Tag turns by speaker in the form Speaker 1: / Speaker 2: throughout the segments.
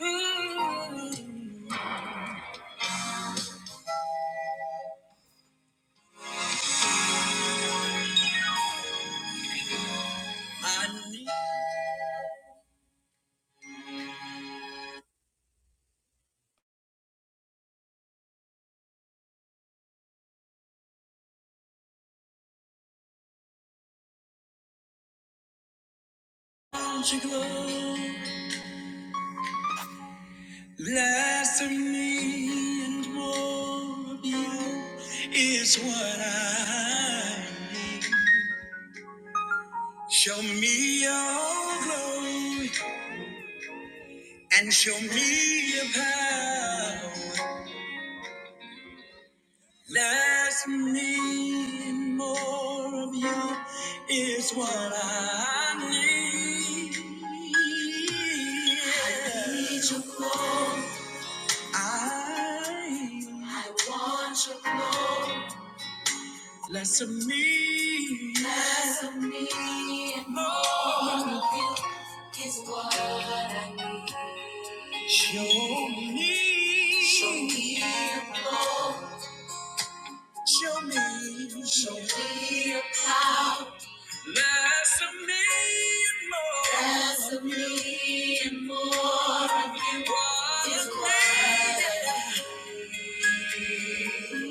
Speaker 1: I need your glow, less of me and more of you is what I need. Show me your glory and show me your power. Less of me and more of you is what I need. I need your glory. I I want your glory. Less of me. Less of me and more of you is what I need. Show me. Show me your glory. Show me. Show me your power. Less of me and more. Less of me and more of you is what I need.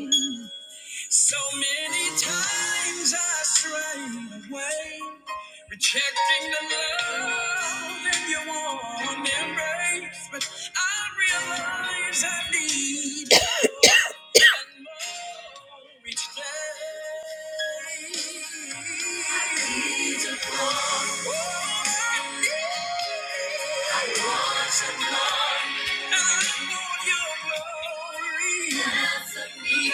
Speaker 1: So many times I stray away, rejecting the love in your warm embrace. But I realize I need more and more each day. I need to grow. Oh, I need- I want your love. I want your glory me me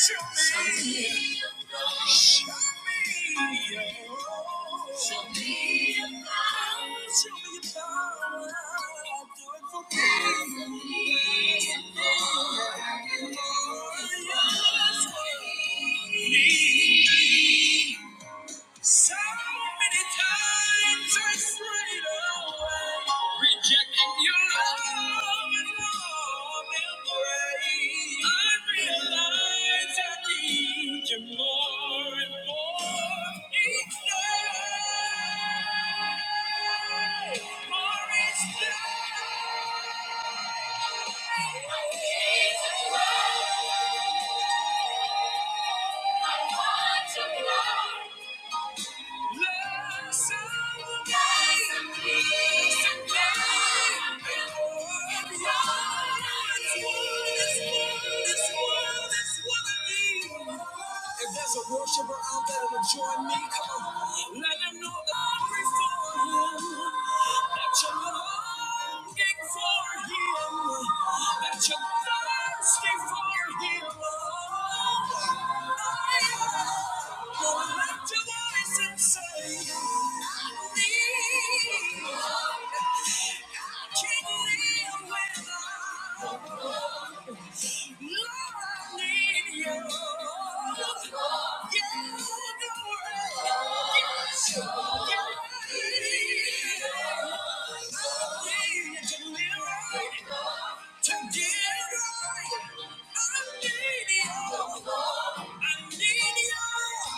Speaker 1: Show show me. your power. Do it for me. So many times I strayed away, rejecting your love and love and grace. I realize I need you more and more each day. More each day. Oh, Jesus, love. If there's a worshiper out there to join me, come on. Let them know that I'm free for him. That longing for Him, that you're thirsty for Him. Oh, I am. lift your voice and say, I need. I can't live without. I need you.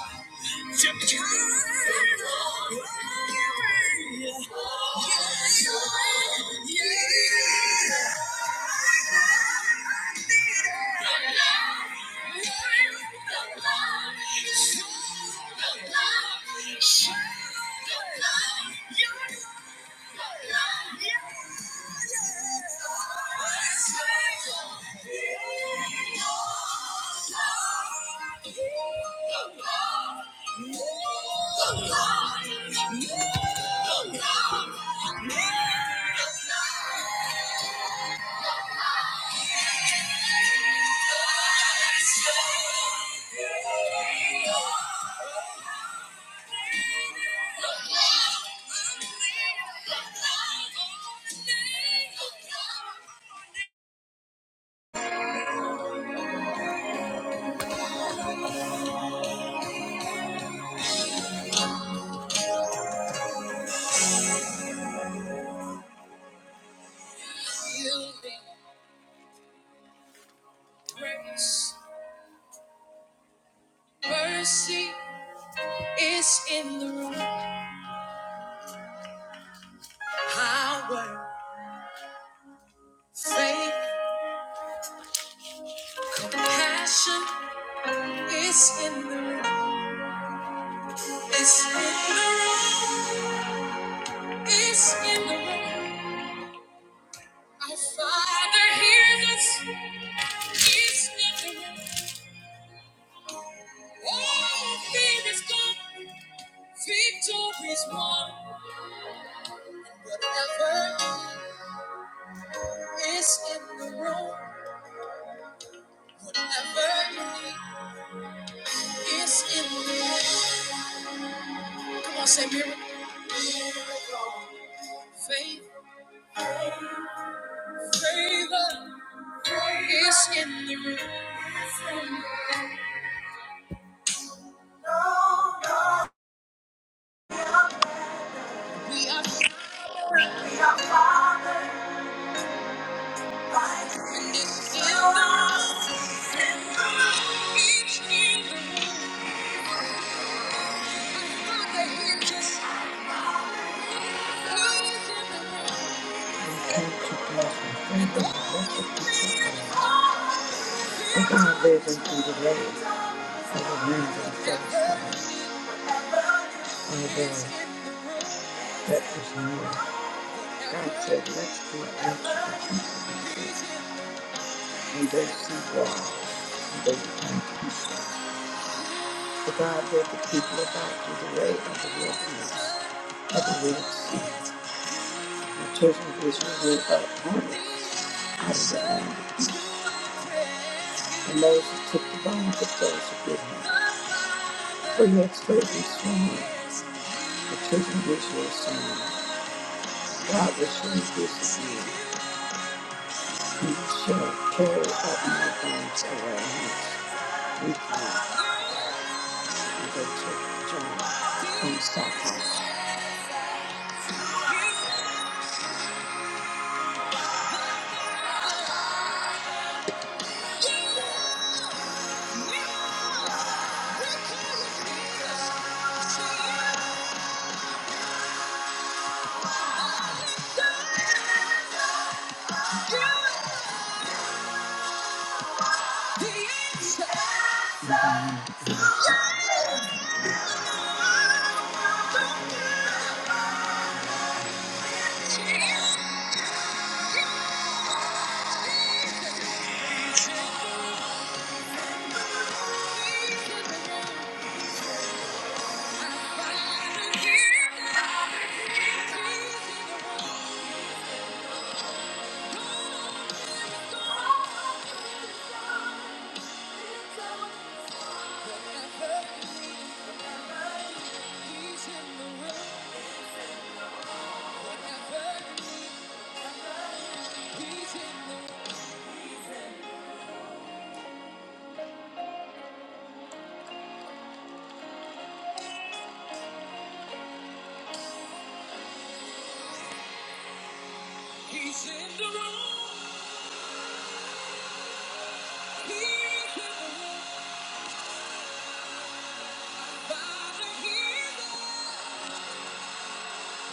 Speaker 1: Yeah. Yielding grace, mercy is in the room. Power, faith, passion is in the room. It's in the room. It's in the room. Our Father hears us. It's in the room. All fear is gone. Fear forever. It's in the room. We are free. It's all risen from the grave. and the land of reminds ourselves, oh God, that is new. God said, let's do it, and they see God, and they repent. The God led the people about through the way of the wilderness, of the Red Sea. The children of Israel went up hungry out of the land, and Moses took the bones of those who did him, For your exposing strong. the children of Israel saying, God will surely visit you, and shall carry up my bones away hence. We come and go to John and Sakar.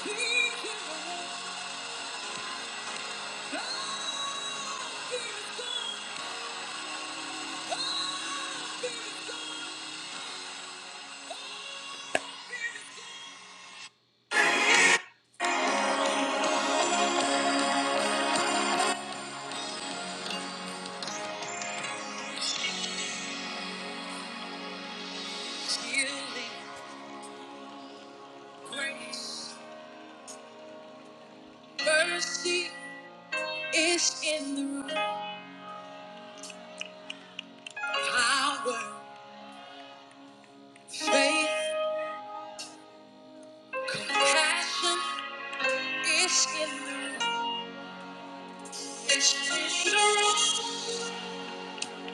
Speaker 1: Healing, grace, mercy is in the room. Power, faith, passion is in the room. It's in the room.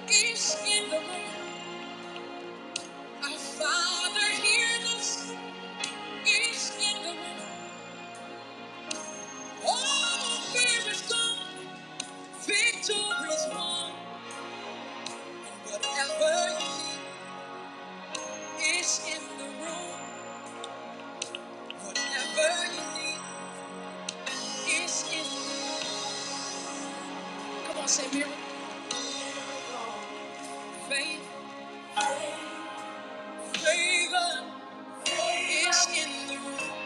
Speaker 1: It's in the room. Our Father hears us. It's in the room. All fear is gone. Victory is won. whatever you need, it's in the room. Whatever you need. It's in the room. Come on, say miracle. Favor, Favor. It's in the room.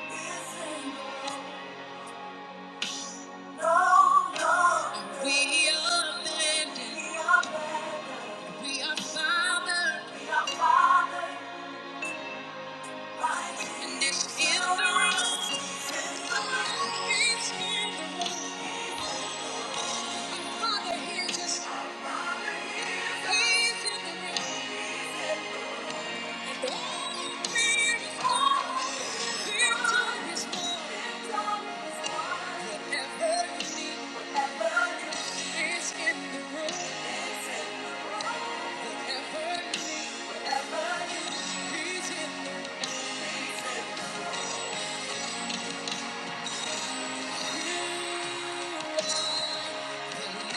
Speaker 1: No, no. We are landed. We are landed. We are fathered. We are fathered. And it's in the room. It's in the room. Father, hear us. He's in the room. Thank you. need, whatever you need, whatever you need. The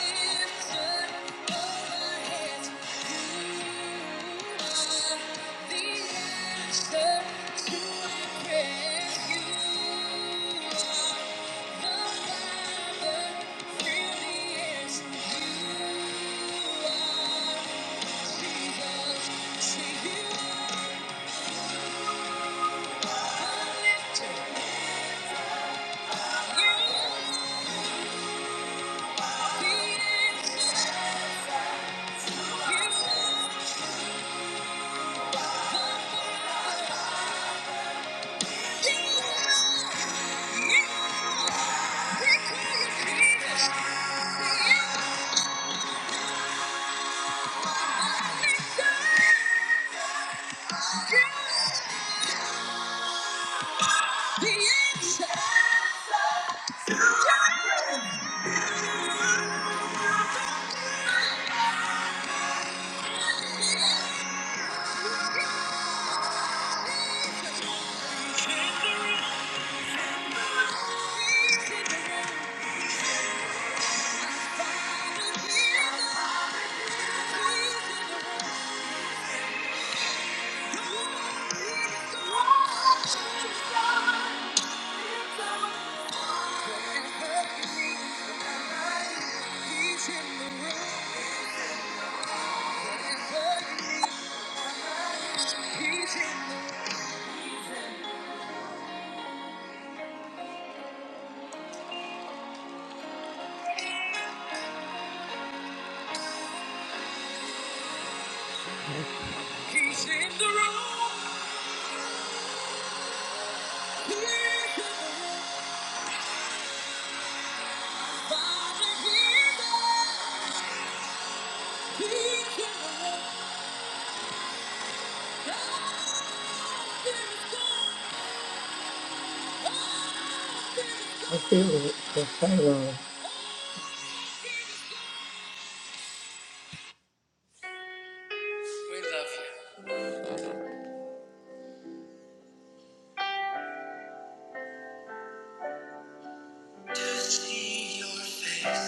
Speaker 1: answer is in the room. He's in the room. He's in the room. Father, he's there. He's in the room. I feel it. Yes, I will. We love you. see your face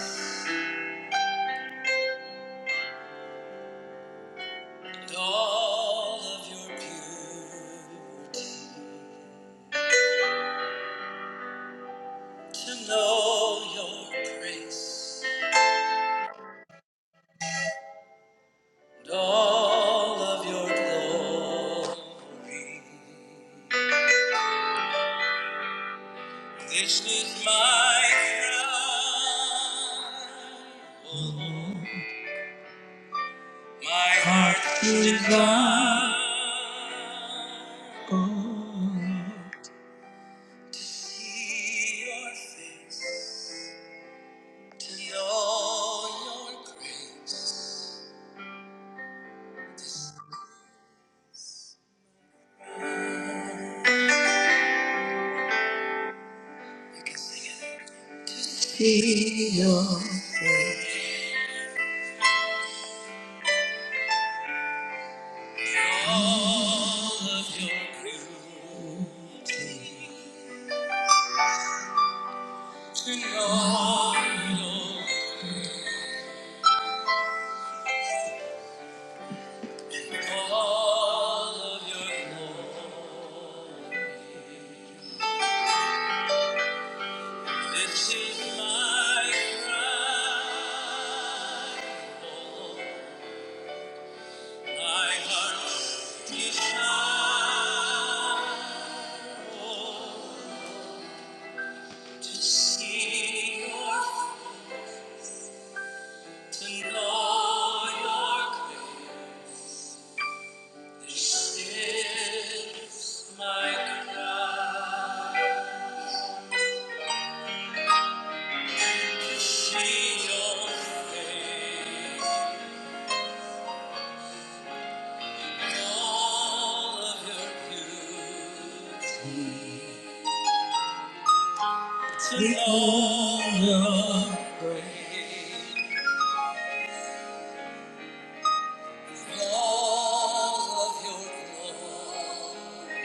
Speaker 1: and all of your beauty, to know your grace and all of your glory. This is my crown, my heart's desire. Oh, See your face, to know your grace. To know you, all of your glory. This is my cry. Oh, My heart desire, oh, to see your, to know your grace. This is my cry. To see your face. to know your praise, all of your glory.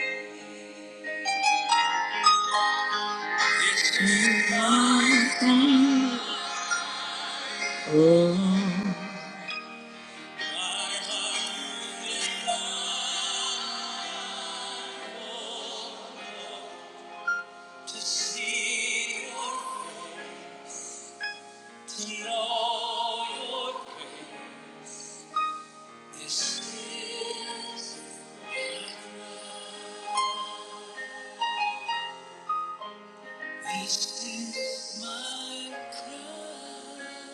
Speaker 1: It's you, my God. My heart is to see your, to know your praise. This is, this is my cry.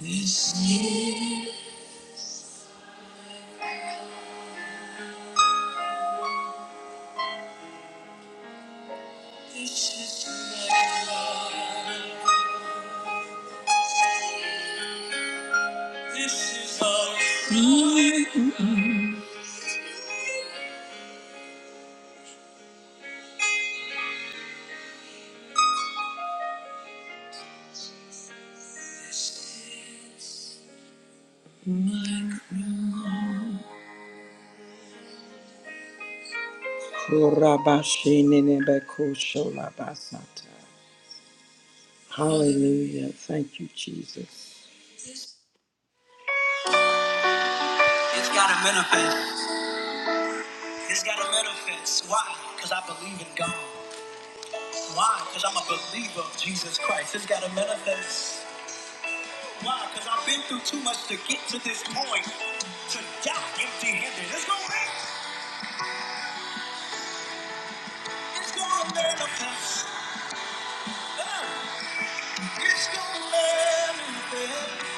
Speaker 1: This is our Kurabashininebekushulabasata. Hallelujah. Thank you, Jesus. It's got to manifest. It's got to manifest. Why? Because I believe in God. Why? Because I'm a believer of Jesus Christ. It's got to manifest. Why? Because I've been through too much to get to this point. To die empty handed. It's gonna last. It's gonna manifest. Uh, It's gonna manifest.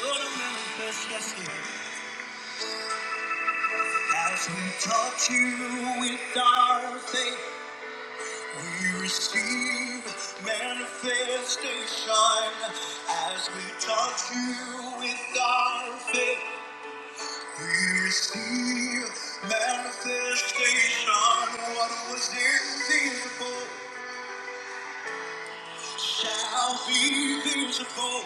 Speaker 1: Gonna manifest, yes, it is. As we touch you with our faith, we receive manifestation. As we touch you with our faith, We see manifestation. What was invisible shall be visible,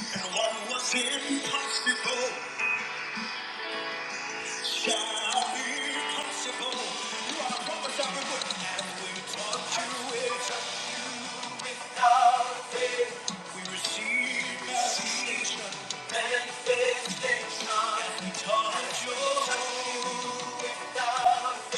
Speaker 1: and what was impossible shall be possible. You are a prophet, I would as we talk to it. Without faith, we receive manifestation. Manifestation, as we touch your. I don't have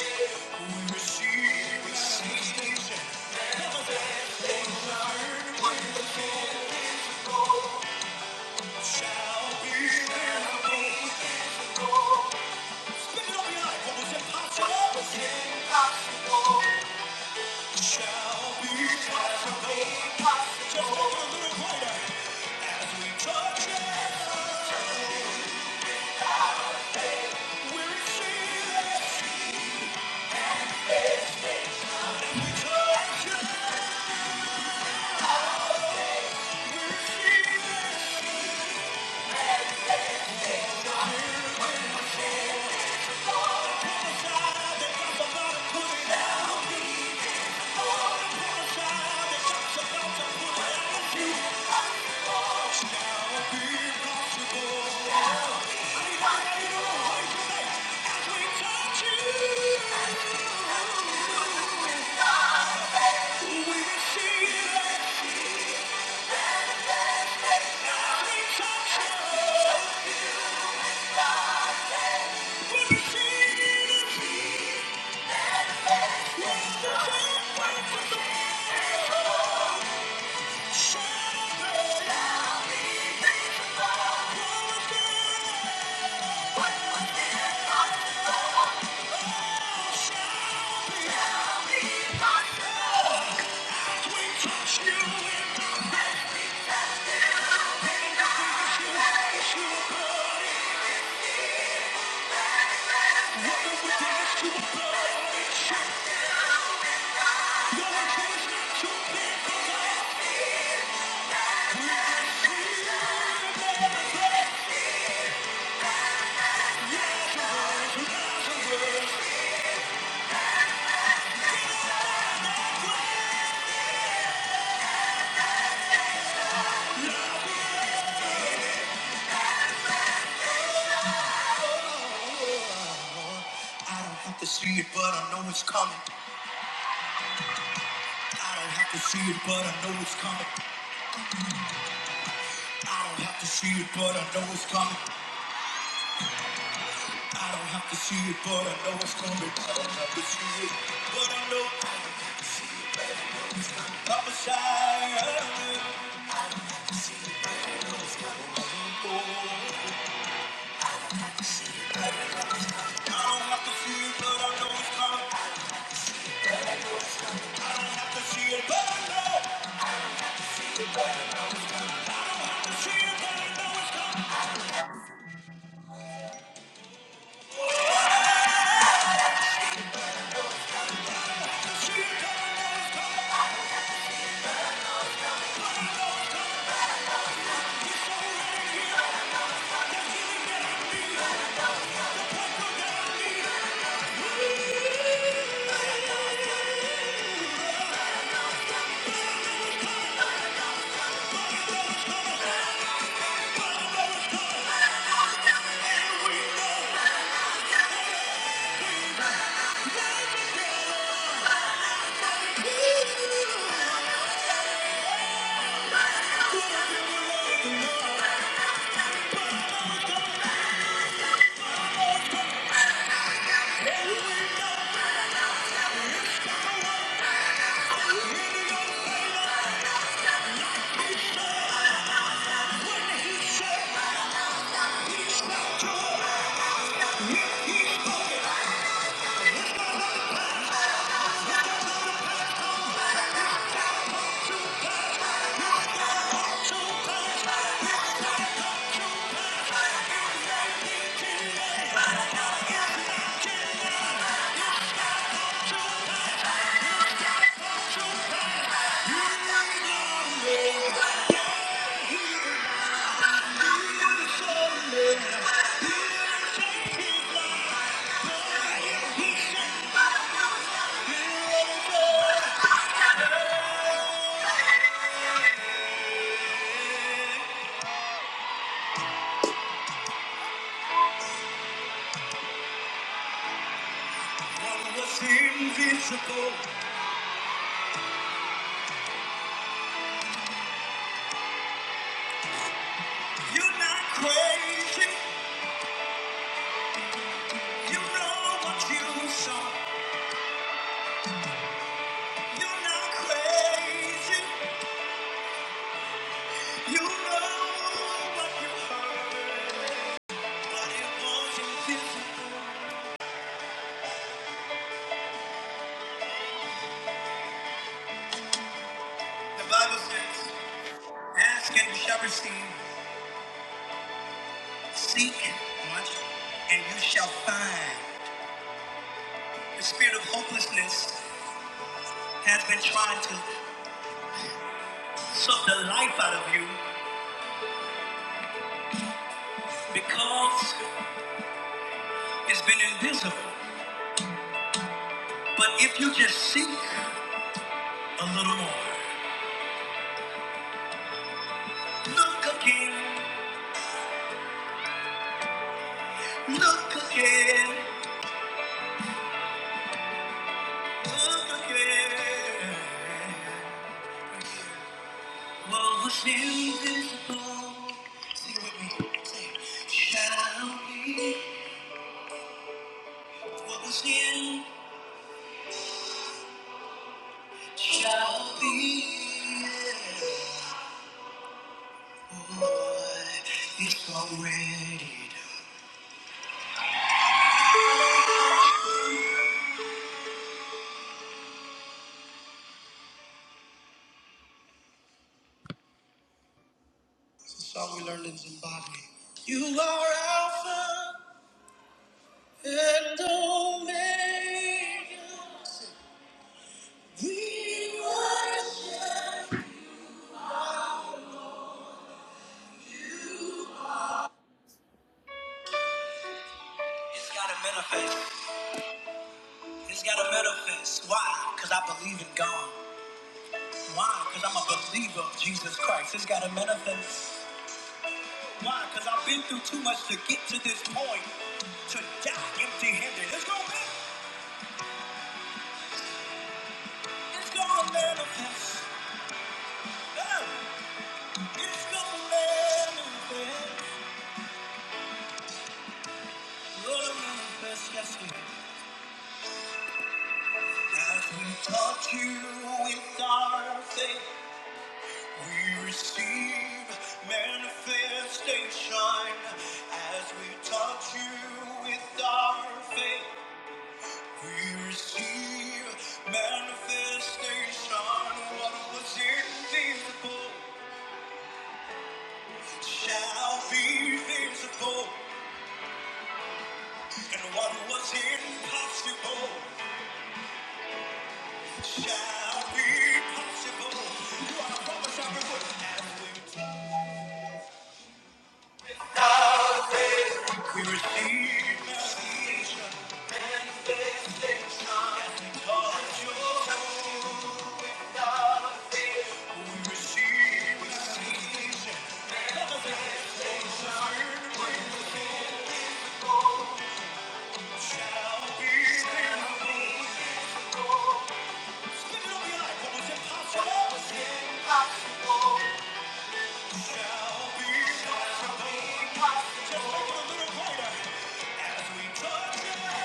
Speaker 1: to see it, but I know it's coming. I don't have to see it, but I know it's coming. I don't have to see it, but I know it's coming. I don't have to see it, but I know it's coming. I don't have to see it, but I know I'm a side. I don't have to see it, but I know it's coming. I have to see it, but I know. See it, but I know it's coming. See it, but I know. Here it is. One was invisible. You're not crazy. You know what you saw. You're not crazy. The Bible says, Ask and you shall receive, seek much, and you shall find. The spirit of hopelessness has been trying to suck the life out of you because it's been invisible. But if you just seek a little more, look again, look again, look again. What was invisible, sing with me, say, shall be. What was in shall be. It's gotta manifest. It's gotta manifest. Why? Because I believe in God. Why? Because I'm a believer of Jesus Christ. It's gotta manifest. Why? Because I've been through too much to get to this point. To die empty handed. It's gonna be. It's gonna manifest. Oh, It's gonna manifest. going manifest. Yes, it is. As we touch you with our faith, we receive manifestation. As we touch you with our faith, we receive manifestation. What was invisible shall be visible, and what was impossible shall be possible. You are a promise, everyone. As we See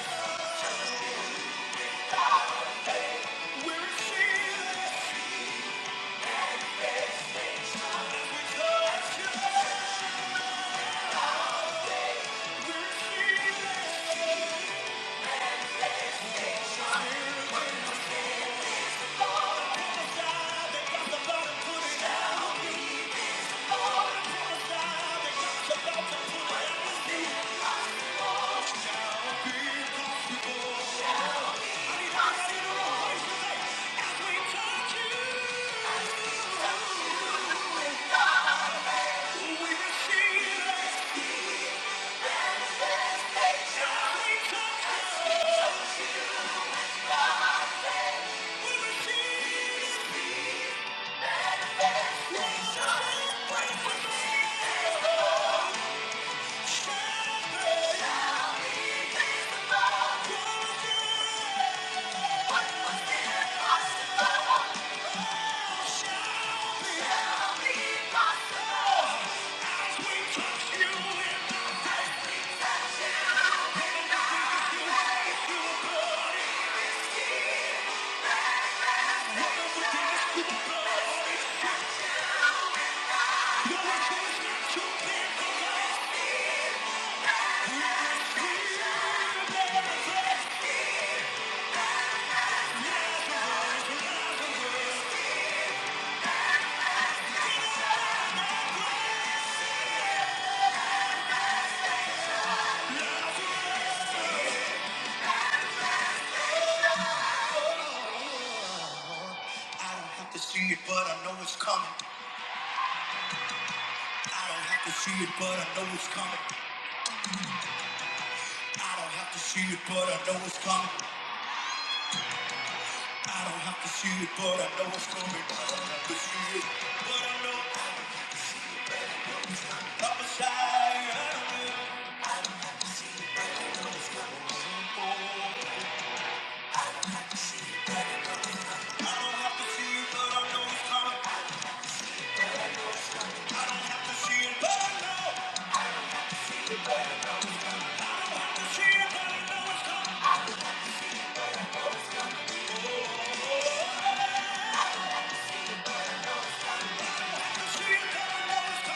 Speaker 1: it, but I know it's coming. I don't have to see it, but I know it's coming. I don't have to see it, but I know it's coming. I don't have to see it, but I know it's coming. I don't have to see it, but I know I'm a shy. I will see more. I don't have to see it, but I know it's coming. I have to see it, but I know. see it, but I know it's coming. See it, but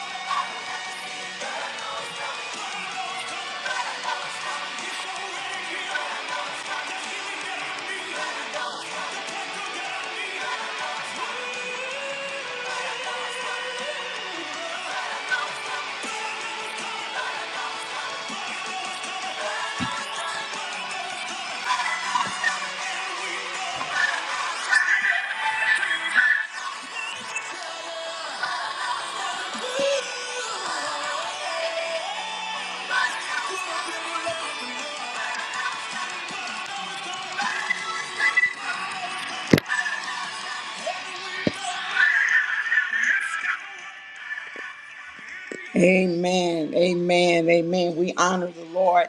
Speaker 1: I know it's coming. Amen. Amen. Amen. We honor Lord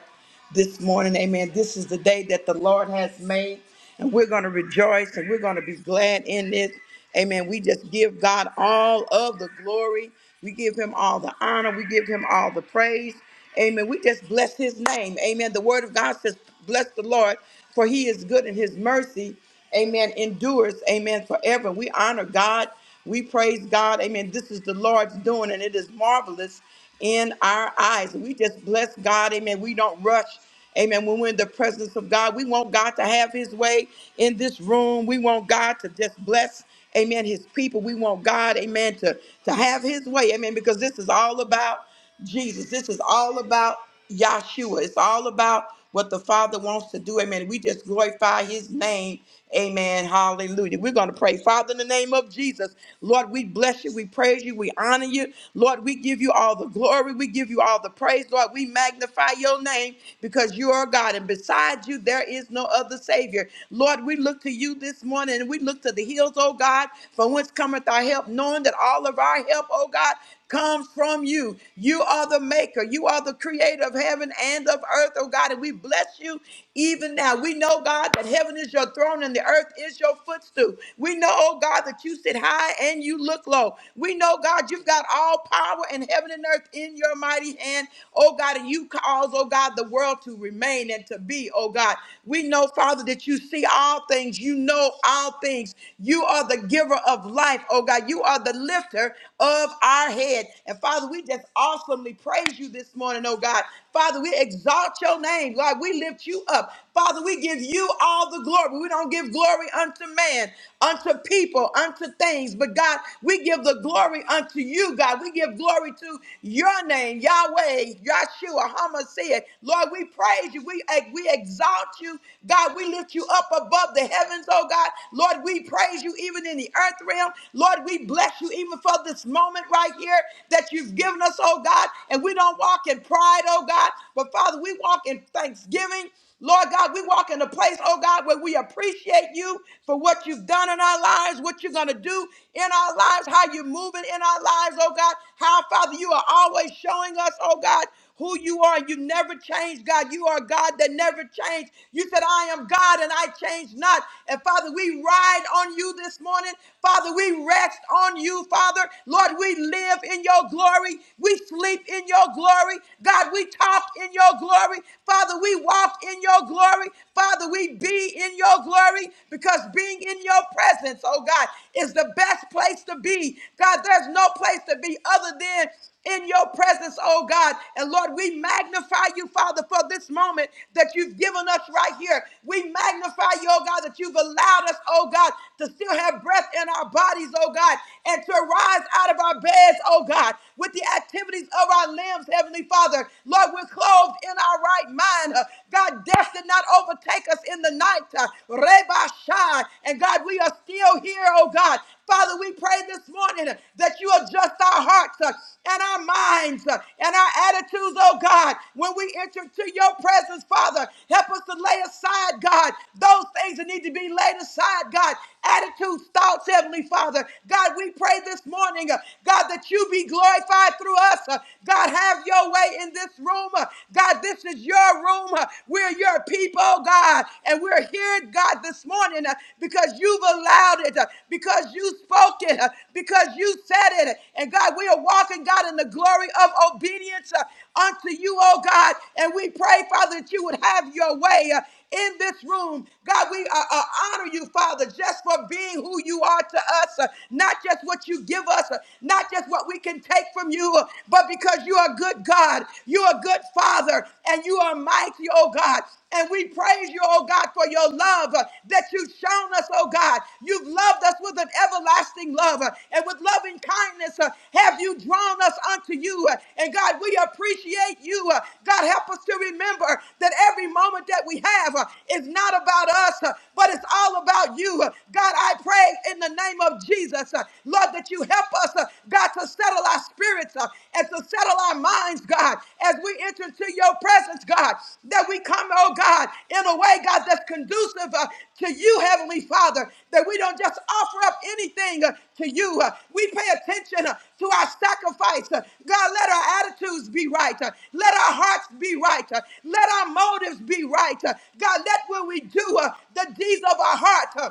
Speaker 1: this morning. Amen. This is the day that the Lord has made, and we're going to rejoice and we're going to be glad in it. Amen. We just give God all of the glory. We give him all the honor. We give him all the praise. Amen. We just bless his name. Amen. The word of God says, Bless the Lord, for he is good and his mercy. Amen. Endures. Amen. Forever. We honor God. We praise God. Amen. This is the Lord's doing, and it is marvelous in our eyes. We just bless God, amen. We don't rush Amen. When we're in the presence of God, we want God to have his way in this room. We want God to just bless, amen, his people. We want God, amen, to, to have his way. Amen. Because this is all about. Jesus. This is all about Yahshua. It's all about what the Father wants to do. Amen. We just glorify his name. Amen. Hallelujah. We're going to pray. Father, in the name of Jesus, Lord, we bless you. We praise you. We honor you. Lord, we give you all the glory. We give you all the praise. Lord, we magnify your name because you are God. And besides you, there is no other Savior. Lord, we look to you this morning and we look to the hills, oh God, from whence cometh our help, knowing that all of our help, oh God, comes from you. You are the maker. You are the creator of heaven and of earth, oh God. And we bless you even now. We know, God, that heaven is your throne and the earth is your footstool. We know, oh God, that you sit high and you look low. We know, God, you've got all power in heaven and earth in your mighty hand, oh God. And you cause, oh God, the world to remain and to be, oh God. We know, Father, that you see all things. You know all things. You are the giver of life, oh God. You are the lifter of above our head. And Father, we just awesomely praise you this morning, oh God. Father, we exalt your name. God, we lift you up. Father, we give you all the glory. We don't give glory unto man, unto people, unto things. But God, we give the glory unto you, God. We give glory to your name, Yahweh, Yahshua, Hamashiach. Lord, we praise you. We, eh, we exalt you. God, we lift you up above the heavens, oh God. Lord, we praise you even in the earth realm. Lord, we bless you even for for this moment right here that you've given us, oh God. And we don't walk in pride, oh God, but Father, we walk in thanksgiving. Lord God, we walk in a place, oh God, where we appreciate you for what you've done in our lives, what you're going to do in our lives, how you're moving in our lives, oh God, how, Father, you are always showing us, oh God, who you are. You never change, God. You are a God that never changed. You said, I am God and I change not. And Father, we ride on you this morning. Father, we rest on you, Father. Lord, we live in your glory. We sleep in your glory. God, we talk in your glory. Father, we walk in your glory. Father, we be in your glory because being in your presence, oh God, is the best place to be. God, there's no place to be other than in your presence, oh God. And Lord, we magnify you, Father, for this moment that you've given us right here. We magnify you, oh God, that you've allowed us, oh God, to still have breath in our bodies, oh God, and to rise out of our beds, oh God, with the activities of our limbs, Heavenly Father. Lord, we're clothed in our right mind. Uh, God, death did not overtake us in the night. Uh, Reba Shai. And God, God, we are still here, oh God. Father, we pray this morning uh, that you adjust our hearts uh, and our minds uh, and our attitudes, oh God, when we enter to your presence, Father. Help us to lay aside, God, those things that need to be laid aside, God. Attitudes, thoughts, Heavenly Father. God, we pray this morning, uh, God, that you be glorified through us. uh, God, have your way in this room. uh, God, this is your room. uh, We're your people people, oh God. And we're here, God, this morning uh, because you've allowed it, uh, because you spoke it, uh, because you said it. And God, we are walking, God, in the glory of obedience uh, unto you, oh God. And we pray, Father, that you would have your way. uh, in this room. God, we uh, uh, honor you, Father, just for being who you are to us, uh, not just what you give us, uh, not just what we can take from you, uh, but because you are good God, you are good Father, and you are mighty, oh God. And we praise you, oh God, for your love uh, that you've shown us, oh God. You've loved us with an everlasting love. uh, and with loving kindness uh, have you drawn us unto you. Uh, And God, we appreciate you. Uh, God, help us to remember that every moment that we have uh, is not about us, uh, but it's all about you. Uh, God, I pray in the name of Jesus, uh, Lord, that you help us, uh, God, to settle our spirits uh, and to settle our minds, God, as we enter into into your presence, God, that we come, oh God, in a way, God, that's conducive uh, to you, Heavenly Father, that we don't just offer up anything uh, to you. Uh, we pay attention uh, to our sacrifice. Uh, God, let our attitudes be right. Uh, let our hearts be right. Uh, let our motives be right. Uh, God, let what we do, uh, the deeds of our heart. uh,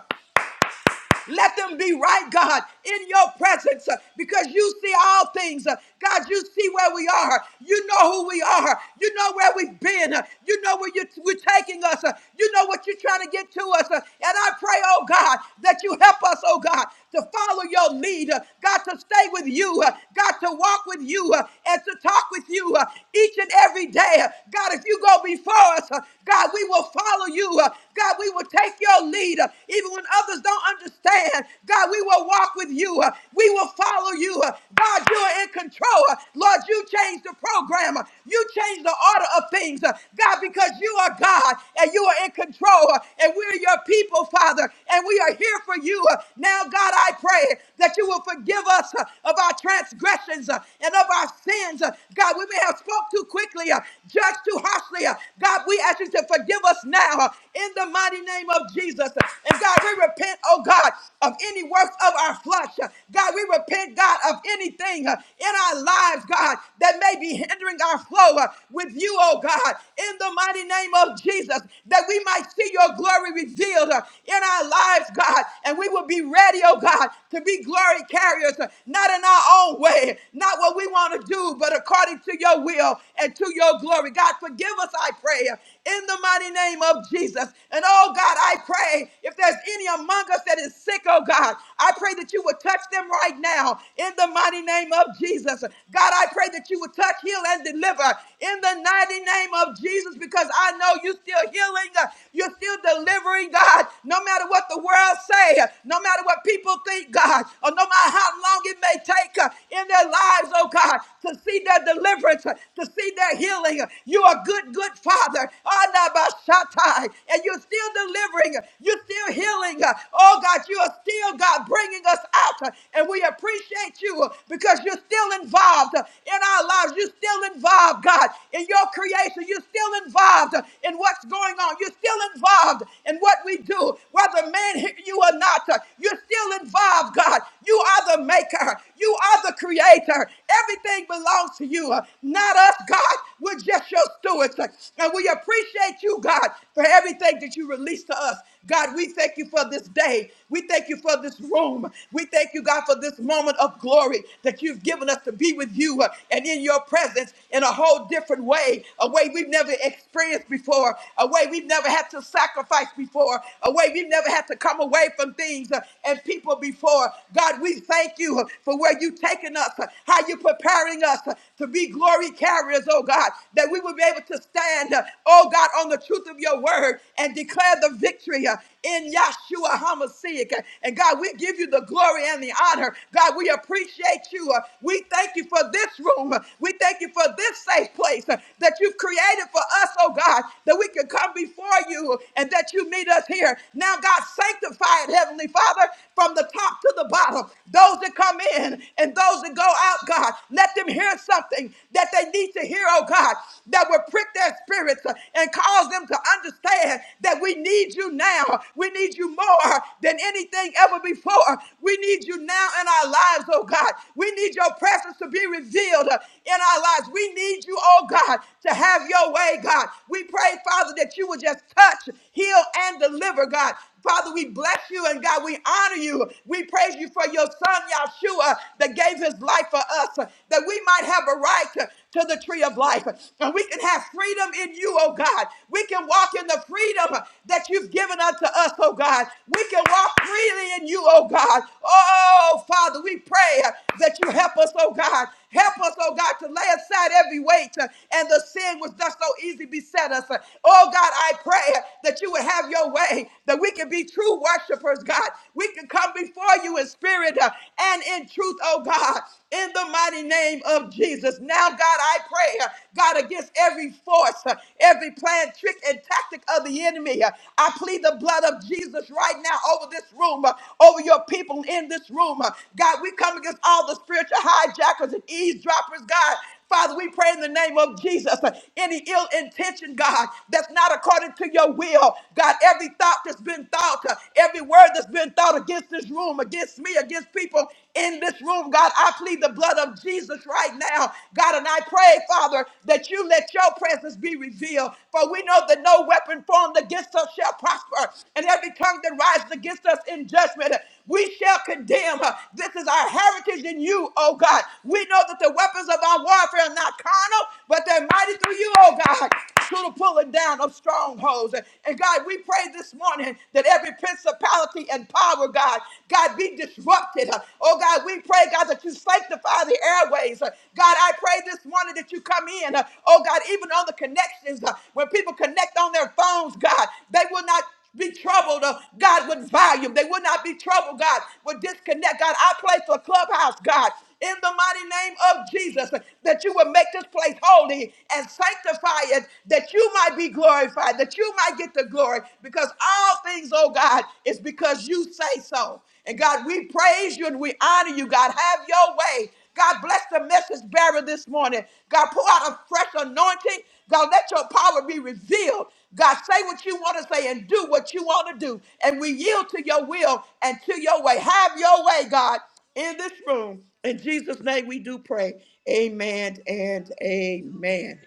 Speaker 1: let them be right, God, in your presence uh, because you see all things. uh, God, you see where we are. You know who we are. You know where we've been. uh, You know where you're, we're taking us. uh, You know what you're trying to get to us. uh, And I pray, oh God, that you help us, oh God, to follow your lead. uh, God, to stay with you. uh, God, to walk with you uh, and to talk with you uh, each and every day. uh, God, if you go before us, uh, God, we will follow you. uh, God, we will take your lead. Uh, uh, even when others don't understand. God, we will walk with you. uh, We will follow you. uh, God, you are in control. uh, Lord, you change the program. uh, You change the order of things. uh, God, because you are God and you are in control. uh, And we're your people, Father. And we are here for you. uh, Now, God, I pray that you will forgive us uh, of our transgressions uh, and of our sins. uh, God, we may have spoke too quickly, uh, judged too harshly. uh, God, we ask you to forgive us now uh, in in the mighty name of Jesus. And God, we repent, oh God, of any works of our flesh. God, we repent, God, of anything uh, in our lives, God, that may be hindering our flow uh, with you, oh God, in the mighty name of Jesus, that we might see your glory revealed uh, in our lives, God, and we will be ready, oh God, to be glory carriers, uh, not in our own way, not what we want to do, but according to your will and to your glory. God, forgive us, I pray, uh, in the mighty name of Jesus. And oh God, I pray if there's any among us that is sick, oh God, I pray that you would touch them right now in the mighty name of Jesus. God, I pray that you would touch, heal, and deliver in the mighty name of Jesus because I know you're still healing, uh, you're still delivering, God, no matter what the world say, uh, no matter what people think, God, or no matter how long it may take uh, in their lives, oh God to see their deliverance, to see their healing. You are good, good Father. Anabashatai. And you're still delivering. You're still healing. Oh God, you are still, God, bringing us out. And we appreciate you because you're still involved in our lives. You're still involved, God, in your creation. You're still involved in what's going on. You're still involved in what we do, whether man hear you or not. You're still involved, God. You are the maker. You are the creator creator. Everything belongs to you, uh, not us, God. We're just your stewards. uh, And we appreciate you, God, for everything that you release to us. God, we thank you for this day. We thank you for this room. We thank you, God, for this moment of glory that you've given us to be with you uh, and in your presence in a whole different way, a way we've never experienced before, a way we've never had to sacrifice before, a way we've never had to come away from things uh, and people before. God, we thank you you for where you've taken us, how you're preparing us to be glory carriers, oh God, that we will be able to stand, oh God, on the truth of your word and declare the victory in Yahshua HaMashiach. And God, we give you the glory and the honor. God, we appreciate you. Uh, We thank you for this room. Uh, We thank you for this safe place uh, that you've created for us, oh God, that we can come before you and that you meet us here. Now, God, sanctify it, Heavenly Father, from the top top to the bottom, those that come in and those that go out, God. Let them hear something that they need to hear, oh God, that will prick their spirits uh, and cause them to understand that we need you now. We need you more than anything ever before. We need you now in our lives, oh God. We need your presence to be revealed uh, in our lives. We need you, oh God, to have your way, God. We pray, Father, that you would just touch, heal, and deliver, God. Father, we bless you and God, we honor you. We praise you for your son, Yahshua, that gave his life for us, that we might have a right to to the tree of life. And we can have freedom in you, oh God. We can walk in the freedom that you've given unto us, oh God. We can walk freely in you, oh God. Oh, Father, we pray that you help us, oh God, Help us, oh God, to lay aside every weight uh, and the sin which does so easily beset us. Uh, Oh God, I pray uh, that you would have your way, that we can be true worshipers, God. We can come before you in spirit uh, and in truth, oh God, in the mighty name of Jesus. Now, God, I pray, uh, God, against every force, uh, every plan, trick, and tactic of the enemy. uh, I plead the blood of Jesus right now over this room, uh, over your people in this room. uh. God, we come against all the spiritual hijackers and eavesdroppers, God. Father, we pray in the name of Jesus. uh, Any ill intention, God, that's not according to your will, God, every thought that's been thought, uh, every word that's been thought against this room, against me, against people in this room, God. I plead the blood of Jesus right now, God. And I pray, Father, that you let your presence be revealed. For we know that no weapon formed against us shall prosper, and every tongue that rises against us in judgment, we shall condemn. This is our heritage in you, oh God. We know that the weapons of our warfare are not carnal, but they're mighty through you, oh God, to the pulling down of strongholds. And God, we pray this morning that every principality principality and power, God. God, be disrupted. Oh, God, we pray, God, that you sanctify the airways. God, I pray this morning that you come in. Oh, God, even on the connections, when people connect on their phones, God, they will not be troubled, uh, God, with volume. They will not be troubled, God, with disconnect. God, I pray for Clubhouse, God in the mighty name of Jesus, that you would make this place holy and sanctify it, that you might be glorified, that you might get the glory, because all things, oh God, is because you say so. And God, we praise you and we honor you, God. Have your way. God, bless the message bearer this morning. God, pour out a fresh anointing. God, let your power be revealed. God, say what you want to say and do what you want to do. And we yield to your will and to your way. Have your way, God in this room. In Jesus' name we do pray. Amen and amen.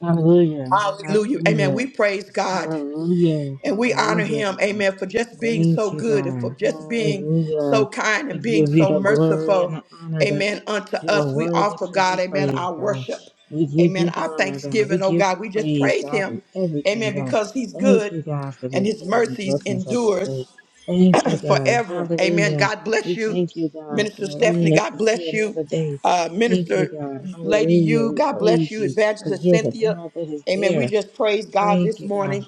Speaker 2: Hallelujah.
Speaker 1: Hallelujah. Amen. We
Speaker 2: Hallelujah.
Speaker 1: praise God
Speaker 2: Hallelujah.
Speaker 1: and we honor
Speaker 2: Hallelujah,
Speaker 1: him.
Speaker 2: God.
Speaker 1: Amen. For just being so
Speaker 2: Thank you,
Speaker 1: good and for
Speaker 2: God.
Speaker 1: just being so
Speaker 2: Hallelujah.
Speaker 1: kind
Speaker 2: We
Speaker 1: and being
Speaker 2: give you
Speaker 1: so
Speaker 2: the glory and
Speaker 1: merciful.
Speaker 2: the honor, God.
Speaker 1: Amen. Unto
Speaker 2: You are
Speaker 1: us, we
Speaker 2: worthy
Speaker 1: offer
Speaker 2: to
Speaker 1: God,
Speaker 2: be
Speaker 1: amen,
Speaker 2: praised,
Speaker 1: our
Speaker 2: God.
Speaker 1: worship.
Speaker 2: We give
Speaker 1: Amen.
Speaker 2: you the
Speaker 1: Our
Speaker 2: honor, God. We
Speaker 1: thanksgiving, oh
Speaker 2: give
Speaker 1: God.
Speaker 2: you
Speaker 1: We just
Speaker 2: praise,
Speaker 1: praise
Speaker 2: God,
Speaker 1: him.
Speaker 2: in everything,
Speaker 1: Amen.
Speaker 2: God.
Speaker 1: Because he's
Speaker 2: Thank
Speaker 1: good
Speaker 2: you, God, for
Speaker 1: and
Speaker 2: this
Speaker 1: his
Speaker 2: day and the
Speaker 1: mercies
Speaker 2: blessings of this
Speaker 1: endures
Speaker 2: day. Thank you, God.
Speaker 1: forever. Amen.
Speaker 2: Hallelujah.
Speaker 1: God bless
Speaker 2: We
Speaker 1: you,
Speaker 2: thank you, God, for
Speaker 1: Minister Stephanie.
Speaker 2: allowing us
Speaker 1: God
Speaker 2: to see
Speaker 1: bless you,
Speaker 2: another day.
Speaker 1: uh,
Speaker 2: Thank you,
Speaker 1: Minister
Speaker 2: God.
Speaker 1: Lady
Speaker 2: Hallelujah.
Speaker 1: You.
Speaker 2: We
Speaker 1: God bless
Speaker 2: praise
Speaker 1: you,
Speaker 2: you because
Speaker 1: Evangelist
Speaker 2: you're the
Speaker 1: Cynthia.
Speaker 2: God that is
Speaker 1: Amen.
Speaker 2: there.
Speaker 1: We just praise God
Speaker 2: Thank
Speaker 1: this
Speaker 2: you, God.
Speaker 1: morning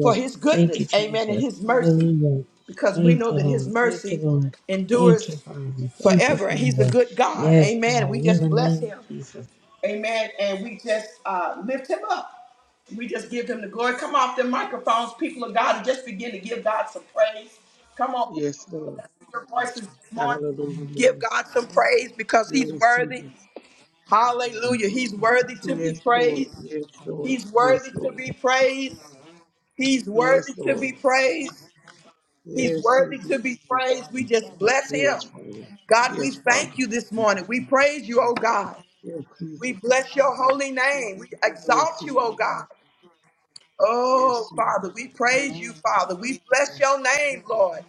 Speaker 1: for His
Speaker 2: Thank you,
Speaker 1: goodness. Amen. And
Speaker 2: Jesus.
Speaker 1: His mercy,
Speaker 2: Hallelujah.
Speaker 1: because we
Speaker 2: Thank
Speaker 1: know
Speaker 2: you,
Speaker 1: that His
Speaker 2: Lord. Thank you,
Speaker 1: mercy
Speaker 2: Lord. Thank
Speaker 1: endures
Speaker 2: you, Father. Thank you,
Speaker 1: forever, and He's a
Speaker 2: Father.
Speaker 1: good God.
Speaker 2: Yes,
Speaker 1: Amen.
Speaker 2: God.
Speaker 1: We
Speaker 2: In
Speaker 1: just
Speaker 2: the
Speaker 1: bless
Speaker 2: name of
Speaker 1: Him.
Speaker 2: Jesus.
Speaker 1: Amen. And we just uh, lift him up. We just give him the glory. Come off the microphones, people of God, and just begin to give God some praise. Come on, people
Speaker 3: Yes,
Speaker 1: of God,
Speaker 3: Lord.
Speaker 1: let's hear your voices this morning.
Speaker 3: Hallelujah,
Speaker 1: Give
Speaker 3: Lord.
Speaker 1: God some praise because he's
Speaker 3: Yes,
Speaker 1: worthy.
Speaker 3: Jesus.
Speaker 1: Hallelujah. He's worthy to be
Speaker 3: Yes, Lord.
Speaker 1: praised.
Speaker 3: Yes, Lord.
Speaker 1: He's worthy
Speaker 3: Yes,
Speaker 1: to
Speaker 3: Lord.
Speaker 1: be praised. He's worthy
Speaker 3: Yes,
Speaker 1: to
Speaker 3: Lord.
Speaker 1: be praised. He's
Speaker 3: Yes,
Speaker 1: worthy to
Speaker 3: Jesus.
Speaker 1: be praised. We just bless
Speaker 3: Yes,
Speaker 1: him.
Speaker 3: Father.
Speaker 1: God, we
Speaker 3: Yes, Father.
Speaker 1: thank you this morning. We praise you, oh God.
Speaker 3: Yes,
Speaker 1: We
Speaker 3: Jesus.
Speaker 1: bless your holy name. We
Speaker 3: Yes,
Speaker 1: exalt you, oh
Speaker 3: Jesus.
Speaker 1: God.
Speaker 3: Yes,
Speaker 1: Oh,
Speaker 3: Jesus.
Speaker 1: Father, we praise you, Father. We bless your name, Lord.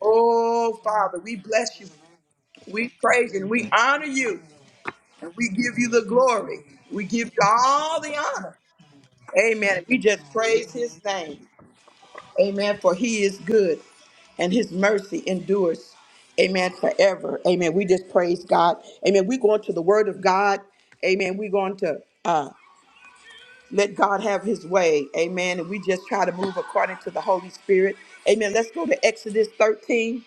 Speaker 1: Oh, Father, we bless you. We praise and we honor you and we give you the glory. We give you all the honor. Amen. We just praise his name. Amen. For he is good and his mercy endures. Amen. Forever. Amen. We just praise God. Amen. we going to the word of God. Amen. we going to. uh, Let God have his way. Amen. And we just try to move according to the Holy Spirit. Amen. Let's go to Exodus 13.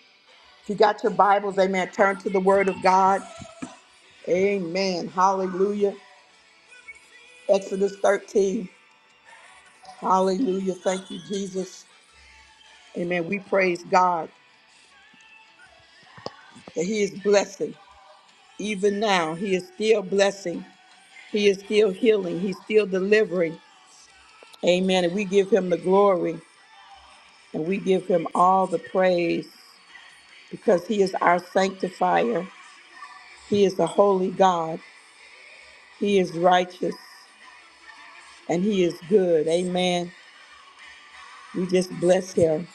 Speaker 1: If you got your Bibles, amen, turn to the word of God. Amen. Hallelujah. Exodus 13. Hallelujah. Thank you, Jesus. Amen. We praise God that he is blessing. Even now, he is still blessing. He is still healing. He's still delivering. Amen. And we give him the glory and we give him all the praise. because He is our sanctifier. He is a holy God. He is righteous and He is good. Amen. We just bless Him.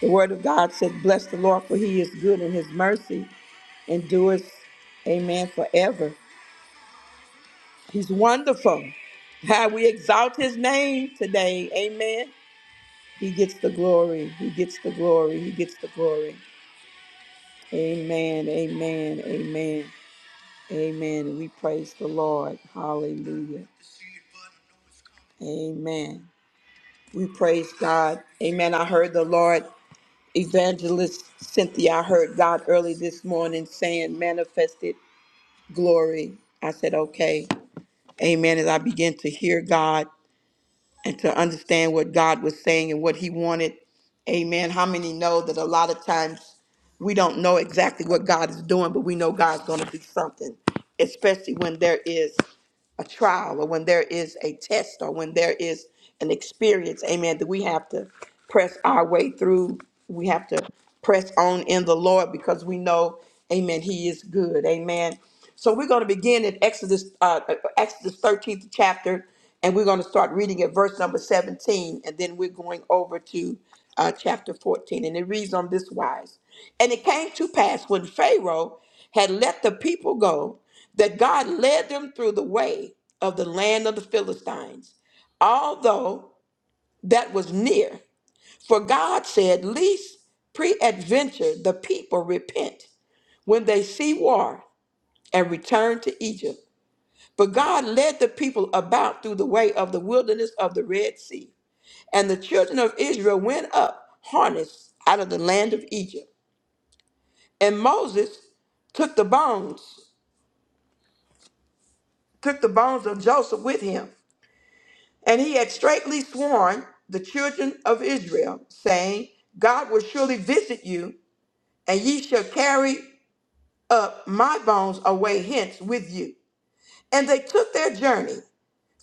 Speaker 1: The Word of God said, Bless the Lord, for He is good and His mercy endures, amen, forever. He's wonderful. How We exalt His name today. Amen. He gets the glory. He gets the glory. He gets the glory. Amen. Amen. Amen. Amen. We praise the Lord. Hallelujah. Amen. We praise God. Amen. I heard the Lord evangelist Cynthia. I heard God early this morning saying manifested glory. I said, okay. Amen. As I began to hear God and to understand what God was saying and what he wanted. Amen. How many know that a lot of times we don't know exactly what God is doing, but we know God's going to do something, especially when there is a trial or when there is a test or when there is an experience, amen, that we have to press our way through. We have to press on in the Lord because we know, amen, He is good, amen. So we're going to begin in Exodus, uh, uh, Exodus 13th chapter, and we're going to start reading at verse number 17, and then we're going over to uh, chapter 14. And it reads on this wise And it came to pass when Pharaoh had let the people go that God led them through the way of the land of the Philistines, although that was near. For God said, Least preadventure the people repent when they see war and return to Egypt. But God led the people about through the way of the wilderness of the Red Sea. And the children of Israel went up harnessed out of the land of Egypt. And Moses took the bones, took the bones of Joseph with him And he had straitly sworn the children of Israel, saying, God will surely visit you, and ye shall carry up my bones away hence with you. And they took their journey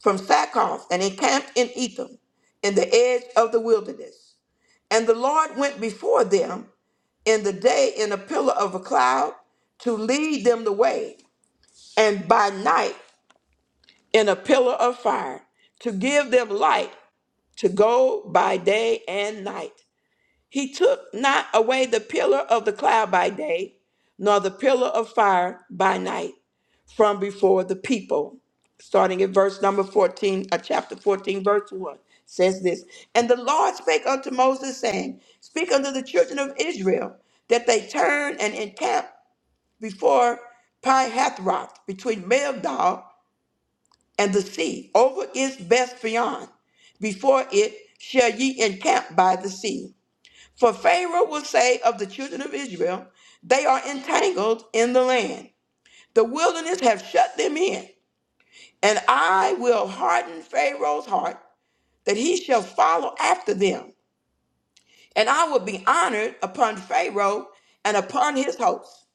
Speaker 1: from Sackhoff and encamped in Etham, in the edge of the wilderness. And the Lord went before them in the day in a pillar of a cloud to lead them the way, and by night in a pillar of fire to give them light to go by day and night. He took not away the pillar of the cloud by day, nor the pillar of fire by night from before the people. Starting at verse number 14, uh, chapter 14, verse 1 says this And the Lord spake unto Moses, saying, Speak unto the children of Israel, that they turn and encamp before Pi Hathroth, between Meldal and the sea, over its best beyond. Before it shall ye encamp by the sea. For Pharaoh will say of the children of Israel, They are entangled in the land. The wilderness have shut them in, and I will harden Pharaoh's heart, that he shall follow after them. And I will be honored upon Pharaoh and upon his hosts,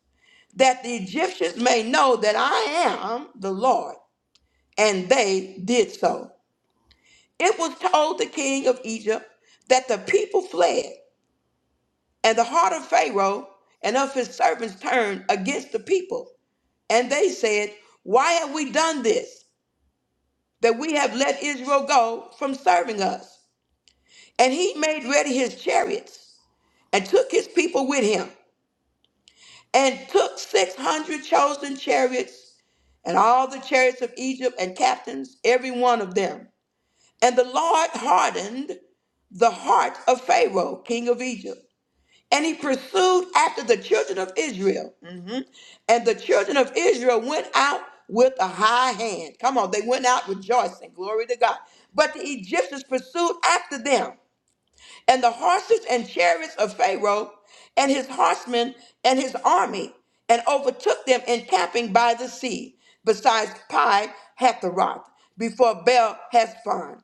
Speaker 1: that the Egyptians may know that I am the Lord. And they did so. It was told the king of Egypt that the people fled, and the heart of Pharaoh and of his servants turned against the people. And they said, Why have we done this, that we have let Israel go from serving us? And he made ready his chariots and took his people with him, and took 600 chosen chariots and all the chariots of Egypt and captains, every one of them. And the Lord hardened the heart of Pharaoh, king of Egypt And he pursued after the children of Israel. Mhm. And the children of Israel went out with a high hand. Come on, they went out rejoicing. Glory to God. But the Egyptians pursued after them. And the horses and chariots of Pharaoh and his horsemen and his army, and overtook them encamping by the sea, besides Pi Hatheroth, before Baal Hezbon.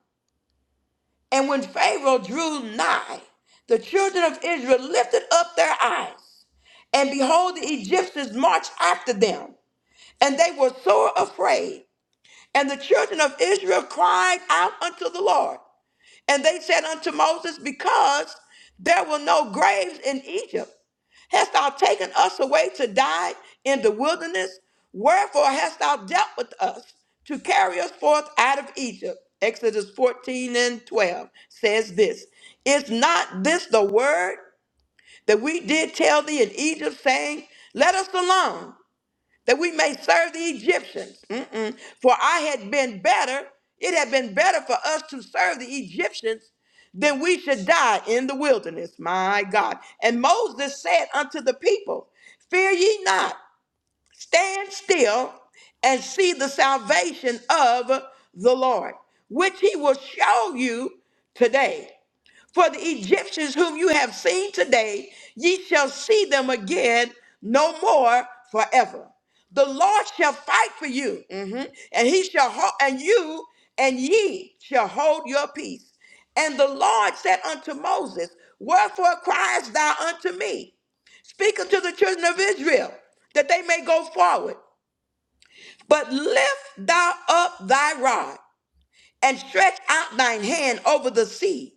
Speaker 1: And when Pharaoh drew nigh, the children of Israel lifted up their eyes, and behold, the Egyptians marched after them, and they were sore afraid. And the children of Israel cried out unto the Lord. And they said unto Moses, Because there were no graves in Egypt, hast thou taken us away to die in the wilderness? Wherefore hast thou dealt with us to carry us forth out of Egypt? Exodus 14 and 12 says this Is not this the word that we did tell thee in Egypt, saying, Let us alone? that we may serve the Egyptians. Mm-mm. For I had been better, it had been better for us to serve the Egyptians than we should die in the wilderness. My God. And Moses said unto the people, Fear ye not, stand still and see the salvation of the Lord, which he will show you today. For the Egyptians whom you have seen today, ye shall see them again no more forever. The Lord shall fight for you, mhm, and he shall hold, and you and ye shall hold your peace. And the Lord said unto Moses, Wherefore criest thou unto me? Speak unto the children of Israel, that they may go forward. But lift thou up thy rod and stretch out thine hand over the sea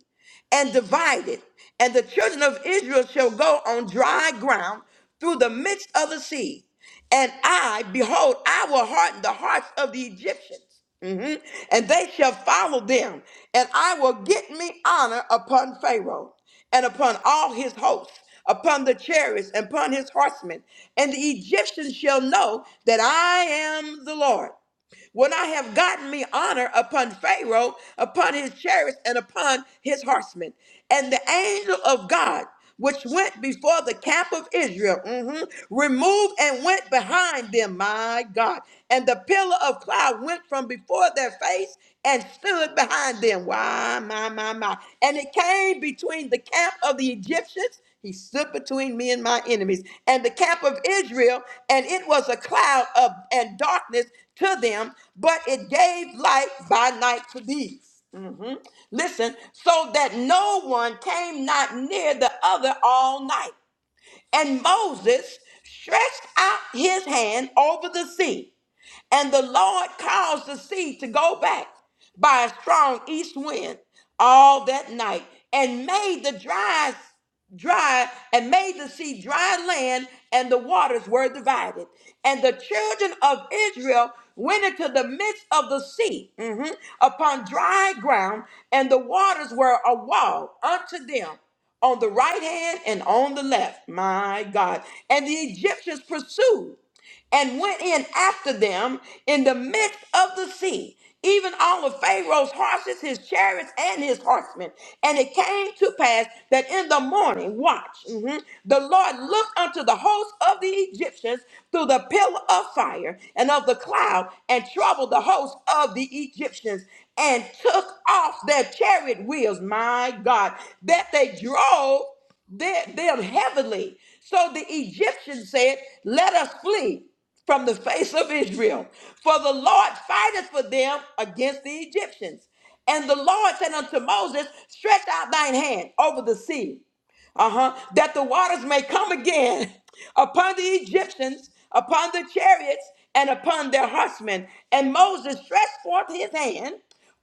Speaker 1: and divide it. And the children of Israel shall go on dry ground through the midst of the sea. And I, behold, I will harden the hearts of the Egyptians, Mhm. and they shall follow them. And I will get me honor upon Pharaoh and upon all his hosts, upon the chariots and upon his horsemen. And the Egyptians shall know that I am the Lord when I have gotten me honor upon Pharaoh, upon his chariots, and upon his horsemen. And the angel of God, which went before the camp of Israel, mhm, removed and went behind them, my God. And the pillar of cloud went from before their face and stood behind them. Why, my, my, my. And it came between the camp of the Egyptians he stood between me and my enemies and the camp of Israel, and it was a cloud of and darkness to them, but it gave light by night to these. Mhm. Listen, so that no one came not near the other all night. And Moses stretched out his hand over the sea and the Lord caused the sea to go back by a strong east wind all that night and made the dry dry and made the sea dry land and the waters were divided and the children of israel went into the midst of the sea mhm, upon dry ground and the waters were a wall unto them on the right hand and on the left my god and the egyptians pursued and went in after them in the midst of the sea, even all of Pharaoh's horses, his chariots, and his horsemen. And it came to pass that in the morning, watch, mhm, the Lord looked unto the host of the Egyptians through the pillar of fire and of the cloud, and troubled the host of the Egyptians, and took off their chariot wheels, my God, that they drove them them heavily. So the Egyptians said, Let us flee from the face of Israel. For the Lord fighteth for them against the Egyptians. And the Lord said unto Moses, Stretch out thine hand over the sea, uh-huh, that the waters may come again upon the Egyptians, upon the chariots, and upon their horsemen. And Moses stretched forth his hand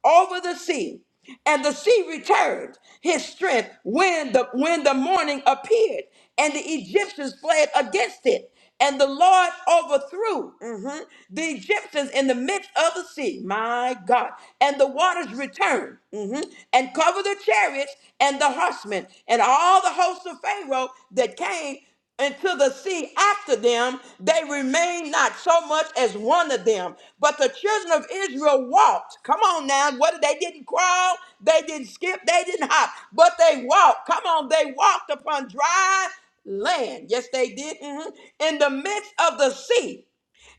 Speaker 1: over the sea, and the sea returned his strength when the when the morning appeared, and the Egyptians fled against it and the Lord overthrew mhm, the Egyptians in the midst of the sea. My God. And the waters returned mhm, and covered the chariots and the horsemen and all the hosts of Pharaoh that came into the sea after them, they remained not so much as one of them. But the children of Israel walked. Come on now. What they didn't crawl, they didn't skip, they didn't hop, but they walked. Come on, they walked upon dry land. Yes, they did. mhm, In the midst of the sea.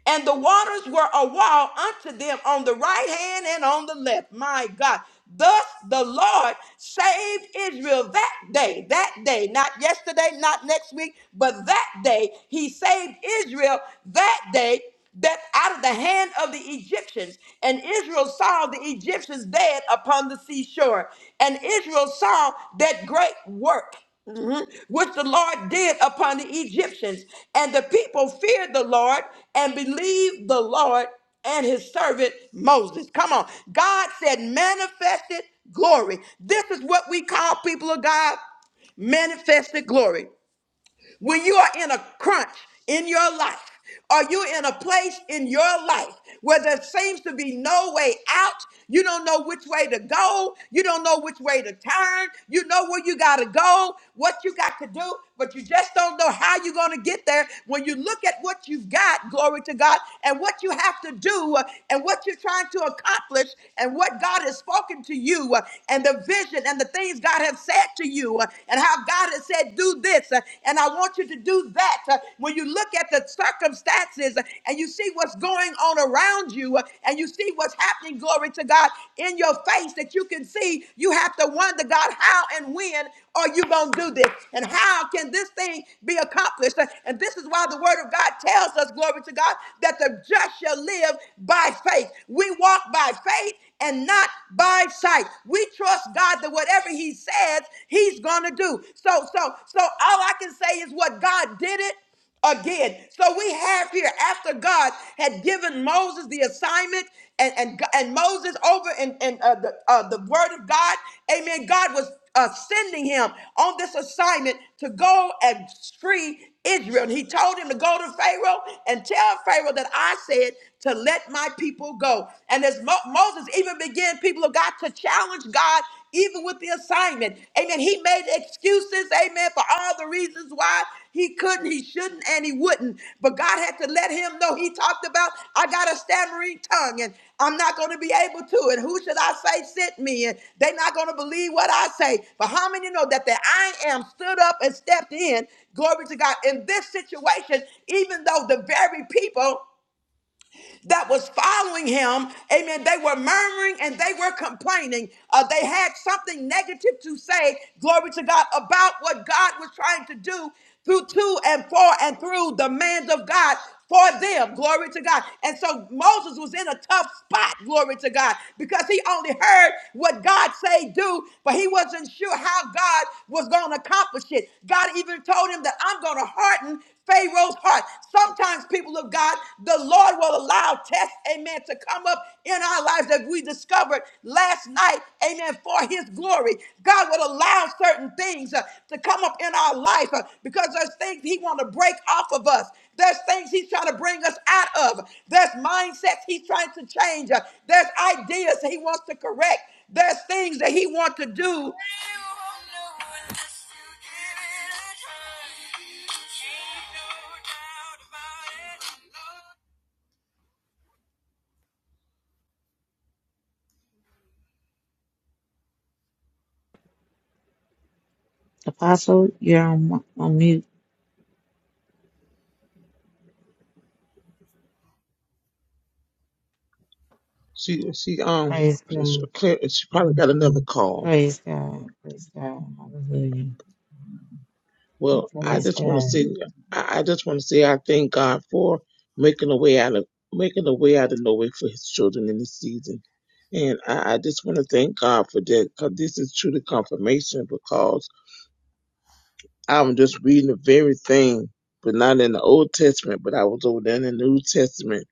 Speaker 1: And the waters were a wall unto them on the right hand and on the left. My God. Thus the Lord saved Israel that day, that day, not yesterday, not next week, but that day. He saved Israel that day that out of the hand of the Egyptians. And Israel saw the Egyptians dead upon the seashore. And Israel saw that great work which the Lord did upon the Egyptians. And the people feared the Lord and believed the Lord and his servant Moses. Come on. God said, manifested glory. This is what we call people of God manifested glory. When you are in a crunch in your life, or you in a place in your life where there seems to be no way out? You don't know which way to go. You don't know which way to turn. You know where you got to go, what you got to do, but you just don't know how you're going to get there. When you look at what you've got, glory to God, and what you have to do, uh, and what you're trying to accomplish, and what God has spoken to you, uh, and the vision and the things God has said to you you uh, and how God has said, do this uh, and I want you to do that. Uh, When you look at the circumstances uh, and you see what's going on around you uh, and you see what's happening, glory to God, in your face that you can see, you have to wonder, God, how and when are you going to do this? And how can this thing be accomplished? Uh, And this is why the word of God tells us, glory to God, that the just shall live by faith. We walk by faith and not by sight. We trust God that whatever He says, He's gonna do. So, so, so all I can say is what God did it again. So we have here after God had given Moses the assignment and and, and Moses over in, in uh, the uh, the word of God, amen. God was uh, sending him on this assignment to go and free Israel. And he told him to go to Pharaoh and tell Pharaoh that I said to let my people go. And as Mo- Moses even began, people of God, to challenge God even with the assignment. Amen. He made excuses, amen, for all the reasons why he couldn't, he shouldn't, and he wouldn't. But God had to let him know. He talked about, I got a stammering tongue and I'm not going to be able to. And who should I say sent me? And they're not going to believe what I say. But how many know that the I am stood up and stepped in? Glory to God. In this situation, even though the very people that was following him, amen, they were murmuring and they were complaining. Uh, they had something negative to say, glory to God, about what God was trying to do through to and for and through the man of God for them. Glory to God. And so Moses was in a tough spot, glory to God, because he only heard what God say do, but he wasn't sure how God was going to accomplish it. God even told him that I'm going to harden Pharaoh's heart. Sometimes, people of God, the Lord will allow tests, amen, to come up in our lives that we discovered last night, amen, for his glory. God will allow certain things uh, to come up in our life uh, because there's things he want to break off of us. There's things he's trying to bring us out of. There's mindsets he's trying to change. Uh, There's ideas he wants to correct. There's things that he wants to do.
Speaker 2: Apostle, you're on, on mute.
Speaker 3: She, she, um,
Speaker 2: Praise God.
Speaker 3: she, she probably got another call.
Speaker 2: Praise God. Praise God. Hallelujah.
Speaker 3: Well, I
Speaker 2: Praise
Speaker 3: just want to
Speaker 2: God.
Speaker 3: say, I I just want to say, I thank God for making a way out of making a way out of no way for His children in this season, and I, I just want to thank God for that because this is truly confirmation. Because I'm just reading the very thing, but not in the Old Testament, but I was over there in the New Testament,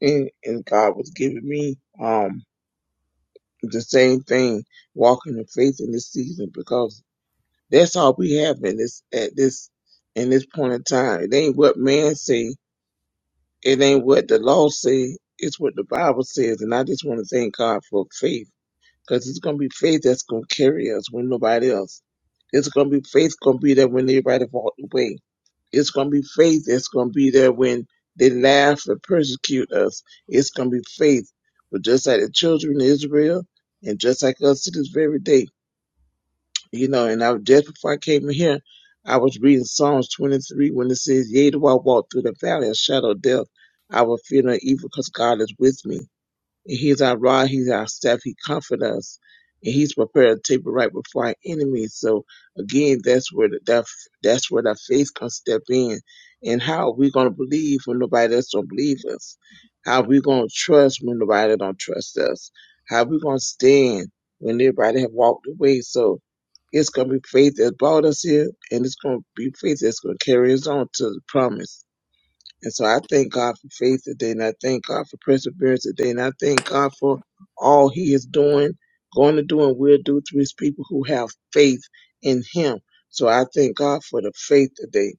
Speaker 3: and and God was giving me um the same thing, walking in faith in this season because That's all we have in this at this in this point in time. It ain't what man say. It ain't what the law say. It's what the Bible says. And I just want to thank God for faith, because it's gonna be faith that's gonna carry us when nobody else. It's gonna be faith gonna be there when everybody walked away. It's gonna be faith that's gonna be there when they laugh and persecute us. It's gonna be faith, but just like the children of Israel, and just like us to this very day. You know, and I was- just before I came in here, I was reading Psalms 23 when it says, Yea, though I walk through the valley of shadow of death, I will fear no evil because God is with me. He's our rod, he's our staff, he comfort us. And he's prepared a table right before our enemies. So again, that's where the that, that's where that faith can step in. And how are we gonna believe when nobody else don't believe us? How are we gonna trust when nobody don't trust us? How are we gonna stand when everybody have walked away? So it's gonna be faith that brought us here and it's gonna be faith that's gonna carry us on to the promise. And so I thank God for faith today, and I thank God for perseverance today, and I thank God for all He is doing, going to do, and will do through His people who have faith in Him. So I thank God for the faith today.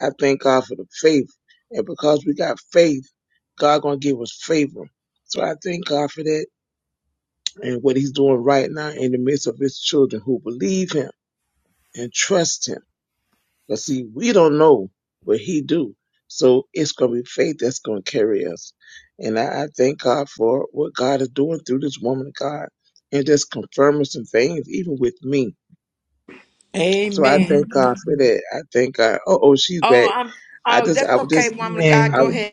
Speaker 3: I thank God for the faith, and because we got faith, God gonna give us favor. So I thank God for that and what He's doing right now in the midst of His children who believe Him and trust Him but see, we don't know, but he do. So it's gonna be faith that's gonna carry us. And I, I thank God for what God is doing through this woman of God and just confirming some things even with me. So I
Speaker 1: Amen.
Speaker 3: thank God for that. I thank God. Oh oh she's
Speaker 1: Oh,
Speaker 3: back.
Speaker 1: I'm.
Speaker 3: I
Speaker 1: Oh,
Speaker 3: just
Speaker 1: that's
Speaker 3: I would
Speaker 1: okay,
Speaker 3: just
Speaker 1: woman of God.
Speaker 2: Amen.
Speaker 3: I
Speaker 1: Go
Speaker 3: would
Speaker 1: ahead.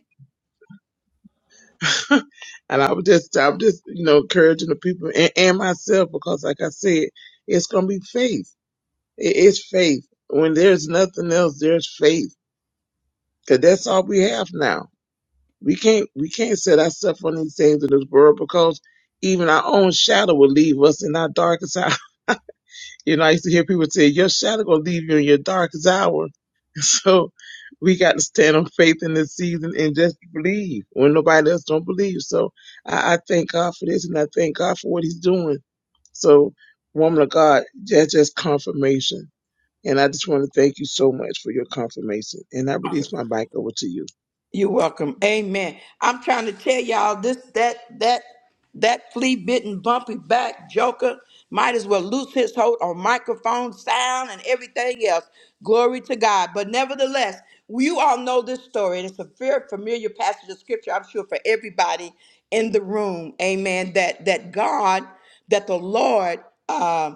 Speaker 3: and I would just I would just, you know, encouraging the people and, and myself because like I said, it's gonna be faith. It is faith. When there's nothing else, there's faith. Cause that's all we have now We can't we can't set ourselves on these things in this world because even our own shadow will leave us in our darkest hour. You know, I used to hear people say, Your shadow gonna leave you in your darkest hour. So we got to stand on faith in this season and just believe when nobody else don't believe. So I, I thank God for this and I thank God for what he's doing. So woman of God, that's just confirmation. And I just want to thank you so much for your confirmation. And I release my mic over to you.
Speaker 1: You're welcome. Amen. I'm trying to tell y'all this that that that flea bitten bumpy back joker might as well lose his hold on microphone sound and everything else. Glory to God. But nevertheless, you all know this story, and it's a very familiar passage of scripture, I'm sure, for everybody in the room. Amen. That that God, that the Lord uh,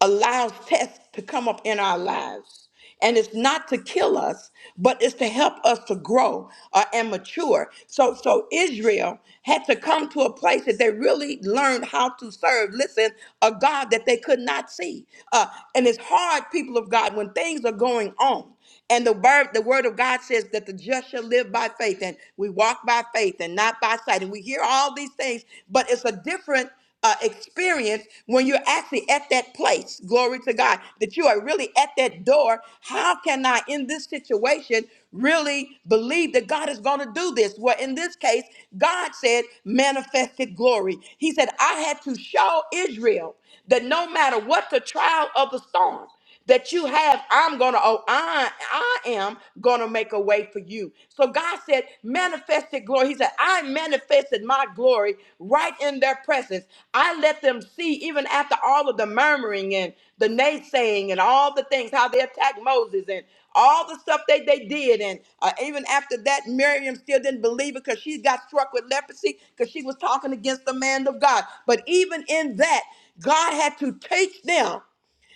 Speaker 1: allows tests to come up in our lives. And it's not to kill us, but it's to help us to grow uh, and mature. So, so Israel had to come to a place that they really learned how to serve. Listen, a God that they could not see. Uh, and it's hard, people of God, when things are going on. And the word, the word of God says that the just shall live by faith, and we walk by faith and not by sight. And we hear all these things, but it's a different uh, experience when you're actually at that place. Glory to God that you are really at that door. How can I, in this situation, really believe that God is going to do this? Well, in this case, God said manifested glory. He said, I had to show Israel that no matter what the trial of the storm that you have i'm gonna oh i i am gonna make a way for you so god said manifested glory he said i manifested my glory right in their presence i let them see even after all of the murmuring and the naysaying and all the things how they attacked moses and all the stuff that they did and uh, even after that miriam still didn't believe it because she got struck with leprosy because she was talking against the man of god but even in that god had to teach them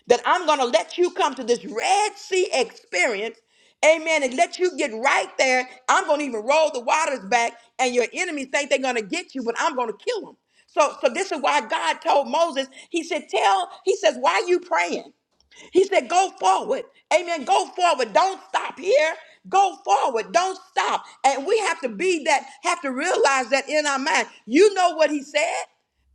Speaker 1: that I'm going to let you come to this Red Sea experience. Amen. And let you get right there. I'm going to even roll the waters back, and your enemies think they're going to get you, but I'm going to kill them. So, so this is why God told Moses, He said, Tell, He says, Why are you praying? He said, Go forward. Amen. Go forward. Don't stop here. Go forward. Don't stop. And we have to be that, have to realize that in our mind. You know what He said.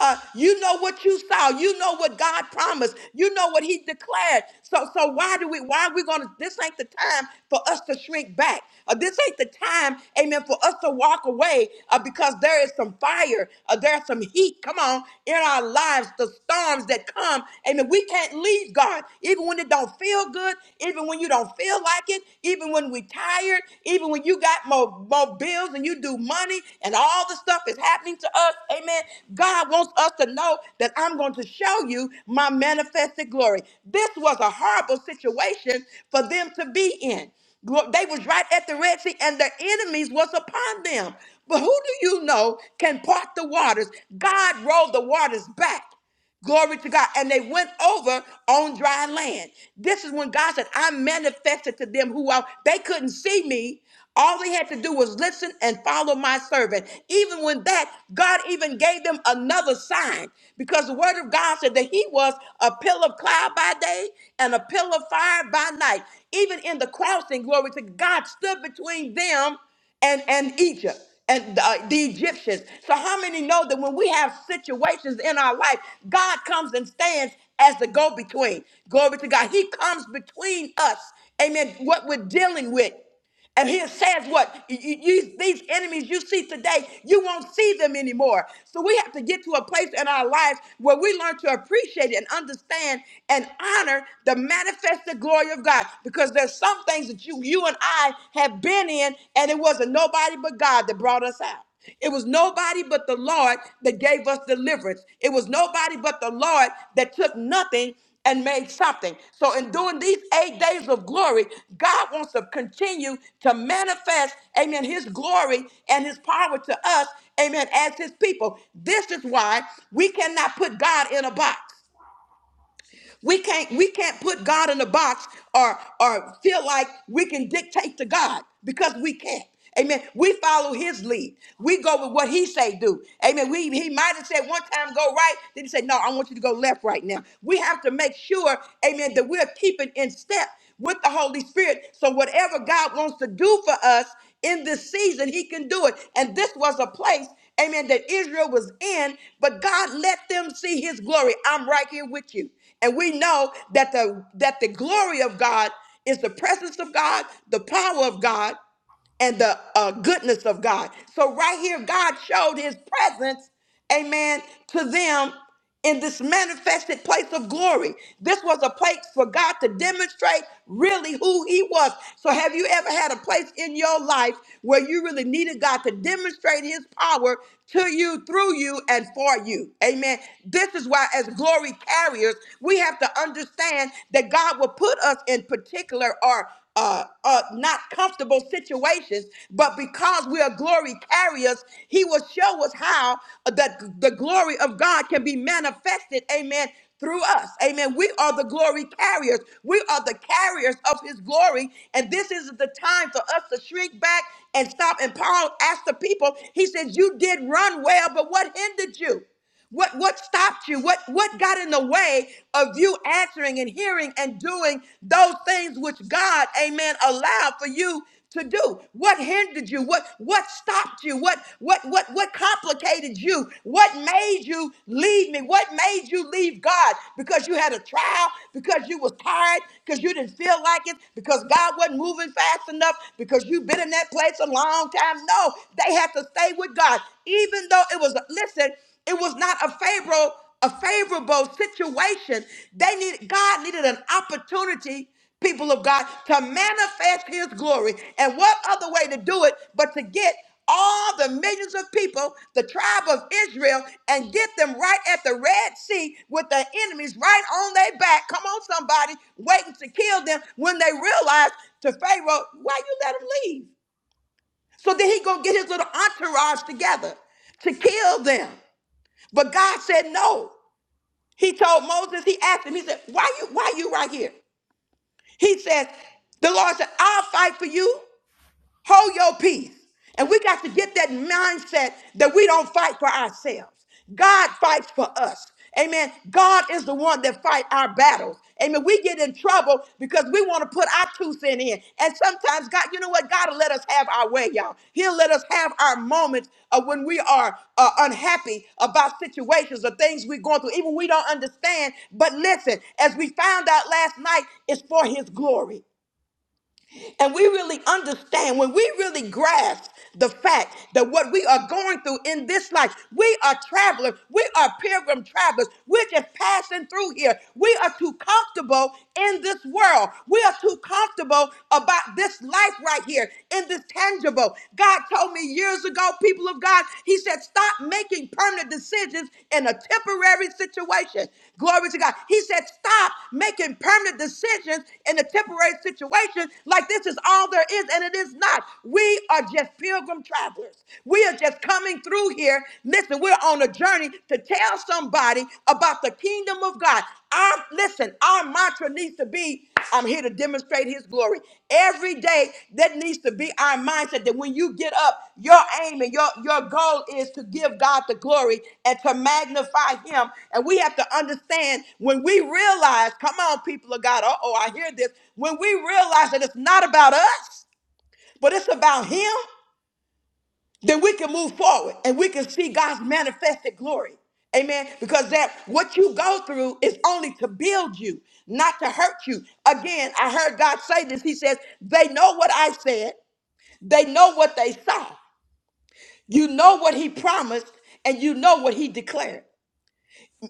Speaker 1: Uh, you know what you saw. You know what God promised. You know what He declared. So, so why do we? Why are we going to? This ain't the time for us to shrink back. Uh, this ain't the time, Amen, for us to walk away uh, because there is some fire. Uh, there's some heat. Come on, in our lives, the storms that come. Amen. We can't leave God, even when it don't feel good, even when you don't feel like it, even when we tired, even when you got more, more bills and you do money and all the stuff is happening to us. Amen. God wants us to know that I'm going to show you my manifested glory. This was a horrible situation for them to be in. Glo- They was right at the Red Sea and their enemies was upon them. But who do you know can part the waters? God rolled the waters back. Glory to God. And they went over on dry land. This is when God said, I manifested to them who I, they couldn't see me. All they had to do was listen and follow my servant. Even when that, God even gave them another sign because the word of God said that he was a pillar of cloud by day and a pillar of fire by night. Even in the crossing, glory to God stood between them and and Egypt and uh, the Egyptians. So how many know that when we have situations in our life, God comes and stands as the go-between. Glory to God. He comes between us. Amen. What we're dealing with. And he says what you, you- these enemies you see today, you won't see them anymore. So we have to get to a place in our lives where we learn to appreciate and understand and honor the manifested glory of God. Because there's some things that you you and I have been in, and it wasn't nobody but God that brought us out. It was nobody but the Lord that gave us deliverance. It was nobody but the Lord that took nothing and made something. So, in doing these eight days of glory, God wants to continue to manifest, amen, his glory and his power to us, amen, as his people. This is why we cannot put God in a box. We can't we can't put God in a box or or feel like we can dictate to God because we can't. Amen. We follow his lead. We go with what he say do. Amen. We he might have said one time go right, then he said, No, I want you to go left right now. We have to make sure, amen, that we're keeping in step with the Holy Spirit. So whatever God wants to do for us in this season, he can do it. And this was a place, amen, that Israel was in, but God let them see his glory. I'm right here with you. And we know that the that the glory of God is the presence of God, the power of God and the uh, goodness of God. So, right here, God showed his presence, amen, to them in this manifested place of glory. This was a place for God to demonstrate really who he was. So, have you ever had a place in your life where you really needed God to demonstrate his power to you, through you, and for you? Amen. This is why, as glory carriers, we have to understand that God will put us in particular or uh, uh, not comfortable situations, but because we are glory carriers, He will show us how the, the glory of God can be manifested, amen, through us. Amen. We are the glory carriers. We are the carriers of his glory. And this is the time for us to shrink back and stop. And Paul asked the people, he says, You did run well, but what hindered you? What what stopped you? What what got in the way of you answering and hearing and doing those things which God, amen, allowed for you to do? What hindered you? What what stopped you? What what what what complicated you? What made you leave me? What made you leave God? Because you had a trial, because you was tired, because you didn't feel like it, because God wasn't moving fast enough, because you've been in that place a long time. No, they had to stay with God. Even though it was listen it was not a favorable, a favorable situation. They needed God needed an opportunity, people of God, to manifest his glory. And what other way to do it but to get all the millions of people, the tribe of Israel, and get them right at the Red Sea with their enemies right on their back. Come on, somebody, waiting to kill them when they realize to Pharaoh, why you let them leave? So then he gonna get his little entourage together to kill them. But God said no. He told Moses, he asked him, he said, Why you why you right here? He says, the Lord said, I'll fight for you. Hold your peace. And we got to get that mindset that we don't fight for ourselves. God fights for us. Amen. God is the one that fight our battles. Amen. We get in trouble because we want to put our two cent in. And sometimes God, you know what? God will let us have our way, y'all. He'll let us have our moments of when we are uh, unhappy about situations or things we're going through, even we don't understand. But listen, as we found out last night, it's for His glory and we really understand, when we really grasp the fact that what we are going through in this life, we are travelers, we are pilgrim travelers, we're just passing through here. We are too comfortable in this world, we are too comfortable about this life right here in this tangible. God told me years ago, people of God, He said said, stop making permanent decisions in a temporary situation. Glory to God. He said, stop making permanent decisions in a temporary situation like this is all there is, and it is not. We are just pilgrim travelers. We are just coming through here. Listen, we're on a journey to tell somebody about the kingdom of God. Our, listen, our mantra needs to be I'm here to demonstrate his glory. Every day, that needs to be our mindset that when you get up, your aim and your, your goal is to give God the glory and to magnify him. And we have to understand when we realize, come on, people of God, uh oh, I hear this. When we realize that it's not about us, but it's about him, then we can move forward and we can see God's manifested glory. Amen. Because that what you go through is only to build you, not to hurt you. Again, I heard God say this. He says, They know what I said, they know what they saw. You know what He promised, and you know what He declared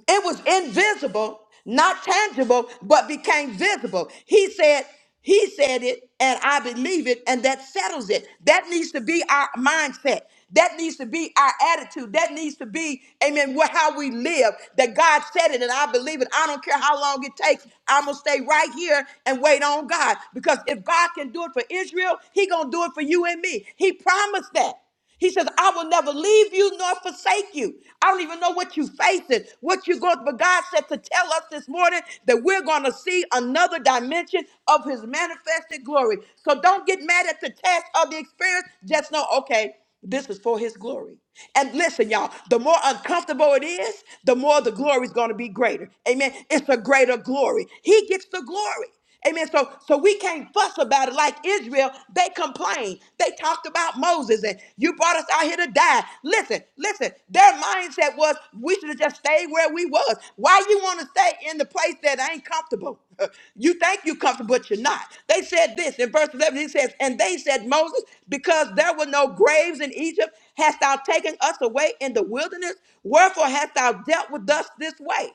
Speaker 1: it was invisible, not tangible, but became visible. He said, He said it, and I believe it, and that settles it. That needs to be our mindset. That needs to be our attitude. That needs to be, amen, what, how we live. That God said it, and I believe it. I don't care how long it takes. I'm gonna stay right here and wait on God because if God can do it for Israel, He gonna do it for you and me. He promised that. He says, I will never leave you nor forsake you. I don't even know what you're facing, what you're going through. But God said to tell us this morning that we're going to see another dimension of his manifested glory. So don't get mad at the test of the experience. Just know, okay, this is for his glory. And listen, y'all, the more uncomfortable it is, the more the glory is going to be greater. Amen. It's a greater glory. He gets the glory. Amen. So so we can't fuss about it like Israel. They complained. They talked about Moses and you brought us out here to die. Listen, listen. Their mindset was we should have just stayed where we was. Why you want to stay in the place that ain't comfortable? you think you comfortable, but you're not. They said this in verse 11. He says, and they said, Moses, because there were no graves in Egypt, hast thou taken us away in the wilderness? Wherefore hast thou dealt with us this way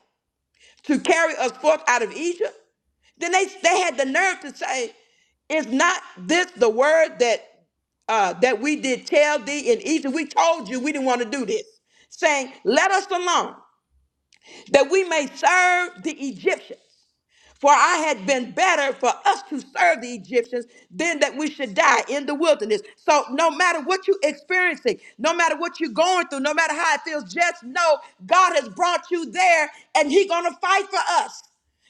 Speaker 1: to carry us forth out of Egypt? Then they they had the nerve to say, "Is not this the word that uh, that we did tell thee in Egypt? We told you we didn't want to do this, saying, Let us alone, that we may serve the Egyptians. For I had been better for us to serve the Egyptians than that we should die in the wilderness. So no matter what you're experiencing, no matter what you're going through, no matter how it feels, just know God has brought you there and He's gonna fight for us.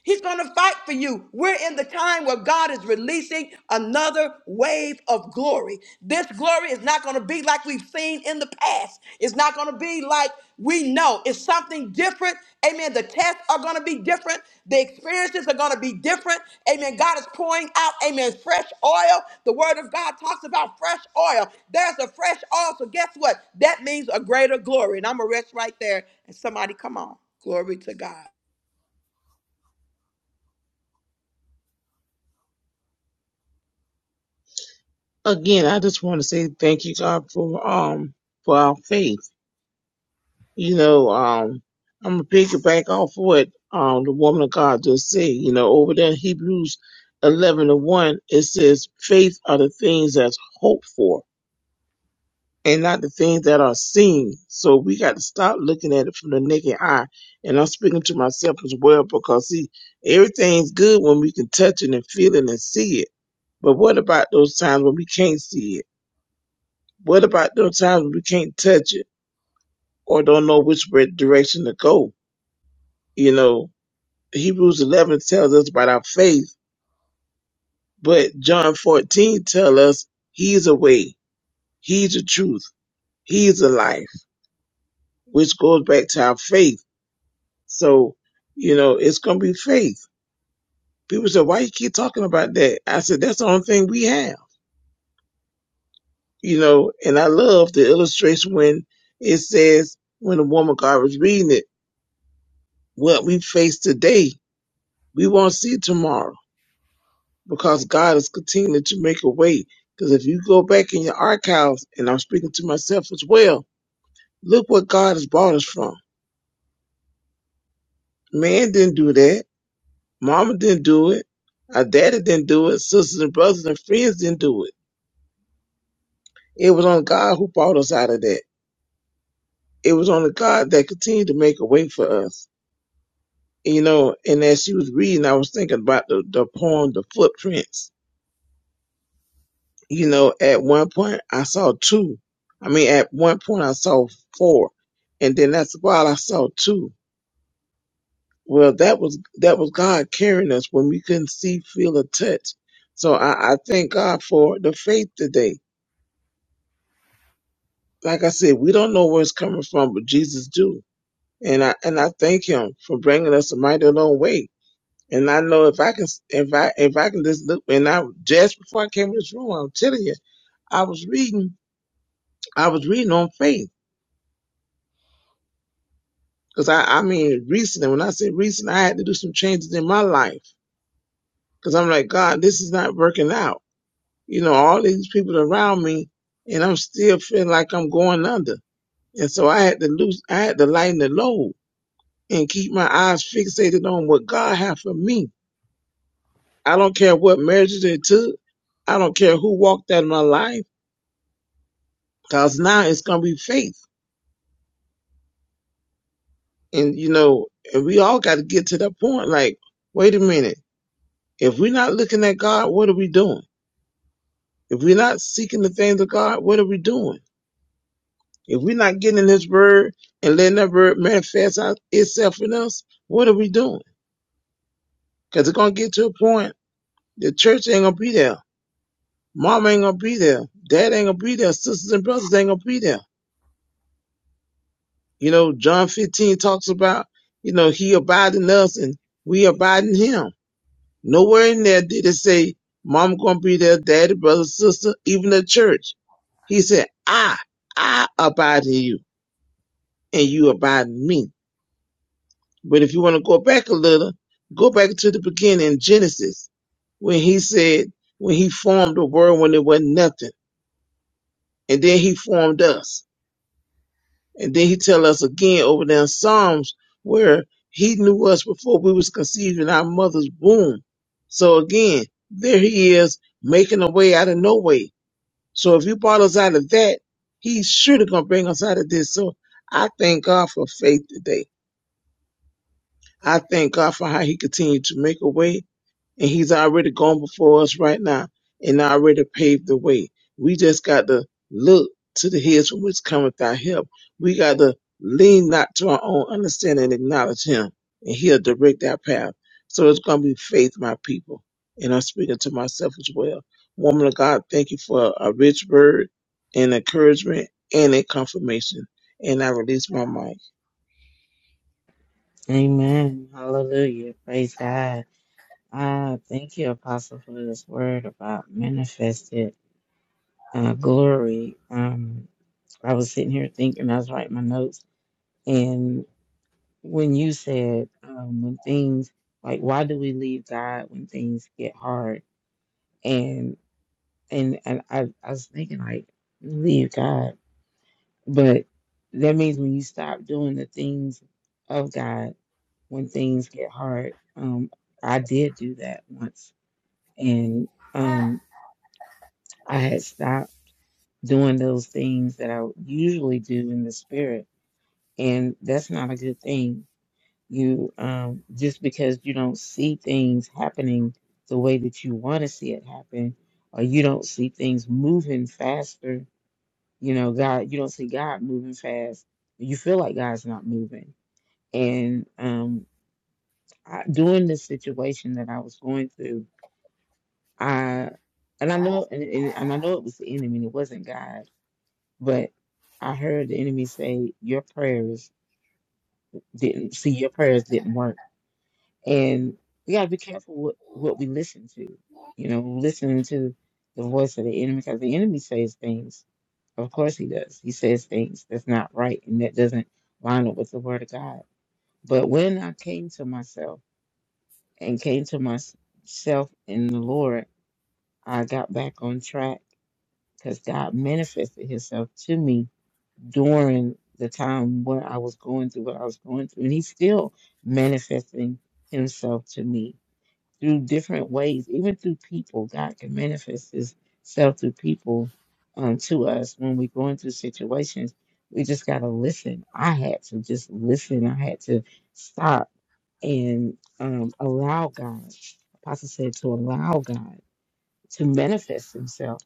Speaker 1: He's going to fight for you. We're in the time where God is releasing another wave of glory. This glory is not going to be like we've seen in the past. It's not going to be like we know. It's something different. Amen. The tests are going to be different. The experiences are going to be different. Amen. God is pouring out, amen, fresh oil. The word of God talks about fresh oil. There's a fresh oil. So guess what? That means a greater glory. And I'm going to rest right there. And somebody, come on. Glory to God.
Speaker 3: again, I just want to say thank you, God, for um for our faith. You know, um, I'm gonna pick it back off what um the woman of God just said. You know, over there in Hebrews 11 and 1, it says, "Faith are the things that's hoped for, and not the things that are seen." So we got to stop looking at it from the naked eye. And I'm speaking to myself as well because see, everything's good when we can touch it and feel it and see it. But what about those times when we can't see it? What about those times we can't touch it or don't know which way- direction to go? You know, Hebrews 11 tells us about our faith, but John 14 tells us he's a way, he's the truth, he's the life, which goes back to our faith. So, you know, it's going to be faith. People say, why you keep talking about that? I said, that's the only thing we have, you know, and I love the illustration when it says, when the woman God was reading it, what we face today we won't see tomorrow because God is continuing to make a way. Because if you go back in your archives, and I'm speaking to myself as well, look what God has brought us from. Man didn't do that. Mama didn't do it. Our daddy didn't do it. Sisters and brothers and friends didn't do it. It was on God who brought us out of that. It was on the God that continued to make a way for us. You know, and as she was reading, I was thinking about the, the poem, The Footprints You know, at one point I saw two. I mean, at one point I saw four, and then that's while I saw two. Well, that was that was God carrying us when we couldn't see, feel, or touch. So I, I thank God for the faith today. Like I said, we don't know where it's coming from, but Jesus do, and I and I thank Him for bringing us a mighty long way. And I know if I can, if I if I can just look, and I just before I came to this room, I'm telling you, I was reading, I was reading on faith. Cause I, I mean, recently, when I say recent, I had to do some changes in my life. Cause I'm like, God, this is not working out. You know, all these people around me and I'm still feeling like I'm going under. And so I had to lose, I had to lighten the load and keep my eyes fixated on what God had for me. I don't care what measures it took. I don't care who walked out of my life. Cause now it's going to be faith. And you know, and we all got to get to that point. Like, wait a minute. If we're not looking at God, what are we doing? If we're not seeking the things of God, what are we doing? If we're not getting in His Word and letting that Word manifest out itself in us, what are we doing? Because it's going to get to a point the church ain't going to be there. Mom ain't going to be there. Dad ain't going to be there. Sisters and brothers ain't going to be there. You know, John 15 talks about, you know, He abide in us and we abide in Him. Nowhere in there did it say, Mom going to be there, daddy, brother, sister, even the church. He said, I, I abide in you. and you abide in me. But if you want to go back a little, go back to the beginning in Genesis when he said, when he formed the world when it wasn't nothing. And then he formed us. And then he tell us again over there in Psalms where he knew us before we was conceived in our mother's womb. So again, there he is making a way out of no way. So if you brought us out of that, he's surely gonna bring us out of this. So I thank God for faith today. I thank God for how He continued to make a way, and He's already gone before us right now and already paved the way. We just got to look to the hills from which cometh our help. We got to lean not to our own understanding and acknowledge Him, and He'll direct our path. So it's going to be faith, my people. And I'm speaking to myself as well. Woman of God, thank you for a rich word and encouragement and a confirmation. And I release my mic.
Speaker 2: Amen. Hallelujah. Praise God. Ah, thank you, Apostle, for this word about manifested. uh, Glory, um, I was sitting here thinking, I was writing my notes. And when you said, um, when things like, why do we leave God when things get hard? And, and, and I, I was thinking, like, leave God. But that means when you stop doing the things of God when things get hard. Um, I did do that once. And, um, I had stopped doing those things that I usually do in the spirit and that's not a good thing. You um, just because you don't see things happening the way that you want to see it happen, or you don't see things moving faster. You know, God, you don't see God moving fast. You feel like God's not moving. And um, I, during this situation that I was going through, I and I know and, and and I know it was the enemy. and It wasn't God, but I heard the enemy say, "Your prayers didn't see. Your prayers didn't work." And we got to be careful what, what we listen to. You know, listening to the voice of the enemy because the enemy says things. Of course he does. He says things that's not right and that doesn't line up with the word of God. But when I came to myself and came to myself in the Lord, I got back on track because God manifested himself to me during the time when I was going through what I was going through. And he's still manifesting himself to me through different ways, even through people. God can manifest Himself through people um, to us when we're going through situations. We just got to listen. I had to just listen. I had to stop and um, allow God. Apostle said to allow God to manifest Himself.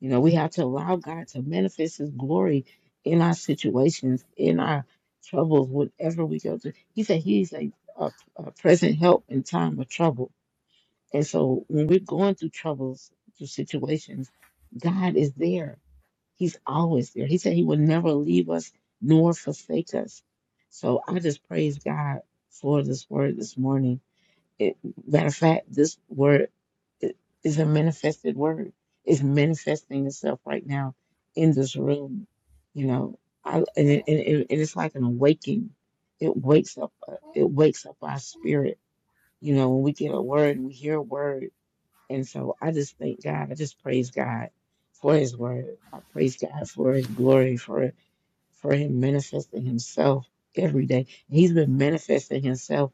Speaker 2: You know, we have to allow God to manifest His glory in our situations, in our troubles, whatever we go through. He said He's a, a, a present help in time of trouble. And so when we're going through troubles, through situations, God is there. He's always there. He said he will never leave us nor forsake us. So I just praise God for this word this morning. It, matter of fact, this word i- is a manifested word. It's manifesting itself right now in this room. You know, I, and, it, and, it, and it's like an awakening. It wakes up. uh, It wakes up our spirit. You know, when we get a word and we hear a word and so I just thank God. I just praise God for his word. I praise God for his glory, for for him manifesting himself every day. He's been manifesting himself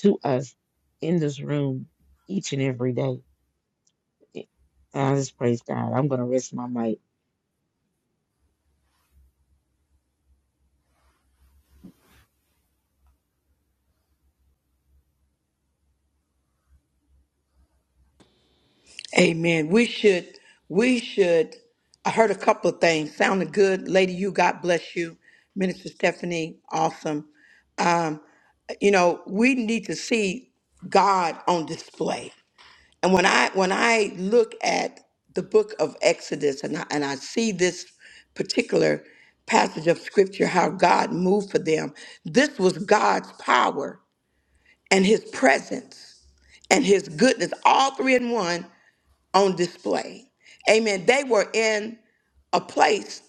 Speaker 2: to us in this room each and every day. And I just praise God. I'm gonna rest my mic.
Speaker 1: Amen. We should, we should. I heard a couple of things. Sounded good, Lady. You, God bless you, Minister Stephanie. Awesome. Um, you know, we need to see God on display. And when I when I look at the book of Exodus and I, and I see this particular passage of scripture, how God moved for them, this was God's power and His presence and His goodness, all three in one on display. Amen. They were in a place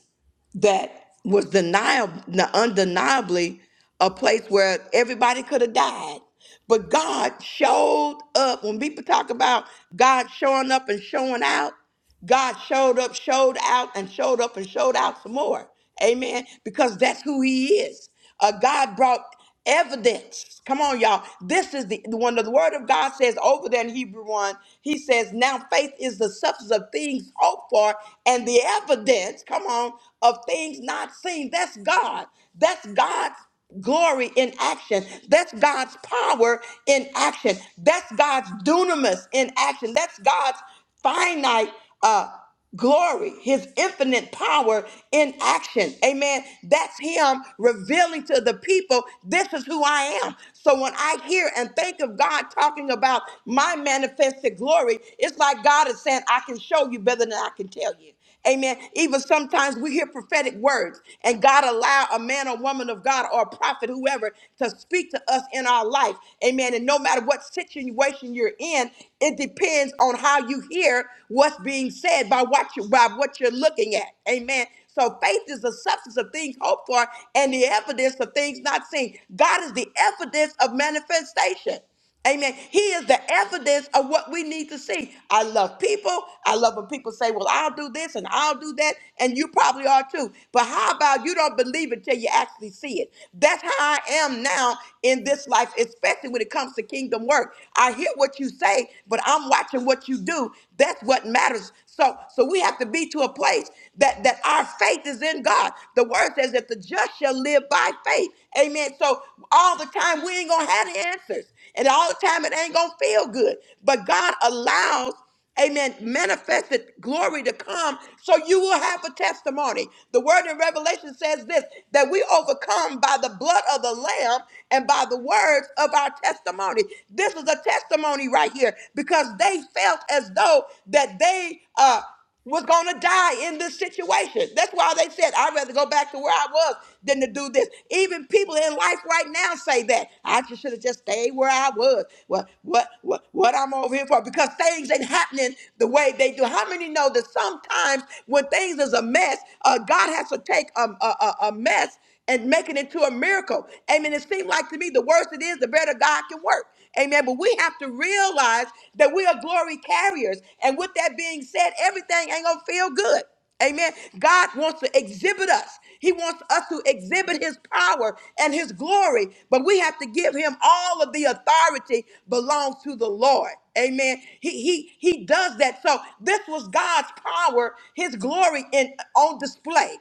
Speaker 1: that was deniable, undeniably a place where everybody could have died. But God showed up. When people talk about God showing up and showing out, God showed up, showed out, and showed up and showed out some more. Amen. Because that's who he is. Uh, God brought evidence. Come on, y'all. This is the, the one that the word of God says over there in Hebrew 1. He says, Now faith is the substance of things hoped for and the evidence, come on, of things not seen. That's God. That's God's glory in action. That's God's power in action. That's God's dunamis in action. That's God's finite uh, glory, his infinite power in action. Amen. That's him revealing to the people, this is who I am. So when I hear and think of God talking about my manifested glory, it's like God is saying, I can show you better than I can tell you. Amen. Even sometimes we hear prophetic words, and God allow a man or woman of God or a prophet, whoever, to speak to us in our life. Amen. And no matter what situation you're in, it depends on how you hear what's being said by what you by what you're looking at. Amen. So faith is the substance of things hoped for and the evidence of things not seen. God is the evidence of manifestation. Amen. He is the evidence of what we need to see. I love people. I love when people say, Well, I'll do this and I'll do that. And you probably are too. But how about you don't believe it till you actually see it? That's how I am now in this life, especially when it comes to kingdom work. I hear what you say, but I'm watching what you do. That's what matters. So so we have to be to a place that, that our faith is in God. The word says that the just shall live by faith. Amen. So all the time we ain't gonna have the answers. And all the time it ain't gonna feel good. But God allows, amen, manifested glory to come so you will have a testimony. The word in Revelation says this that we overcome by the blood of the Lamb and by the words of our testimony. This is a testimony right here because they felt as though that they uh was going to die in this situation. That's why they said, I'd rather go back to where I was than to do this. Even people in life right now say that. I just should have just stayed where I was. What, what, what, what I'm over here for? Because things ain't happening the way they do. How many know that sometimes when things is a mess, uh, God has to take a, a, a a mess and making it to a miracle. Amen. It seems like to me the worse it is, the better God can work. Amen. But we have to realize that we are glory carriers. And with that being said, everything ain't going to feel good. Amen. God wants to exhibit us. He wants us to exhibit his power and his glory, but we have to give him all of the authority belongs to the Lord. Amen. He he he does that. So this was God's power, his glory in on display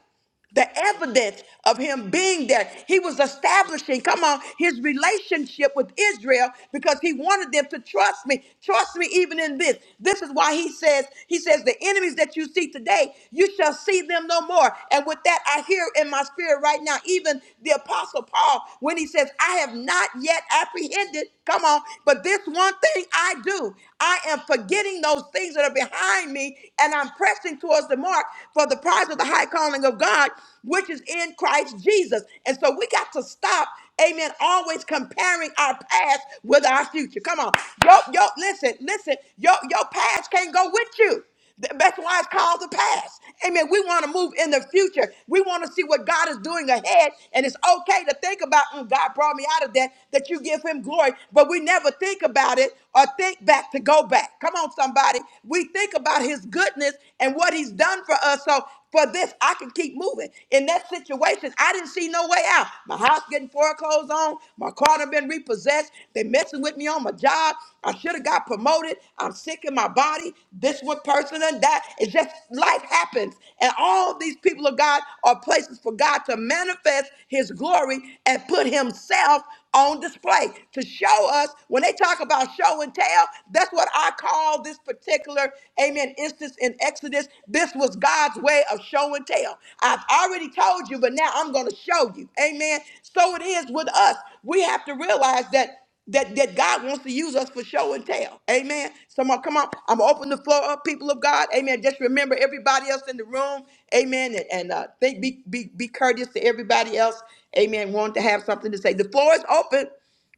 Speaker 1: the evidence of him being there. He was establishing, come on, his relationship with Israel because he wanted them to trust me. Trust me even in this. This is why he says, he says, the enemies that you see today, you shall see them no more. And with that, I hear in my spirit right now, even the apostle Paul, when he says, I have not yet apprehended Come on. But this one thing I do, I am forgetting those things that are behind me and I'm pressing towards the mark for the prize of the high calling of God, which is in Christ Jesus. And so we got to stop, amen, always comparing our past with our future. Come on. Yo, yo, listen, listen, yo, your past can't go with you. Th- That's why it's called the past. Amen. We want to move in the future. We want to see what God is doing ahead. And it's okay to think about, "Mm, God brought me out of that, that you give him glory. But we never think about it or think back to go back. Come on, somebody. We think about his goodness and what he's done for us. So for this. I can keep moving. In that situation, I didn't see no way out. My house getting foreclosed on. My car done been repossessed. They messing with me on my job. I should have got promoted. I'm sick in my body. This one person and that. It's just life happens. And all these people of God are places for God to manifest his glory and put himself on display to show us. When they talk about show and tell, that's what I call this particular, amen, instance in Exodus. This was God's way of show and tell. I've already told you, but now I'm going to show you. Amen. So it is with us. We have to realize that that, that God wants to use us for show and tell. Amen. Someone, come on. I'm going to open the floor up, people of God. Amen. Just remember everybody else in the room. Amen. And, and uh, think, be, be, be courteous to everybody else. Amen. Want to have something to say. The floor is open.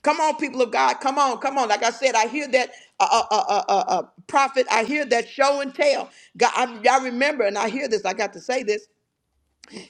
Speaker 1: Come on, people of God. Come on, come on. Like I said, I hear that uh, uh, uh, uh, uh, uh, prophet. I hear that show and tell. God, I, I remember, and I hear this. I got to say this.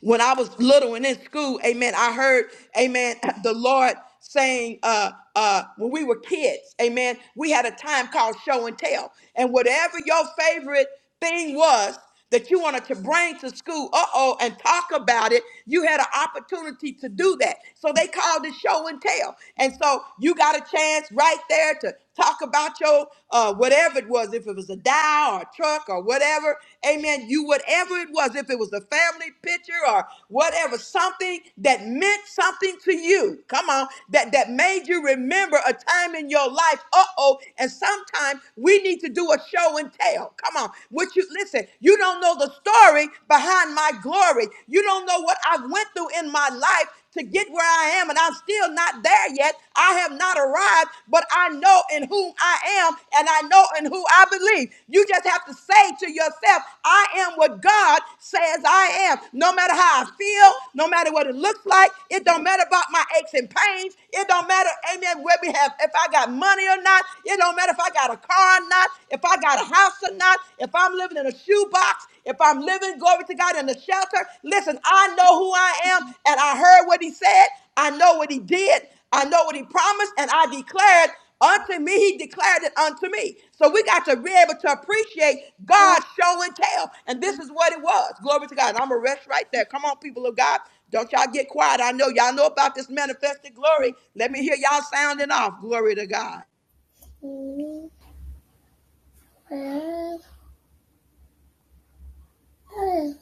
Speaker 1: When I was little and in school, amen, I heard, amen, the Lord saying, uh, uh, when we were kids, amen, we had a time called show and tell. And whatever your favorite thing was, that you wanted to bring to school, uh-oh, and talk about it, you had an opportunity to do that. So they called it show and tell. And so you got a chance right there to. Talk about your uh, whatever it was, if it was a dial or a truck or whatever. Amen. You whatever it was, if it was a family picture or whatever, something that meant something to you. Come on, that that made you remember a time in your life. Uh oh. And sometimes we need to do a show and tell. Come on, what you listen. You don't know the story behind my glory. You don't know what I went through in my life to get where I am, and I'm still not there yet. I have not arrived, but I know in whom I am, and I know in who I believe. You just have to say to yourself, I am what God says I am. No matter how I feel, no matter what it looks like, it don't matter about my aches and pains. It don't matter, amen, where we have, if I got money or not. It don't matter if I got a car or not, if I got a house or not, if I'm living in a shoebox shoebox, if I'm living, glory to God, in the shelter, listen, I know who I am and I heard what he said. I know what he did. I know what he promised and I declared unto me. He declared it unto me. So we got to be able to appreciate God's show and tell. And this is what it was. Glory to God. And I'm going to rest right there. Come on, people of God. Don't y'all get quiet. I know y'all know about this manifested glory. Let me hear y'all sounding off. Glory to God.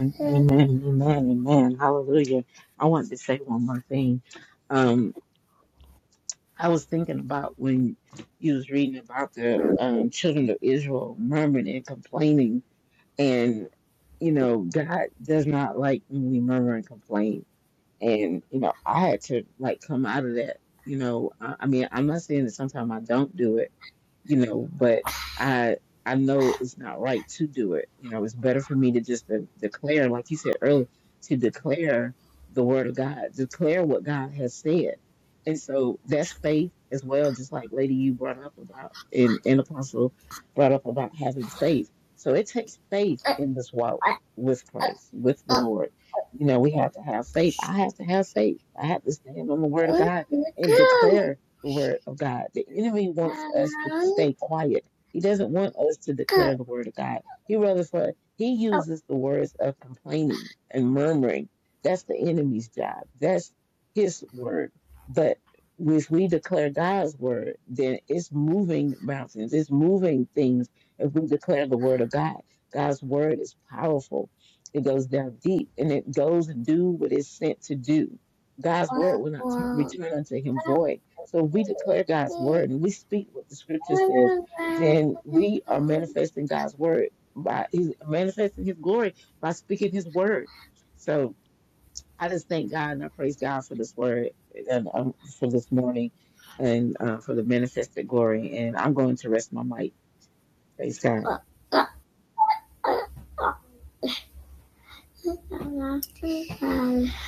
Speaker 2: And Amen, amen, amen. Hallelujah. I wanted to say one more thing. Um, I was thinking about when you was reading about the um, children of Israel murmuring and complaining And, you know, God does not like when we murmur and complain. And, you know, I had to like come out of that. You know, I, I mean, I'm not saying that sometimes I don't do it, you know, but I I know it's not right to do it. You know, it's better for me to just de- declare, like you said earlier, to declare the word of God, declare what God has said. And so that's faith as well, just like Lady you brought up about and, and Apostle brought up about having faith. So it takes faith in this walk with Christ, with the Lord you know, we have to have faith. I have to have faith. I have to stand on the word of God and declare the word of God. The enemy wants us to stay quiet. He doesn't want us to declare the word of God. He rather for he uses the words of complaining and murmuring. That's the enemy's job. That's his word. But if we declare God's word, then it's moving mountains. It's moving things. If we declare the word of God, God's word is powerful. It goes down deep and it goes and do what it's sent to do. God's word will not turn, return unto him void. So if we declare God's word and we speak what the scripture says, then we are manifesting God's word by he's manifesting his glory by speaking his word. So I just thank God and I praise God for this word and um, for this morning and uh, for the manifested glory. And I'm going to rest my mic. Praise God.
Speaker 4: I love you. I love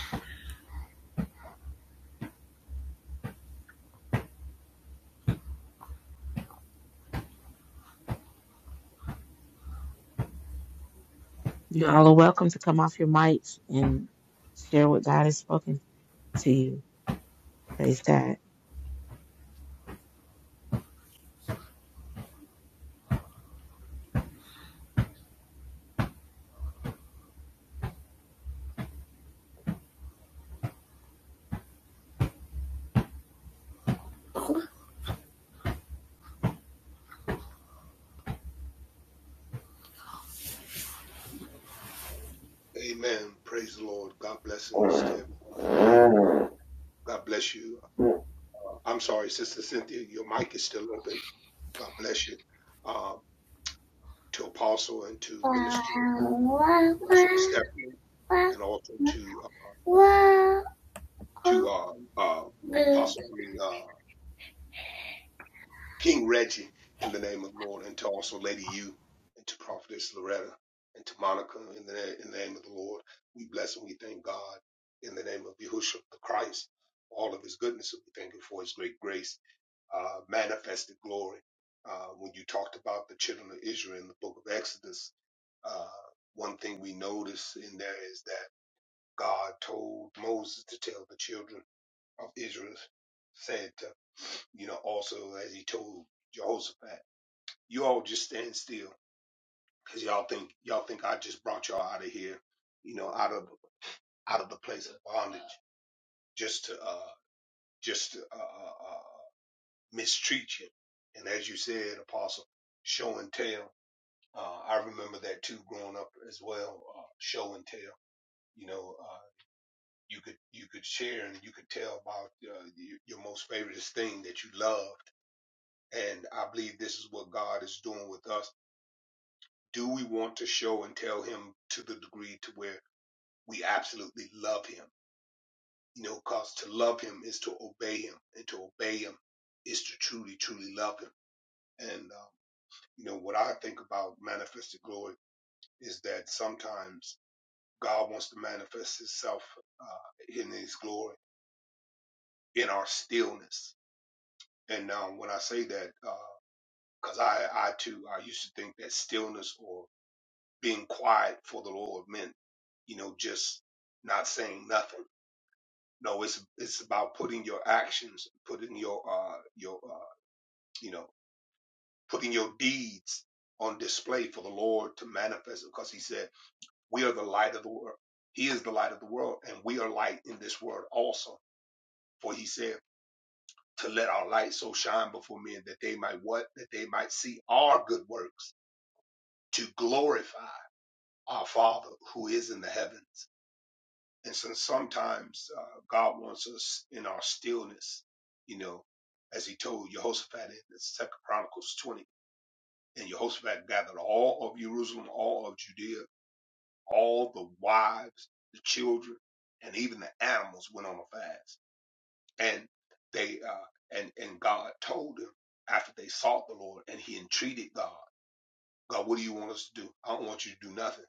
Speaker 2: You all are welcome to come off your mics and share what God has spoken. to you. Praise God.
Speaker 5: Amen. Praise the Lord. God blessings to everyone in the room. God bless you.
Speaker 4: you.
Speaker 5: Uh, I'm sorry, Sister Cynthia, your mic is still open. God bless you. Uh, to Apostle and to Minister Minister Stephanie, and also to uh,
Speaker 4: I
Speaker 5: to
Speaker 4: love
Speaker 5: uh, uh,
Speaker 4: you.
Speaker 5: Apostle, I mean uh, King Reggie, in the name of the Lord, and to also Lady You, and to Prophetess Loretta, and to Monica, in the na- in the name of the Lord. We bless and we thank God in the name of Yahushua the Christ, all of His goodness, and we thank Him for His great grace uh, manifested glory. Uh, when you talked about the children of Israel in the book of Exodus, uh, one thing we notice in there is that God told Moses to tell the children of Israel, said, to, you know, also as he told Jehoshaphat, you all just stand still because y'all think y'all think I just brought y'all out of here, you know, out of out of the place of bondage just to uh, just to uh, uh, uh, mistreat you. And as you said, Apostle, show and tell. Uh, I remember that too growing up as well. Uh, show and tell. You know, uh, you could you could share and you could tell about uh, your, your most favorite thing that you loved. And I believe this is what God is doing with us. Do we want to show and tell Him to the degree to where we absolutely love Him? You know, because to love Him is to obey Him, and to obey Him is to truly, truly love Him. And uh, you know, what I think about manifested glory is that sometimes God wants to manifest Himself uh, in His glory in our stillness. And um, when I say that, because uh, I, I too, I used to think that stillness or being quiet for the Lord meant, you know, just not saying nothing. No, it's it's about putting your actions, putting your uh, your uh, you know, putting your deeds on display for the Lord to manifest. Because He said, "We are the light of the world." He is the light of the world, and we are light in this world also. For He said. to let our light so shine before men that they might what? That they might see our good works to glorify our Father who is in the heavens. And so sometimes uh, God wants us in our stillness, you know, as he told Jehoshaphat in the Second Chronicles 20. And Jehoshaphat gathered all of Jerusalem, all of Judea, all the wives, the children, and even the animals went on a fast. and they uh, and and God told them after they sought the Lord and he entreated God, God, what do you want us to do? I don't want you to do nothing.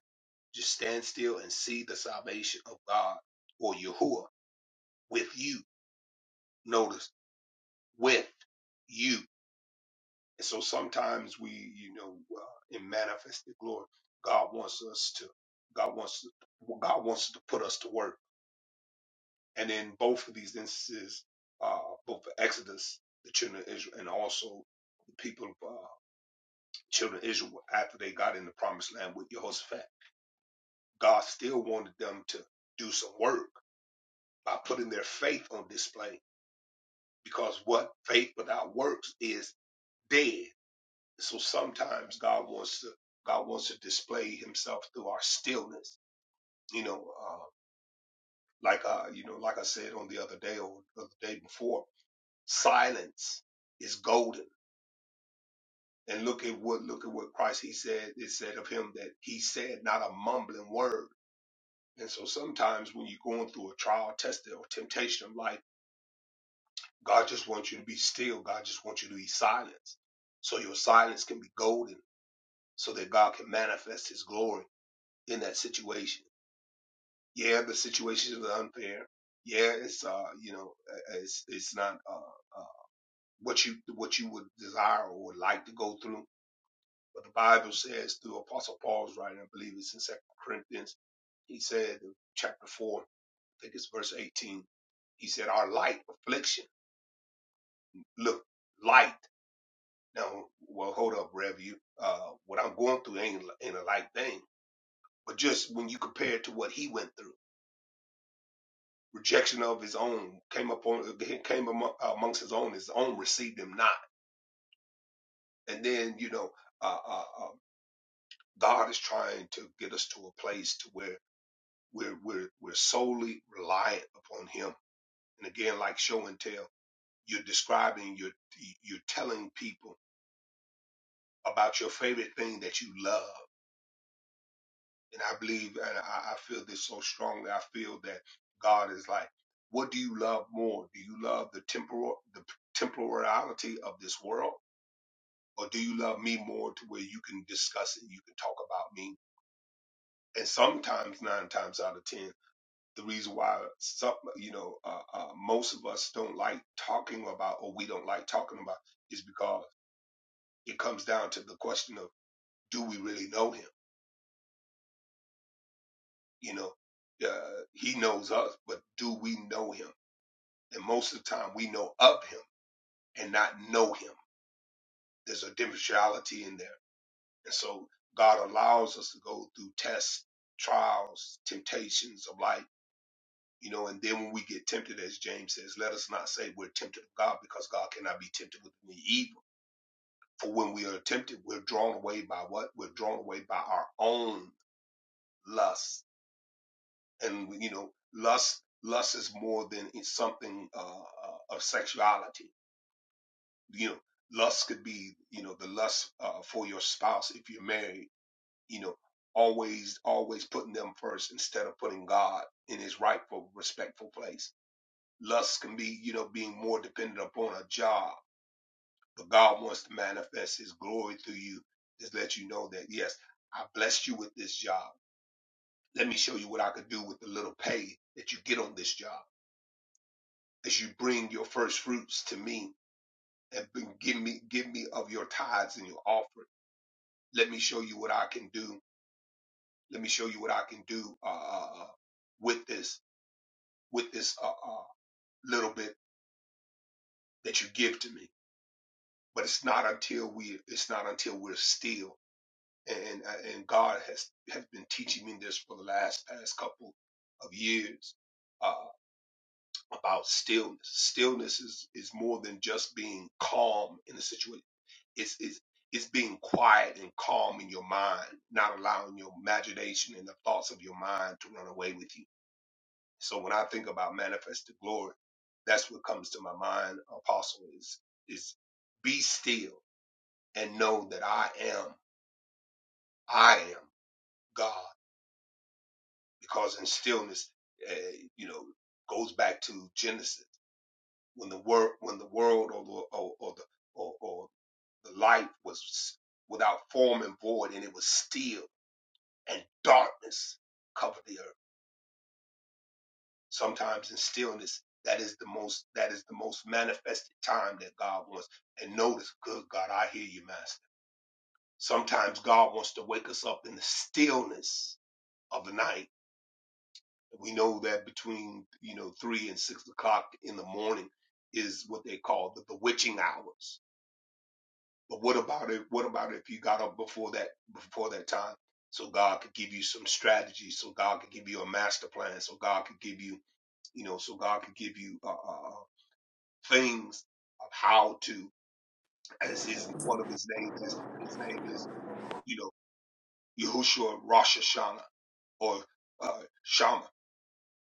Speaker 5: Just stand still and see the salvation of God or Yahuwah with you. Notice with you. And so sometimes we, you know, uh, in manifested glory, God wants us to. God wants. God wants to put us to work. And in both of these instances, uh, both the Exodus, the children of Israel, and also the people of uh, children of Israel after they got in the promised land with Jehoshaphat, God still wanted them to do some work by putting their faith on display. Because what faith without works is dead. So sometimes God wants to God wants to display Himself through our stillness. You know, uh, like uh, you know, like I said on the other day or the other day before, silence is golden And look at what look at what Christ he said. It said of him that he said not a mumbling word. And so sometimes when you're going through a trial, test, or temptation of life, God just wants you to be still. God just wants you to be silent. So your silence can be golden, so that God can manifest His glory in that situation. Yeah, the situation is unfair. Yeah, it's uh, you know, uh, it's it's not uh, uh what you what you would desire or would like to go through But the Bible says through Apostle Paul's writing, I believe it's in Second Corinthians, he said, chapter 4, I think it's verse 18, he said, Our light affliction, look, light. Now, well, hold up, Rev. You, uh, what I'm going through ain't, ain't a light thing. But just when you compare it to what he went through, rejection of his own came upon came among, amongst his own. His own received him not. And then you know, uh, uh, uh, God is trying to get us to a place to where We're we're we're solely reliant upon Him. And again, like show and tell, you're describing, you're you're telling people about your favorite thing that you love. And I believe, and I, I feel this so strongly. I feel that God is like, what do you love more? Do you love the temporal the temporality of this world, or do you love me more to where you can discuss it, you can talk about me? And sometimes nine times out of ten. the reason why some, you know, uh, uh, most of us don't like talking about, or we don't like talking about, is because it comes down to the question of, do we really know him? You know, uh, he knows us, but do we know him? And most of the time, we know of him and not know him. There's a differentiality in there, and so God allows us to go through tests, trials, temptations of life You know, and then when we get tempted, as James says, let us not say we're tempted of God because God cannot be tempted with any evil. For when we are tempted, we're drawn away by what? We're drawn away by our own lust. And, you know, lust, lust is more than it's something uh, uh, of sexuality. You know, lust could be, you know, the lust uh, for your spouse if you're married, you know, always, always putting them first instead of putting God in his rightful, respectful place Lust can be, you know, being more dependent upon a job. But God wants to manifest his glory through you. Just let you know that, yes, I blessed you with this job. Let me show you what I could do with the little pay that you get on this job. As you bring your first fruits to me and bring- give me, give me of your tithes and your offering. Let me show you what I can do. Let me show you what I can do, uh, uh, uh, with this, with this, uh, uh, little bit that you give to me but it's not until we it's not until we're still. and and God has has been teaching me this for the last past couple of years uh, about stillness. Stillness is is more than just being calm in a situation. It's it's it's being quiet and calm in your mind, not allowing your imagination and the thoughts of your mind to run away with you. So when I think about manifested glory, that's what comes to my mind, Apostle, is is be still and know that I am, I am God. because in stillness, uh, you know, goes back to Genesis when the world, when the world or the or, or the or, or the light was without form and void, and it was still, and darkness covered the earth. Sometimes in stillness, that is the most that is the most manifested time that God wants. And notice, good God, I hear you, Master. Sometimes God wants to wake us up in the stillness of the night We know that between you know three and six o'clock in the morning is what they call the bewitching hours. But what about it? What about if you got up before that before that time? So God could give you some strategy. So God could give you a master plan. So God could give you you know. So God could give you uh, uh, uh, things of how to. As his one of his names is his name is you know Yahushua Rosh Hashanah or uh, Shama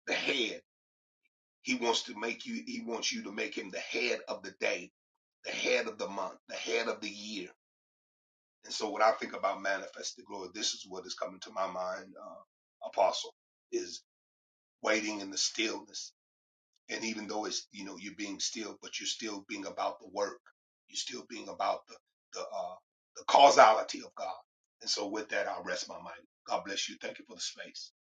Speaker 5: the head. He wants to make you, he wants you to make him the head of the day, the head of the month, the head of the year. And so when I think about manifested glory, this is what is coming to my mind, uh, apostle, is waiting in the stillness. And even though it's, you know, you're being still, but you're still being about the work. You're still being about the, the, uh, the causality of God. And so with that, I'll rest my mind. God bless you. Thank you for the space.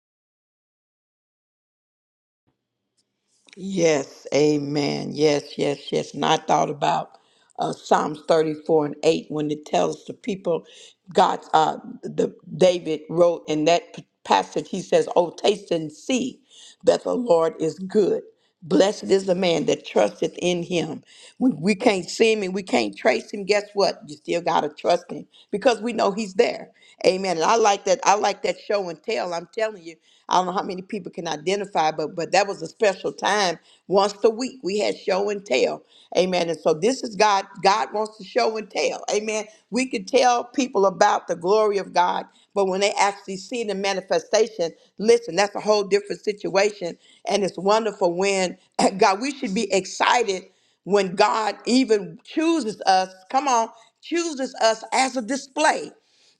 Speaker 1: Yes, amen. Yes, yes, yes. And I thought about uh, Psalms 34 and 8 when it tells the people, God, uh, the David wrote in that p- passage, he says, Oh, taste and see that the Lord is good. Blessed is the man that trusteth in him. When we can't see him and we can't trace him, guess what? You still gotta trust him because we know he's there. Amen. And I like that. I like that show and tell. I'm telling you, I don't know how many people can identify, but but that was a special time. Once a week, we had show and tell. Amen. And so this is God. God wants to show and tell. Amen. We can tell people about the glory of God. But when they actually see the manifestation, listen, that's a whole different situation. And it's wonderful when God, we should be excited when God even chooses us, come on, chooses us as a display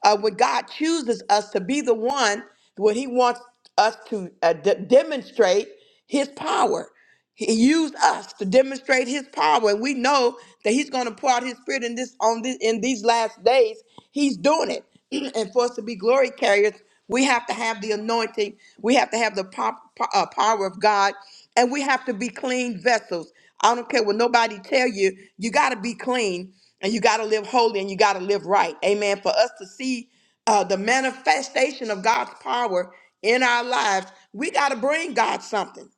Speaker 1: uh, when God chooses us to be the one, when He wants us to uh, de- demonstrate His power. He used us to demonstrate His power, and we know that He's going to pour out His Spirit in this on this in these last days. He's doing it, and for us to be glory carriers, we have to have the anointing. We have to have the pop, po- uh, power of God, and we have to be clean vessels. I don't care what nobody tell you. You got to be clean and you got to live holy and you got to live right. Amen. For us to see uh, the manifestation of God's power in our lives, we got to bring God something.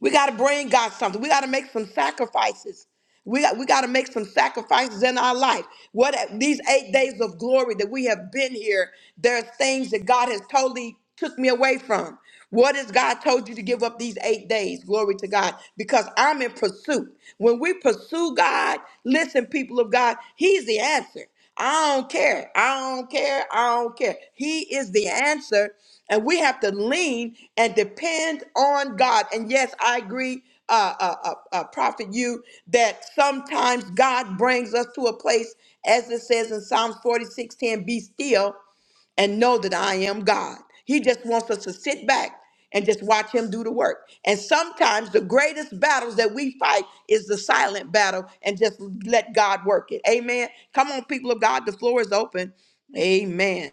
Speaker 1: We got to bring God something. We got to make some sacrifices. We got, we got to make some sacrifices in our life. What these eight days of glory that we have been here, there's things that God has totally took me away from. What has God told you to give up these eight days? Glory to God. Because I'm in pursuit. When we pursue God, listen, people of God, He's the answer. I don't care. I don't care. I don't care. He is the answer. And we have to lean and depend on God. And yes, I agree, uh, uh, uh, uh, Prophet, you, that sometimes God brings us to a place, as it says in Psalms 46 10. be still and know that I am God. He just wants us to sit back and just watch him do the work. And sometimes the greatest battles that we fight is the silent battle and just let God work it. Amen. Come on, people of God, the floor is open. Amen.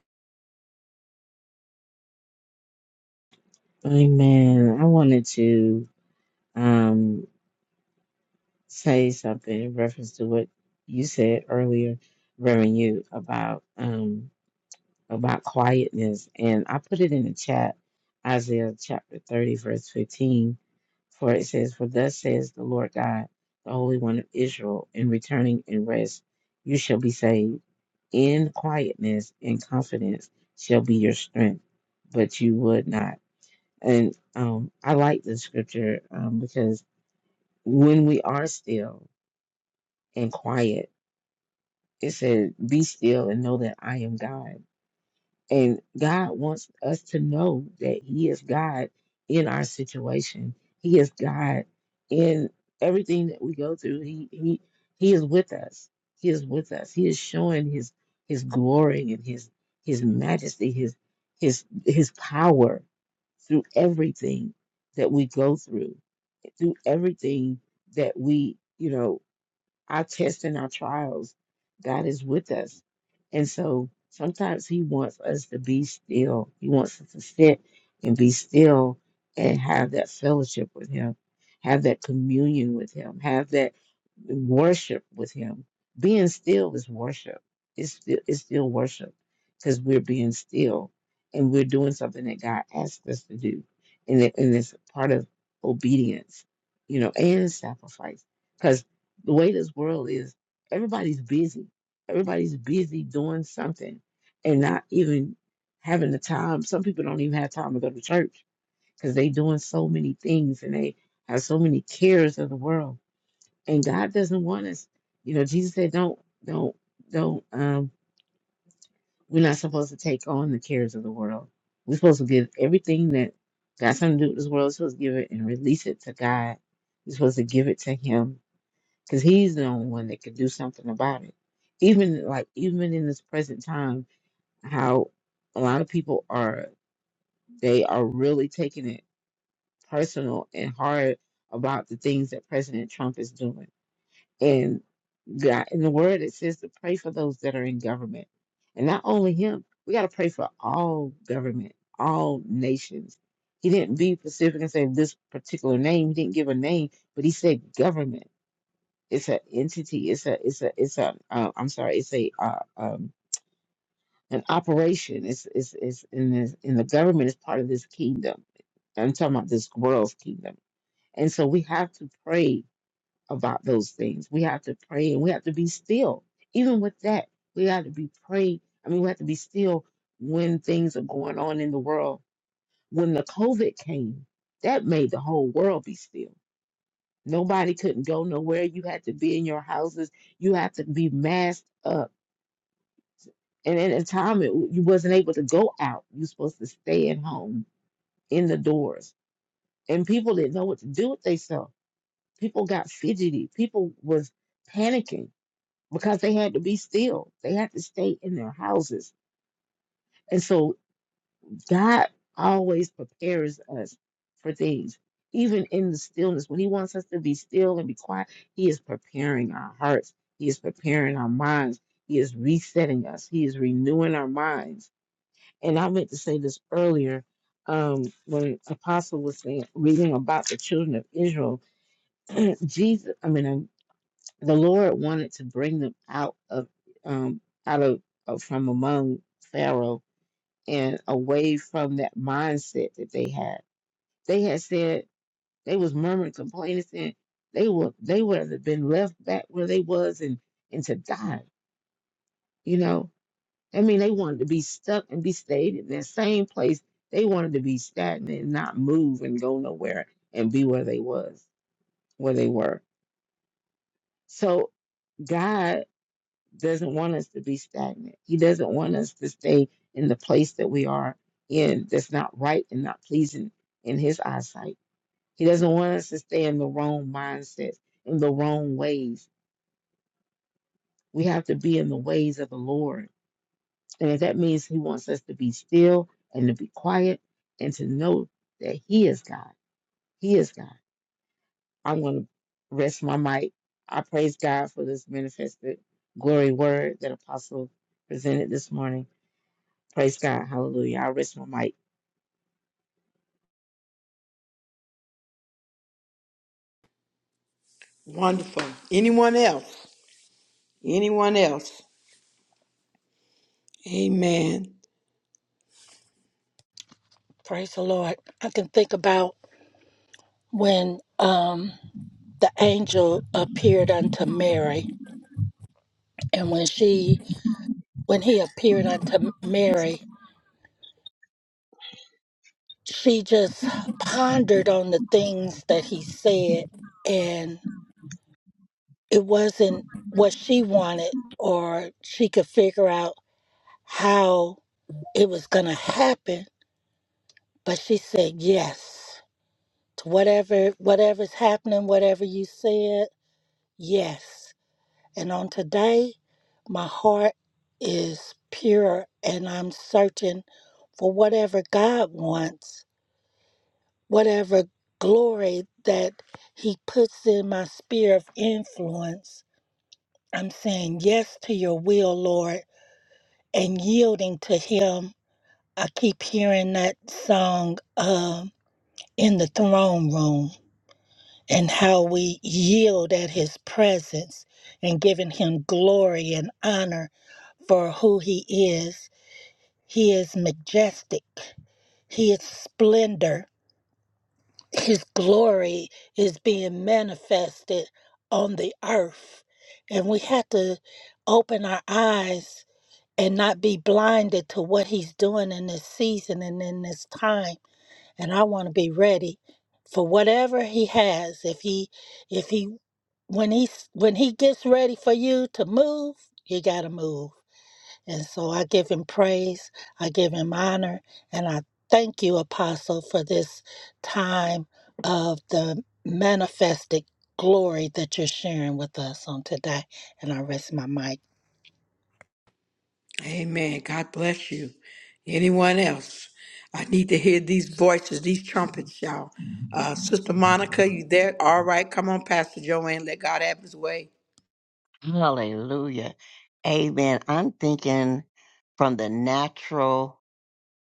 Speaker 2: Amen. I wanted to um, say something in reference to what you said earlier, Reverend, you about um, about quietness, and I put it in the chat, Isaiah chapter thirty, verse fifteen. For it says, For thus says the Lord God, the Holy One of Israel, in returning and rest you shall be saved. In quietness and confidence shall be your strength. But you would not. And um, I like the scripture um, because when we are still and quiet, it said, Be still and know that I am God. And God wants us to know that He is God in our situation. He is God in everything that we go through. He He He is with us. He is with us. He is showing His His glory and His His majesty, His His His power through everything that we go through, through everything that we you know our tests and our trials, God is with us. And so sometimes He wants us to be still. He wants us to sit and be still and have that fellowship with Him, have that communion with Him, have that worship with Him. Being still is worship. It's still, it's still worship because we're being still and we're doing something that God asked us to do. And, it, and it's part of obedience, you know, and sacrifice. because the way this world is, everybody's busy. Everybody's busy doing something and not even having the time. Some people don't even have time to go to church because they doing so many things and they have so many cares of the world. And God doesn't want us, you know, Jesus said, don't, don't, don't, um, we're not supposed to take on the cares of the world. We're supposed to give everything that got something to do with this world, we're supposed to give it and release it to God. We're supposed to give it to Him because he's the only one that can do something about it. Even like even in this present time, how a lot of people are they are really taking it personal and hard about the things that President Trump is doing. And God in the word it says to pray for those that are in government. And not only him, we gotta pray for all government, all nations. He didn't be specific and say this particular name, he didn't give a name, but he said government it's an entity it's a it's a it's a uh, i'm sorry it's a uh, um an operation it's it's it's in the. in the government is part of this kingdom i'm talking about this world's kingdom and so we have to pray about those things we have to pray and we have to be still even with that we have to be praying i mean we have to be still when things are going on in the world when the covid came that made the whole world be still Nobody couldn't go nowhere. You had to be in your houses. You had to be masked up. And at a time, it, you wasn't able to go out. you supposed to stay at home, in the doors. And people didn't know what to do with themselves. People got fidgety. People was panicking because they had to be still. They had to stay in their houses. And so God always prepares us for things, even in the stillness. When He wants us to be still and be quiet, He is preparing our hearts, He is preparing our minds, He is resetting us, He is renewing our minds. And I meant to say this earlier um, when Apostle was saying, reading about the children of Israel. Jesus, I mean, um, the Lord wanted to bring them out of um, out of uh, from among Pharaoh and away from that mindset that they had. They had said they was murmuring, complaining, saying they would they would have been left back where they was and and to die. You know, I mean, they wanted to be stuck and be stayed in that same place. They wanted to be stagnant and not move and go nowhere and be where they was, where they were. So God doesn't want us to be stagnant. He doesn't want us to stay in the place that we are in that's not right and not pleasing in his eyesight. He doesn't want us to stay in the wrong mindsets, in the wrong ways. We have to be in the ways of the Lord. And if that means he wants us to be still and to be quiet and to know that he is God. He is God. I'm going to rest my mic. I praise God for this manifested glory word that Apostle presented this morning. Praise God. Hallelujah. I rest my mic.
Speaker 1: Wonderful. Anyone else? Anyone? in
Speaker 6: Praise the Lord. I can think about when um the angel appeared unto Mary and when she when he appeared unto Mary, she just pondered on the things that he said and it wasn't what she wanted or she could figure out how it was going to happen, but she said yes to whatever whatever's happening, whatever you said. Yes. And on today, my heart is pure and I'm searching for whatever God wants, whatever glory that He puts in my sphere of influence. I'm saying yes to your will, Lord, and yielding to Him. I keep hearing that song um, in the throne room and how we yield at His presence and giving Him glory and honor for who he is. He is majestic. He is splendor. His glory is being manifested on the earth. And we have to open our eyes and not be blinded to what he's doing in this season and in this time. And I want to be ready for whatever he has. If he if he when he when he gets ready for you to move, you got to move. And so I give him praise, I give him honor, and I thank you, Apostle, for this time of the manifested glory that you're sharing with us on today. And I rest my mic.
Speaker 1: you? Anyone else? I need to hear these voices, these trumpets, y'all. Uh, Sister Monica, you there? All right, come on, Pastor Joanne. Let God have his way.
Speaker 7: Hallelujah. Amen. I'm thinking from the natural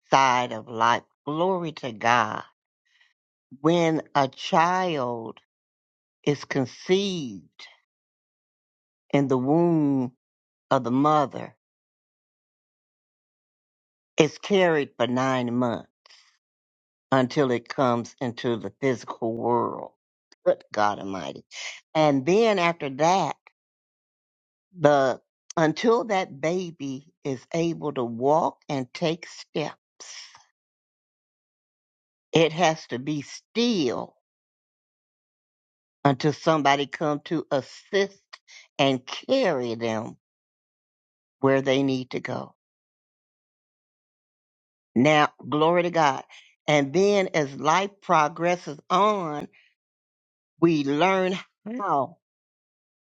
Speaker 7: side of life. Glory to God. When a child is conceived in the womb of the mother, it's carried for nine months until it comes into the physical world. Good God Almighty. And then after that, the until that baby is able to walk and take steps It has to be still until somebody come to assist and carry them where they need to go. Now, glory to God. And then as life progresses on, we learn how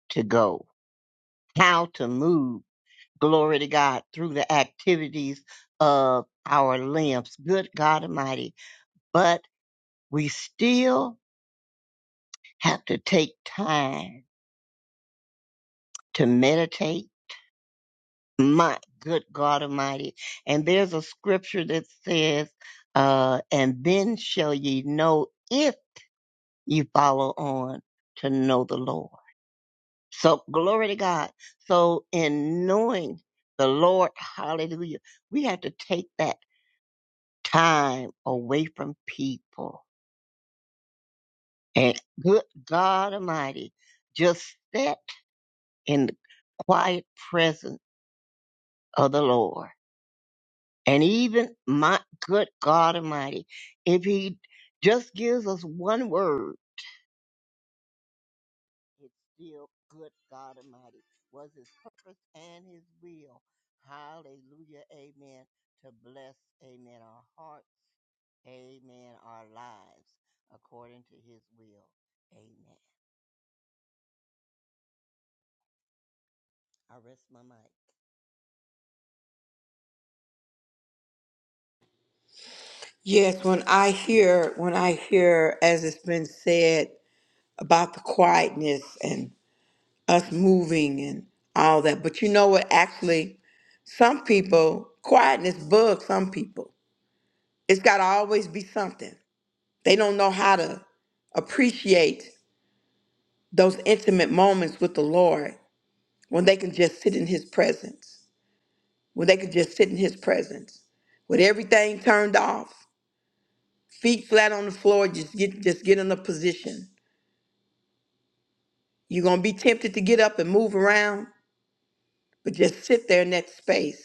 Speaker 7: to go, how to move. Glory to God through the activities of our limbs. Good God Almighty. But we still have to take time to meditate my good God Almighty. And there's a scripture that says, uh, and then shall ye know if ye follow on to know the Lord. So glory to God. So in knowing the Lord, hallelujah, we have to take that time away from people. And good God Almighty, just sit in the quiet presence of the Lord And even my good God Almighty, if He just gives us one word, it's still good God Almighty was His purpose and His will. Hallelujah, Amen. To bless, Amen, our hearts, Amen, our lives, according to His will, Amen. I rest my mic.
Speaker 1: Yes, when I hear, when I hear, as it's been said about the quietness and us moving and all that, but you know what? Actually, some people, quietness bugs some people. It's got to always be something. They don't know how to appreciate those intimate moments with the Lord when they can just sit in His presence, when they can just sit in His presence with everything turned off, feet flat on the floor, just get just get in a position You're going to be tempted to get up and move around, but just sit there in that space.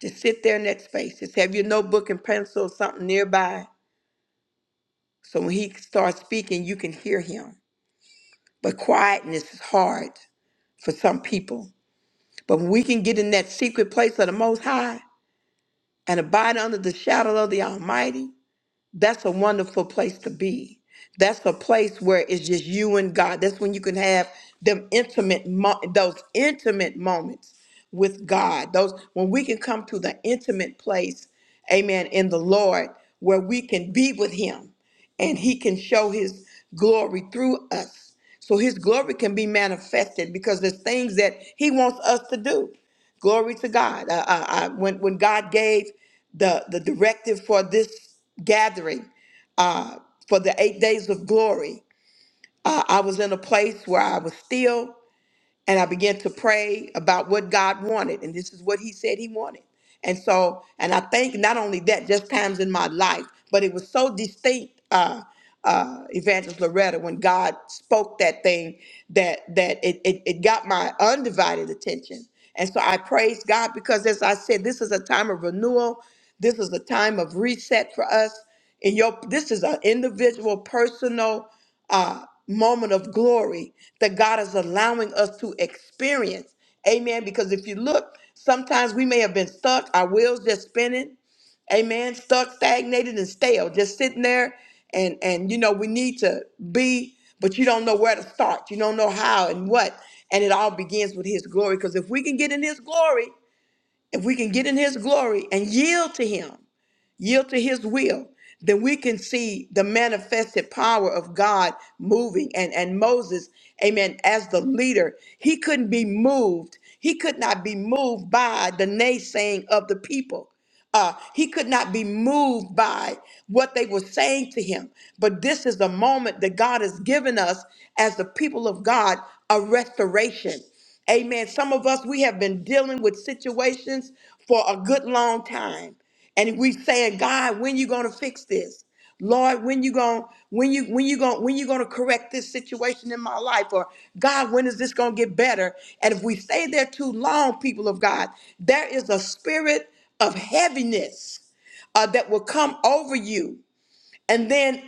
Speaker 1: Just sit there in that space. Just have your notebook and pencil or something nearby so when he starts speaking, you can hear him. But quietness is hard for some people. But when we can get in that secret place of the Most High and abide under the shadow of the Almighty, that's a wonderful place to be. That's a place where it's just you and God. That's when you can have them intimate, mo- those intimate moments with God. Those when we can come to the intimate place, Amen, in the Lord, where we can be with Him, and He can show His glory through us. So His glory can be manifested because there's things that He wants us to do. Glory to God. Uh, uh, uh, when when God gave the the directive for this gathering, uh, for the eight days of glory, uh, I was in a place where I was still and I began to pray about what God wanted, and this is what He said He wanted. And so, and I think not only that, just times in my life, but it was so distinct, uh, uh, Evangelist Loretta, when God spoke that thing that that it, it it got my undivided attention. And so I praise God because, as I said, this is a time of renewal. This is a time of reset for us. And your this is an individual, personal uh, moment of glory that God is allowing us to experience. Amen. Because if you look, sometimes we may have been stuck, our wheels just spinning. Amen. Stuck, stagnated, and stale, just sitting there. And and you know we need to be, but you don't know where to start. You don't know how and what. And it all begins with His glory. Because if we can get in His glory, if we can get in His glory and yield to Him yield to his will, then we can see the manifested power of God moving. And, and Moses, amen, as the leader, he couldn't be moved. He could not be moved by the naysaying of the people. Uh, he could not be moved by what they were saying to him. But this is the moment that God has given us as the people of God a restoration. Amen. Some of us, we have been dealing with situations for a good long time and we saying god when you going to fix this lord when you going to when you when you going to when you going to correct this situation in my life or god when is this going to get better and if we stay there too long people of god there is a spirit of heaviness uh, that will come over you and then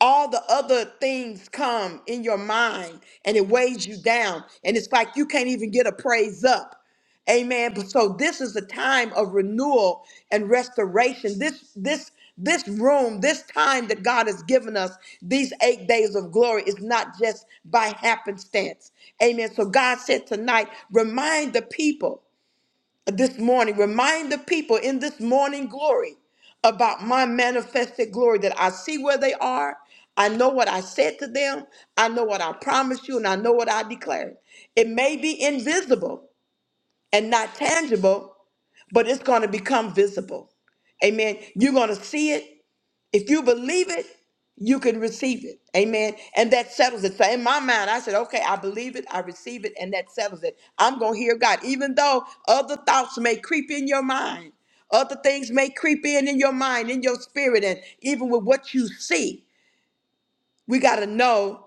Speaker 1: all the other things come in your mind and it weighs you down and it's like you can't even get a praise up amen but so this is a time of renewal and restoration this this this room this time that god has given us these eight days of glory is not just by happenstance amen so god said tonight remind the people this morning. Remind the people in this morning glory about my manifested glory that I see where they are. I know what I said to them. I know what I promised you, and I know what I declared. It may be invisible and not tangible, but it's going to become visible. Amen. You're going to see it. If you believe it, you can receive it. Amen. And that settles it. So in my mind, I said, okay, I believe it, I receive it, and that settles it. I'm going to hear God. Even though other thoughts may creep in your mind, other things may creep in in your mind, in your spirit, and even with what you see, we got to know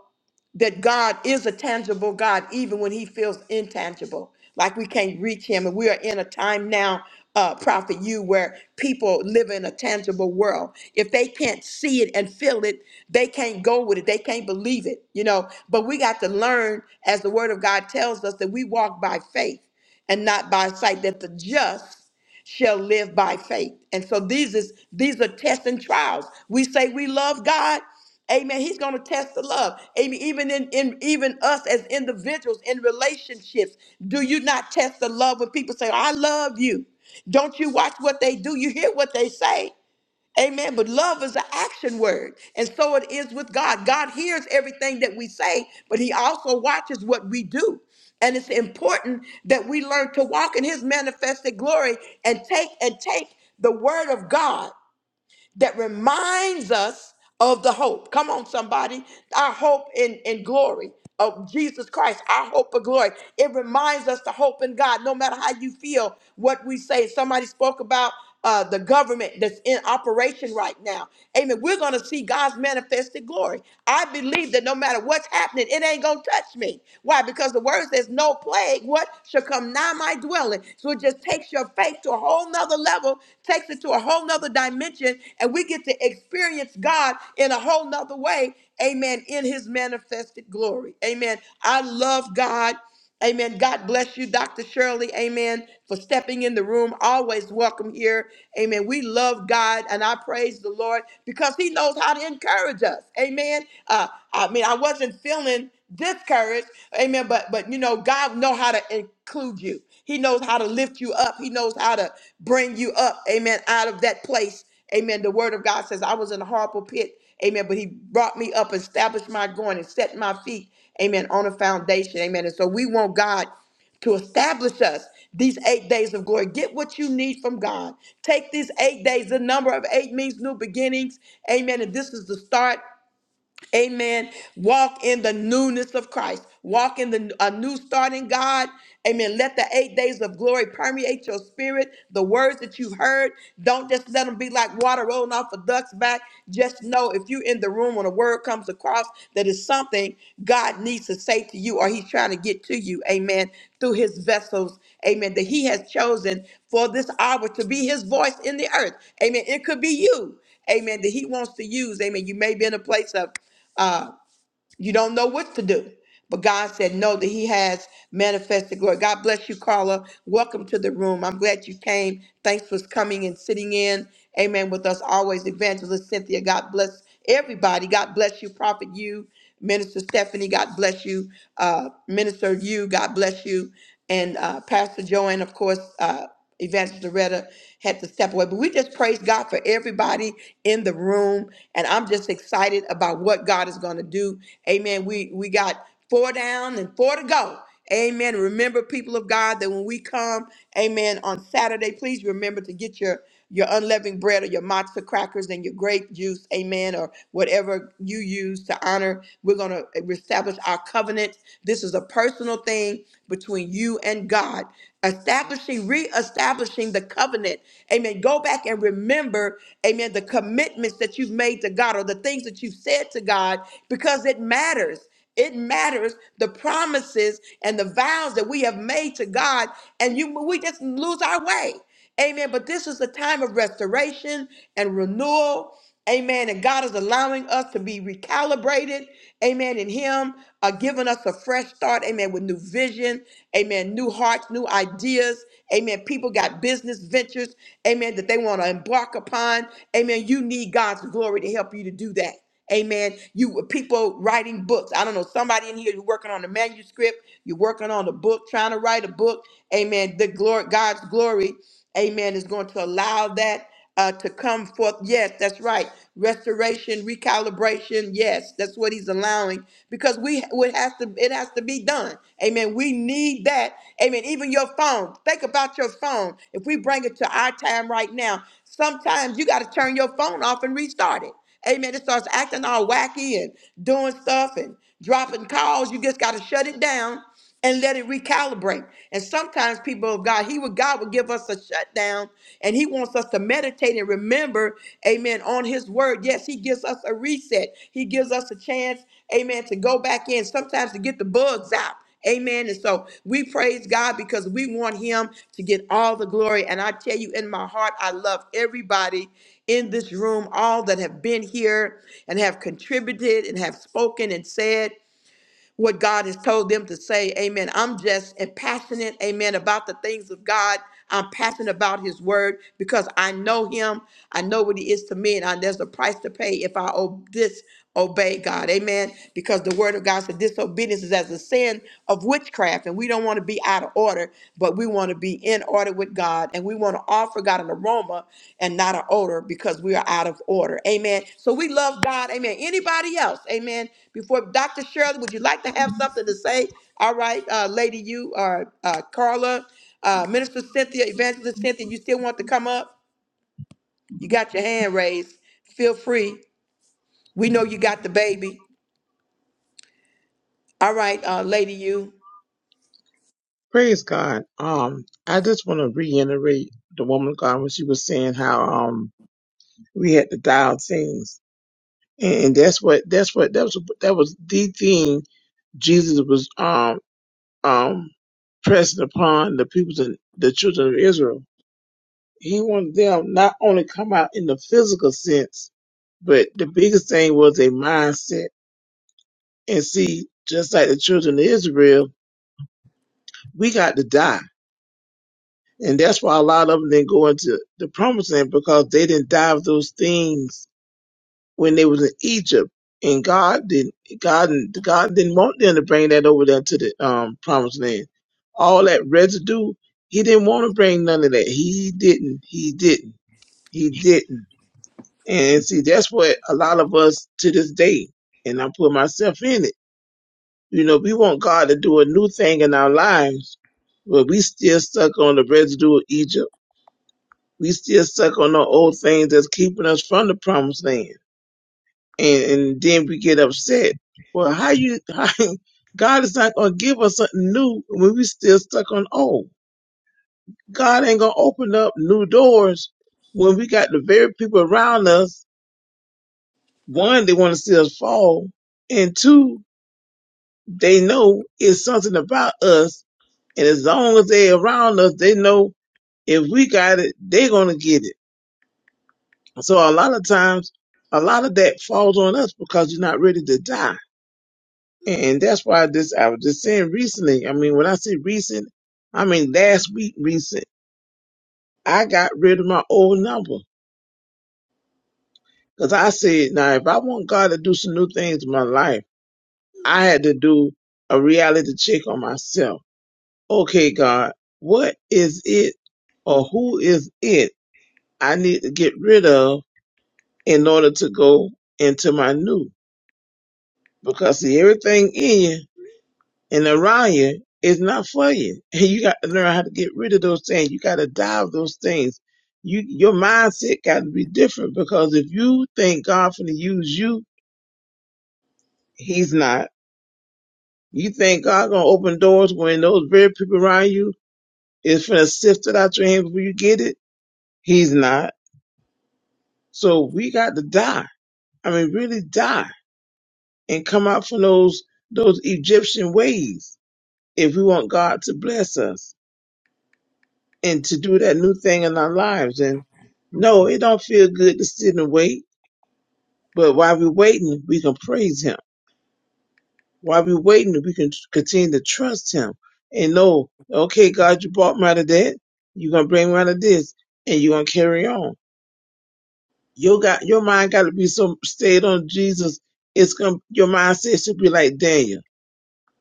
Speaker 1: that God is a tangible God, even when he feels intangible, like we can't reach him. And we are in a time now, uh, Prophet You, where people live in a tangible world. If they can't see it and feel it, they can't go with it. They can't believe it, you know. But we got to learn, as the word of God tells us, that we walk by faith and not by sight, that the just shall live by faith. And so these is these are tests and trials. We say we love God. Amen. He's going to test the love. Amen. Even in, in even us as individuals in relationships, do you not test the love when people say, "I love you"? Don't you watch what they do? You hear what they say. Amen. But love is an action word. And so it is with God. God hears everything that we say, but He also watches what we do. And it's important that we learn to walk in His manifested glory and take and take the word of God that reminds us of the hope. Come on, somebody. Our hope in, in glory of Jesus Christ, our hope of glory. It reminds us to hope in God, no matter how you feel, what we say. Somebody spoke about uh, the government that's in operation right now. Amen. We're going to see God's manifested glory. I believe that no matter what's happening, it ain't going to touch me. Why? Because the word says, no plague, what shall come nigh my dwelling? So it just takes takes your faith to a whole nother level, takes it to a whole nother dimension, and we get to experience God in a whole nother way. Amen. In his manifested glory. Amen. I love God. Amen. God bless you, Dr. Shirley. Amen. For stepping in the room. Always welcome here. Amen. We love God and I praise the Lord because He knows how to encourage us. Amen. Uh, I mean, I wasn't feeling discouraged. Amen. But but you know, God know how to include you. He knows how to lift you up. He knows how to bring you up, amen, out of that place. Amen. The word of God says, I was in a horrible pit, amen, but he brought me up, established my going, and set my feet, amen, on a foundation, amen. And so we want God to establish us these eight days of glory. Get what you need from God. Take these eight days. The number of eight means new beginnings. Amen. And this is the start. Amen. Walk in the newness of Christ. Walk in the a new start in God. Amen. Let the eight days of glory permeate your spirit. The words that you've heard, don't just let them be like water rolling off a duck's back. Just know if you're in the room when a word comes across that is something God needs to say to you or He's trying to get to you. Amen. Through His vessels. Amen. That He has chosen for this hour to be His voice in the earth. Amen. It could be you amen, that he wants to use, amen. You may be in a place of uh, you don't know what to do. But God said no, that He has manifested glory. God bless you, Carla. Welcome to the room. I'm glad you came. Thanks for coming and sitting in. Amen. With us always, Evangelist Cynthia. God bless everybody. God bless you, Prophet you, Minister Stephanie. God bless you, uh, Minister you. God bless you, and uh, Pastor Joanne, of course. uh, Evangelist Loretta had to step away. But we just praise God for everybody in the room. And I'm just excited about what God is going to do. Amen. We we got four down and four to go. Amen. Remember, people of God, that when we come, amen, on Saturday, please remember to get your your unleavened bread or your matzo crackers and your grape juice, amen, or whatever you use to honor. We're going to establish our covenant. This is a personal thing between you and God, establishing, reestablishing the covenant. Amen. Go back and remember, amen, the commitments that you've made to God or the things that you've said to God because it matters. It matters the promises and the vows that we have made to God, and you we just lose our way. Amen. But this is a time of restoration and renewal. Amen. And God is allowing us to be recalibrated. Amen. In Him, uh, giving us a fresh start. Amen. With new vision. Amen. New hearts, new ideas. Amen. People got business ventures. Amen. That they want to embark upon. Amen. You need God's glory to help you to do that. Amen. You uh, people writing books. I don't know. Somebody in here, you're working on a manuscript. You're working on a book, trying to write a book. Amen. The glory, God's glory. Amen. Is going to allow that uh, to come forth. Yes, that's right. Restoration, recalibration. Yes, that's what he's allowing because we it has to it has to be done. Amen. We need that. Amen. Even your phone. Think about your phone. If we bring it to our time right now, sometimes you got to turn your phone off and restart it. Amen. It starts acting all wacky and doing stuff and dropping calls. You just got to shut it down and let it recalibrate. And sometimes people of God, He would God will give us a shutdown and He wants us to meditate and remember, amen, on His word. Yes, He gives us a reset. He gives us a chance, amen, to go back in, sometimes to get the bugs out. Amen. And so we praise God because we want Him to get all the glory. And I tell you, in my heart, I love everybody in this room, all that have been here and have contributed and have spoken and said what God has told them to say. Amen. I'm just and passionate, amen, about the things of God. I'm passionate about his word because I know him. I know what he is to me, and I, there's a price to pay if I ob- disobey God. Amen. Because the word of God said disobedience is as a sin of witchcraft, and we don't want to be out of order but we want to be in order with God and we want to offer God an aroma and not an odor because we are out of order. Amen. So we love God. Amen. Anybody else? Amen. Before Dr. Shirley, would you like to have something to say? All right, uh, Lady, you or uh, Carla, uh, Minister Cynthia, Evangelist Cynthia, you still want to come up? You got your hand raised. Feel free. We know you got the baby. All right, uh, Lady, you.
Speaker 3: Praise God. Um, I just want to reiterate the woman of God when she was saying how um we had to dial things, and, and that's what that's what that was that was the thing Jesus was um um pressing upon the people the, the children of Israel. He wanted them not only come out in the physical sense, but the biggest thing was a mindset. And see, just like the children of Israel, we got to die. And that's why a lot of them didn't go into the promised land because they didn't die of those things when they was in Egypt. And God didn't God God didn't want them to bring that over there to the um promised land. All that residue, he didn't want to bring none of that. He didn't, he didn't, he didn't. And see, that's what a lot of us to this day, and I put myself in it You know, we want God to do a new thing in our lives, but we still stuck on the residue of Egypt. We still stuck on the old things that's keeping us from the promised land. And, and then we get upset. Well, how you, how, God is not going to give us something new when we still stuck on old. God ain't going to open up new doors when we got the very people around us. One, they want to see us fall. And two, they know it's something about us And as long as they around us, they know if we got it, they're gonna get it. So a lot of times, a lot of that falls on us because you're not ready to die. And that's why this I was just saying recently. I mean, when I say recent, I mean last week recent. I got rid of my old number because I said, now if I want God to do some new things in my life, I had to do a reality check on myself. Okay, God, what is it or who is it I need to get rid of? in order to go into my new. Because see, everything in you and around you is not for you. And you got to learn how to get rid of those things. You got to die of those things. You your mindset got to be different because if you think God finna use you, He's not. You think God gonna open doors when those very people around you is finna sift it out your hand before you get it? He's not. So we got to die. I mean, really die and come out from those those Egyptian ways if we want God to bless us and to do that new thing in our lives. And no, it don't feel good to sit and wait, but while we're waiting, we can praise Him. While we're waiting, we can continue to trust Him and know, okay, God, you brought me out of that. You're gonna bring me out of this, and you're gonna carry on. Your got your mind got to be so stayed on Jesus. It's gonna your mindset should be like Daniel.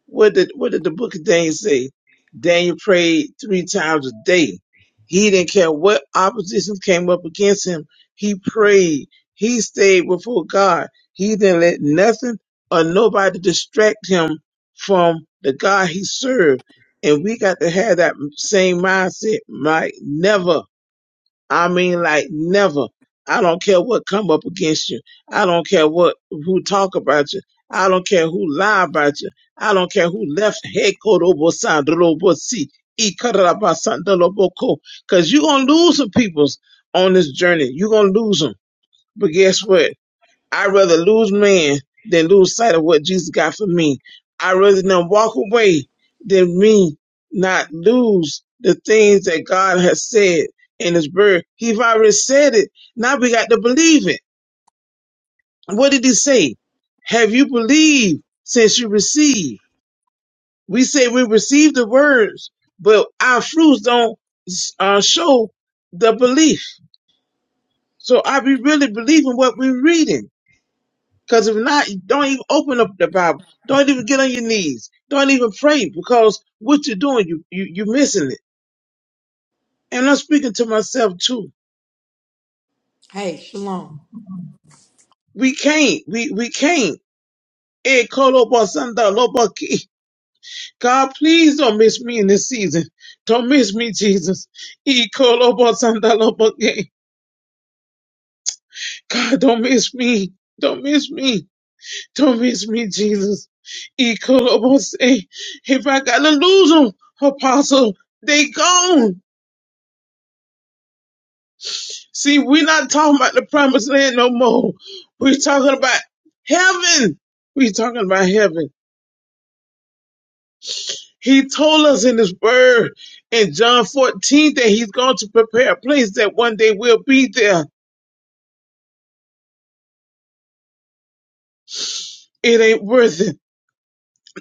Speaker 3: What did what did the book of Daniel say? Daniel prayed three times a day. He didn't care what oppositions came up against him. He prayed. He stayed before God. He didn't let nothing or nobody distract him from the God he served. And we got to have that same mindset, Mike. Never I mean, like never. I don't care what come up against you. I don't care what who talk about you. I don't care who lie about you. I don't care who left because you're gonna lose some peoples on this journey. You're gonna lose them. But guess what? I'd rather lose man than lose sight of what Jesus got for me. I'd rather them walk away than me not lose the things that God has said in his word. He's already said it. Now we got to believe it. What did he say? Have you believed since you received? We say we received the words, but our fruits don't uh, show the belief. So I be really believing what we're reading. Because if not, don't even open up the Bible. Don't even get on your knees. Don't even pray because what you're doing, you, you, you're missing it. And I'm speaking to myself too.
Speaker 1: Hey, shalom.
Speaker 3: We can't. We, we can't. Eh, kolo bo sanda lo bo ki. God, please don't miss me in this season. Don't miss me, Jesus. Eh, kolo bo sanda lo bo ki. God, don't miss me. Don't miss me. Don't miss me, Jesus. Eh, kolo bo se. If I gotta lose them, apostle, they gone. See, we're not talking about the promised land no more. We're talking about heaven. We're talking about heaven. He told us in his word in John 14 that he's going to prepare a place that one day we'll be there. It ain't worth it.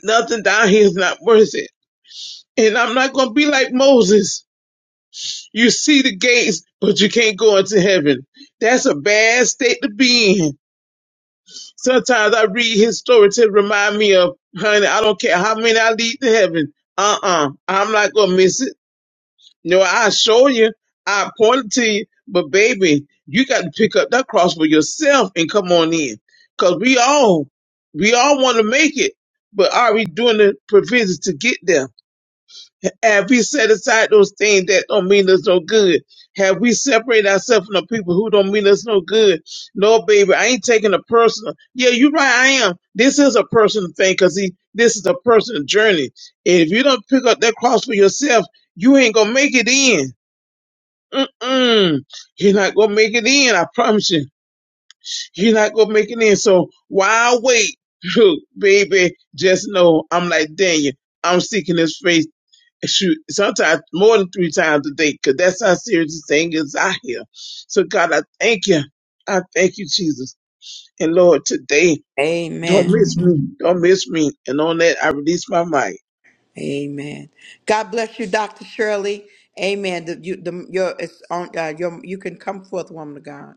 Speaker 3: Nothing down here is not worth it. And I'm not going to be like Moses. You see the gates, but you can't go into heaven. That's a bad state to be in Sometimes I read his story to remind me of, honey, I don't care how many I lead to heaven. Uh-uh. I'm not gonna miss it. No, I show you. I point it to you. But baby, you got to pick up that cross for yourself and come on in. Cause we all, we all want to make it, but are we doing the provisions to get there? Have we set aside those things that don't mean us no good? Have we separated ourselves from the people who don't mean us no good? No, baby, I ain't taking a personal. Yeah, you're right, I am. This is a personal thing because this is a personal journey. And if you don't pick up that cross for yourself, you ain't going to make it in. Mm-mm. You're not going to make it in, I promise you. You're not going to make it in. So why wait? Baby, just know I'm like Daniel. I'm seeking his face shoot, sometimes more than three times a day, because that's how serious this thing is out here. So God, I thank you. I thank you, Jesus. And Lord, today, don't
Speaker 1: Amen.
Speaker 3: miss me. Don't miss me. And on that, I release my mic.
Speaker 1: Amen. God bless you, Dr. Shirley. Amen. The, you, the, your, it's on, uh, your, you can come forth, woman of God.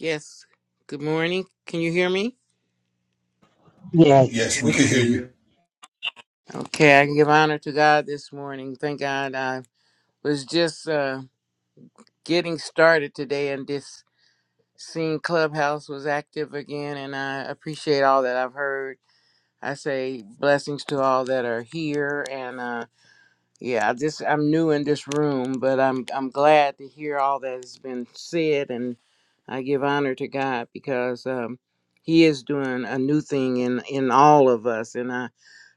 Speaker 8: Yes. Good morning. Can you hear me?
Speaker 2: Yes,
Speaker 5: Yes,
Speaker 2: we
Speaker 5: we
Speaker 2: can
Speaker 5: can
Speaker 2: hear
Speaker 5: hear you.
Speaker 2: you.
Speaker 8: Okay, I give honor to God this morning. Thank God I was just uh, getting started today and this seeing Clubhouse was active again and I appreciate all that I've heard. I say blessings to all that are here and uh yeah, I just I'm new in this room, but I'm I'm glad to hear all that has been said and I give honor to God because um he is doing a new thing in in all of us and I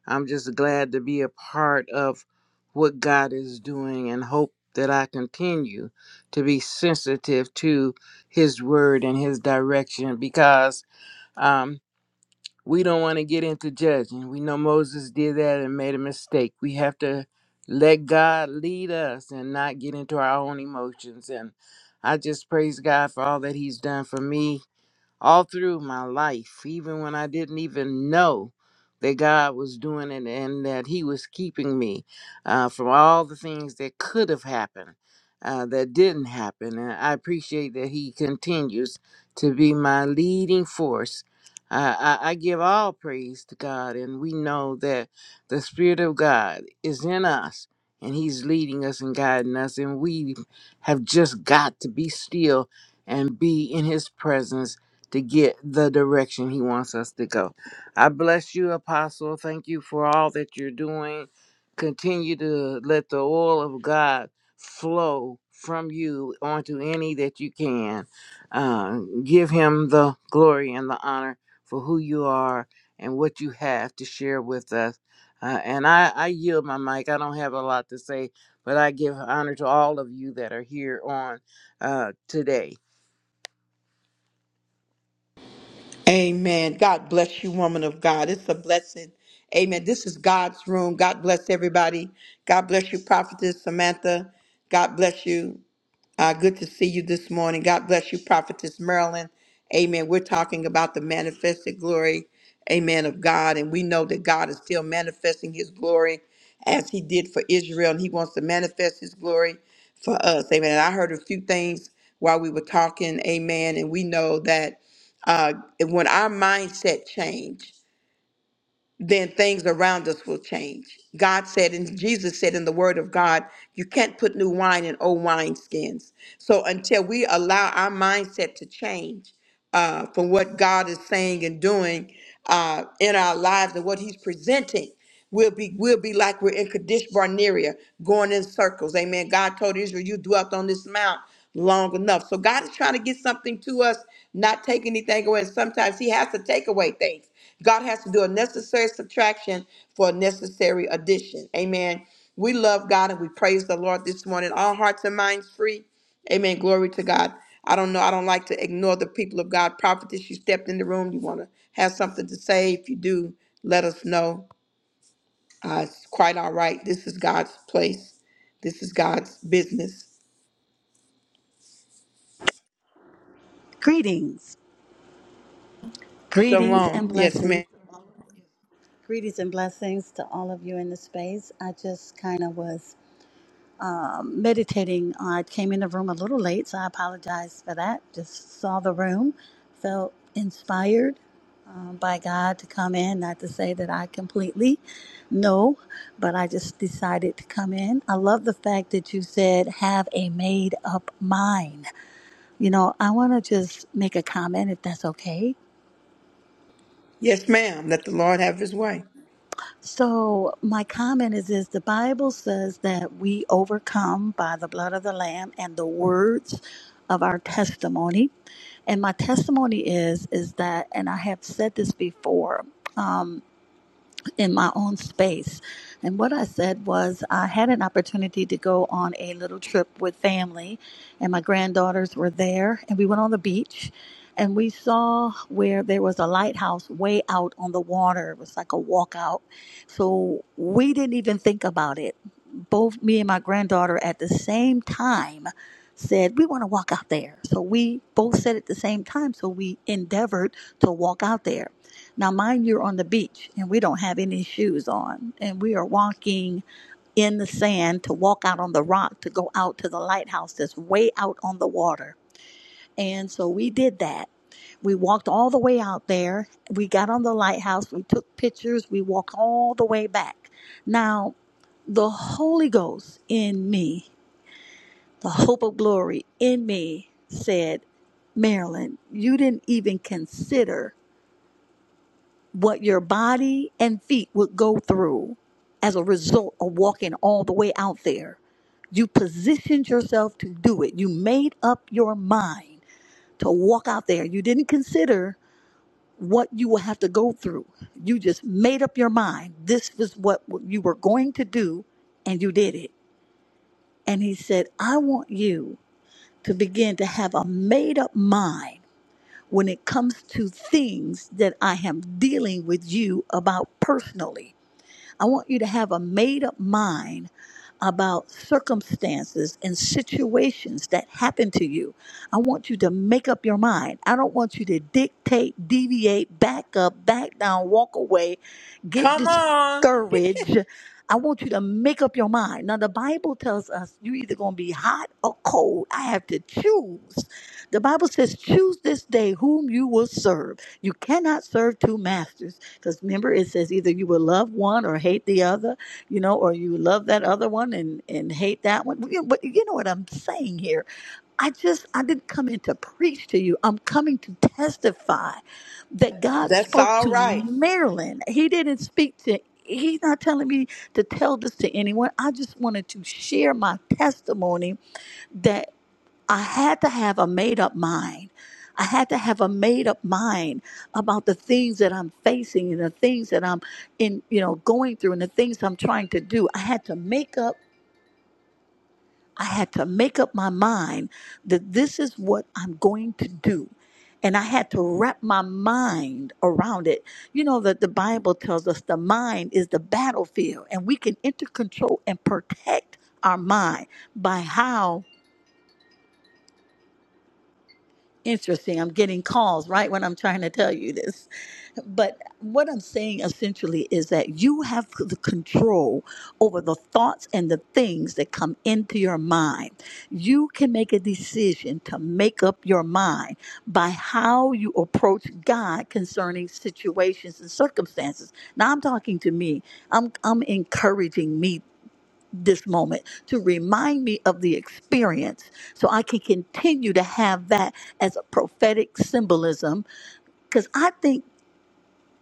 Speaker 8: I'm just glad to be a part of what God is doing and hope that I continue to be sensitive to His word and His direction because um, we don't want to get into judging. We know Moses did that and made a mistake. We have to let God lead us and not get into our own emotions. And I just praise God for all that He's done for me all through my life, even when I didn't even know that God was doing it and that He was keeping me uh, from all the things that could have happened, uh, that didn't happen. And I appreciate that He continues to be my leading force. I, I I give all praise to God, and we know that the Spirit of God is in us, and He's leading us and guiding us, and we have just got to be still and be in His presence to get the direction he wants us to go. I bless you, Apostle. Thank you for all that you're doing. Continue to let the oil of God flow from you onto any that you can. Uh, give him the glory and the honor for who you are and what you have to share with us. Uh, and I, I yield my mic. I don't have a lot to say, but I give honor to all of you that are here on uh, today.
Speaker 1: Amen. God bless you, woman of God. It's a blessing. Amen. This is God's room. God bless everybody. God bless you, prophetess Samantha. God bless you. Uh, good to see you this morning. God bless you, Prophetess Marilyn. Amen. We're talking about the manifested glory, amen, of God. And we know that God is still manifesting his glory as he did for Israel, and he wants to manifest his glory for us. Amen. And I heard a few things while we were talking, amen. And we know that uh, when our mindset change then things around us will change. God said, and Jesus said in the Word of God, you can't put new wine in old wineskins. So until we allow our mindset to change uh, from what God is saying and doing uh, in our lives and what He's presenting, We'll be we'll be like we're in Kadesh Barnea, going in circles. Amen. God told Israel, you dwelt on this mount long enough. So God is trying to get something to us, not take anything away. And sometimes He has to take away things. God has to do a necessary subtraction for a necessary addition. Amen. We love God and we praise the Lord this morning. All hearts and minds free. Amen. Glory to God. I don't know. I don't like to ignore the people of God. Prophetess, you stepped in the room. You want to have something to say? If you do, let us know. Uh, it's quite all right. This is God's place. This is God's business.
Speaker 9: Greetings, greetings, and
Speaker 1: Shalom. Yes,
Speaker 9: blessings.
Speaker 1: ma'am.
Speaker 9: Greetings and blessings to all of you in the space. I just kind of was meditating. I came in the room a little late, so I apologize for that. Just saw the room, felt inspired um, by God to come in. Not to say that I completely know, but I just decided to come in. I love the fact that you said, have a made up mind. You know, I want to just make a comment if that's okay
Speaker 1: Yes, ma'am. Let the Lord have his way.
Speaker 9: So my comment is is the Bible says that we overcome by the blood of the lamb and the words of our testimony. And my testimony is is that and I have said this before in my own space. And what I said was, I had an opportunity to go on a little trip with family, and my granddaughters were there, and we went on the beach. And we saw where there was a lighthouse way out on the water. It was like a walkout. So we didn't even think about it. Both me and my granddaughter at the same time said, We want to walk out there. So we both said at the same time. So we endeavored to walk out there. Now, mind you're on the beach and we don't have any shoes on, and we are walking in the sand to walk out on the rock to go out to the lighthouse that's way out on the water. And so we did that. We walked all the way out there. We got on the lighthouse. We took pictures. We walked all the way back. Now, the Holy Ghost in me, the hope of glory in me said, Marilyn, you didn't even consider what your body and feet would go through as a result of walking all the way out there. You positioned yourself to do it. You made up your mind to walk out there. You didn't consider what you will have to go through. You just made up your mind. This was what you were going to do, and you did it. And he said, I want you to begin to have a made up mind when it comes to things that I am dealing with you about personally I want you to have a made up mind about circumstances and situations that happen to you. I want you to make up your mind. I don't want you to dictate, deviate, back up, back down, walk away, get
Speaker 1: Come on.
Speaker 9: discouraged. I want you to make up your mind. Now, the Bible tells us you're either going to be hot or cold. I have to choose. The Bible says, choose this day whom you will serve. You cannot serve two masters. Because remember, it says either you will love one or hate the other, you know, or you love that other one and, and hate that one. Well, You- know, But you know what I'm saying here? I just, I didn't come in to preach to you. I'm coming to testify that God
Speaker 1: That's
Speaker 9: spoke
Speaker 1: all
Speaker 9: to
Speaker 1: right.
Speaker 9: Marilyn. He didn't speak to, he's not telling me to tell this to anyone. I just wanted to share my testimony I had to have a made up mind. I had to have a made up mind about the things that I'm facing and the things that I'm in, you know, going through and the things I'm trying to do. I had to make up I had to make up my mind that this is what I'm going to do. And I had to wrap my mind around it. You know that the Bible tells us the mind is the battlefield and we can enter control and protect our mind by how Interesting. I'm getting calls right when I'm trying to tell you this. But what I'm saying essentially is that you have the control over the thoughts and the things that come into your mind. You can make a decision to make up your mind by how you approach God concerning situations and circumstances. Now I'm talking to me. I'm I'm encouraging me this moment to remind me of the experience so I can continue to have that as a prophetic symbolism. Because I think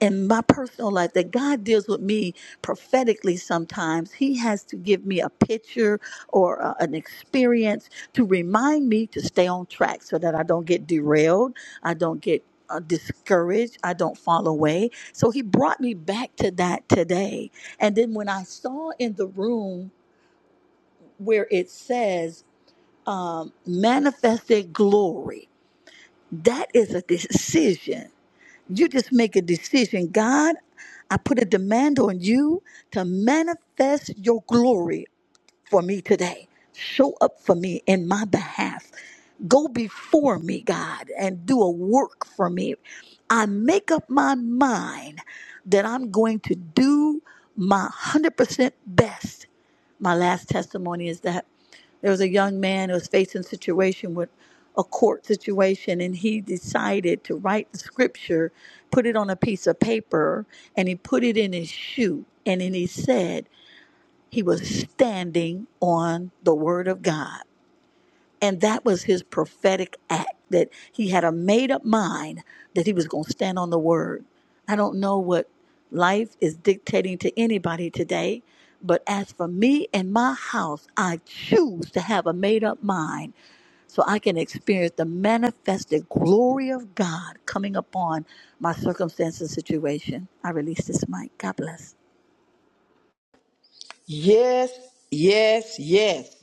Speaker 9: in my personal life that God deals with me prophetically sometimes. He has to give me a picture or uh, an experience to remind me to stay on track so that I don't get derailed, I don't get uh, discouraged, I don't fall away. So he brought me back to that today. And then when I saw in the room, where it says um, manifested glory. That is a decision. You just make a decision. God, I put a demand on you to manifest your glory for me today. Show up for me in my behalf. Go before me, God, and do a work for me. I make up my mind that I'm going to do my 100% best my last testimony is that there was a young man who was facing a situation with a court situation and he decided to write the scripture put it on a piece of paper and he put it in his shoe and then he said he was standing on the word of god and that was his prophetic act that he had a made up mind that he was going to stand on the word. I don't know what life is dictating to anybody today, but as for me and my house, I choose to have a made up mind so I can experience the manifested glory of God coming upon my circumstance and situation. I release this mic. God bless.
Speaker 1: Yes, yes, yes.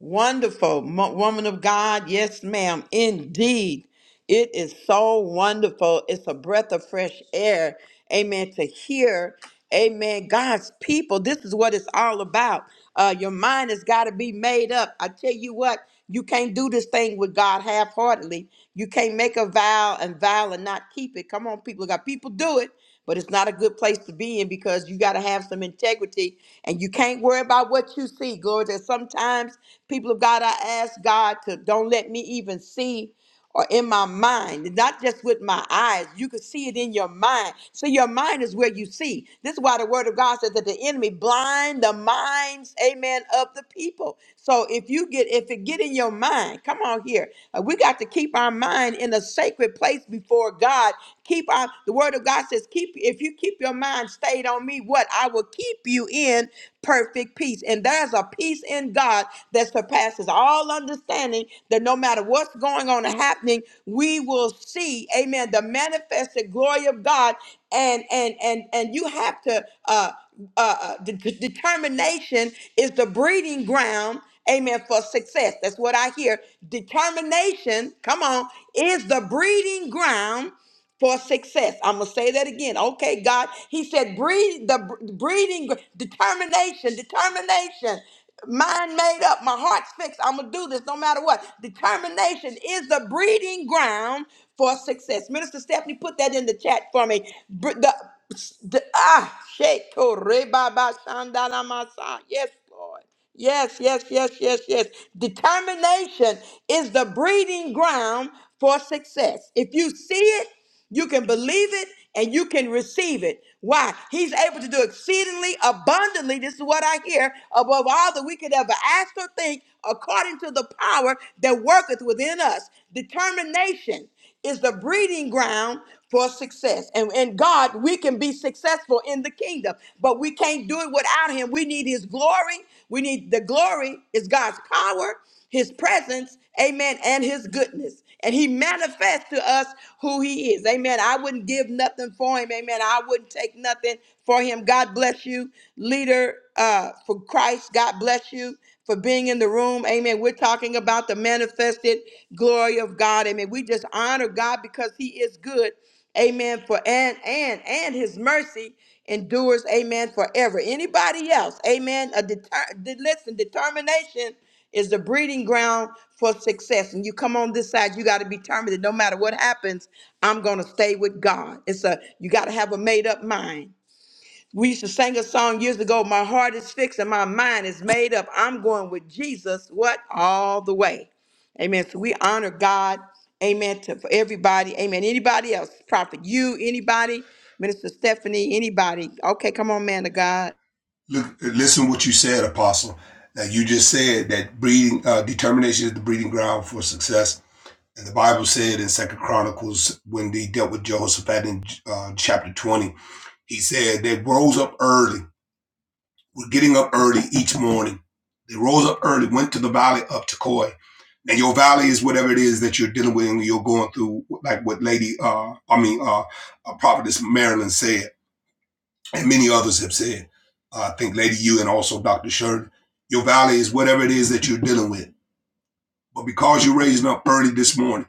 Speaker 1: Wonderful mo- woman of God. Yes, ma'am. Indeed. It is so wonderful. It's a breath of fresh air. Amen. To hear, amen, God's people. This is what it's all about. Uh, your mind has got to be made up. I tell you what, you can't do this thing with God half heartedly. You can't make a vow and vow and not keep it. Come on, people. Got people do it, but it's not a good place to be in because you got to have some integrity and you can't worry about what you see. Glory that sometimes people of God, I ask God to don't let me even see or in my mind, not just with my eyes. You can see it in your mind. So your mind is where you see. This is why the word of God says that the enemy blind the minds, amen, of the people. So if you get if it get in your mind, come on here. Uh, we got to keep our mind in a sacred place before God. Keep our the word of God says, keep if you keep your mind stayed on me, what? I will keep you in perfect peace. And there's a peace in God that surpasses all understanding that no matter what's going on and happening, we will see, amen, the manifested glory of God. And and and and you have to uh uh, uh, de- de- determination is the breeding ground, amen, for success. That's what I hear. Determination, come on, is the breeding ground for success. I'm gonna say that again. Okay, God, He said, breathe the br- breathing gr- determination, determination. Mind made up, my heart's fixed. I'm gonna do this no matter what. Determination is the breeding ground for success. Minister Stephanie, put that in the chat for me. Br- the, the ah, sheko reba ba shandala masa. Yes, Lord. Yes, yes, yes, yes, yes. Determination is the breeding ground for success. If you see it, you can believe it and you can receive it. Why? He's able to do exceedingly abundantly. This is what I hear above all that we could ever ask or think, according to the power that worketh within us. Determination is the breeding ground for success. And, and God, we can be successful in the kingdom, but we can't do it without Him. We need His glory. We need the glory is God's power, His presence, amen, and His goodness. And He manifests to us who He is. Amen. I wouldn't give nothing for Him. Amen. I wouldn't take nothing for Him. God bless you, leader uh, for Christ. God bless you for being in the room. Amen. We're talking about the manifested glory of God. Amen. We just honor God because He is good. Amen. For and and and His mercy endures. Amen. Forever. Anybody else? Amen. A deter- de- listen. Determination is the breeding ground for success. And you come on this side, you got to be determined that no matter what happens, I'm going to stay with God. It's a you got to have a made up mind. We used to sing a song years ago, My Heart is Fixed and My Mind is Made Up. I'm going with Jesus, what? All the way. Amen. So we honor God. Amen. To for everybody. Amen. Anybody else? Prophet, you, anybody? Minister Stephanie, anybody? Okay, come on, man of God.
Speaker 5: Look, listen what you said, Apostle. Now you just said that breeding uh, determination is the breeding ground for success, and the Bible said in Second Chronicles when they dealt with Jehoshaphat in uh, chapter twenty, he said they rose up early. We're getting up early each morning. They rose up early, went to the valley of Tekoa. Now your valley is whatever it is that you're dealing with and you're going through, like what Lady, uh, I mean, uh, uh, Prophetess Marilyn said and many others have said. Uh, I think Lady U and also Dr. Shern, your valley is whatever it is that you're dealing with. But because you're raising up early this morning,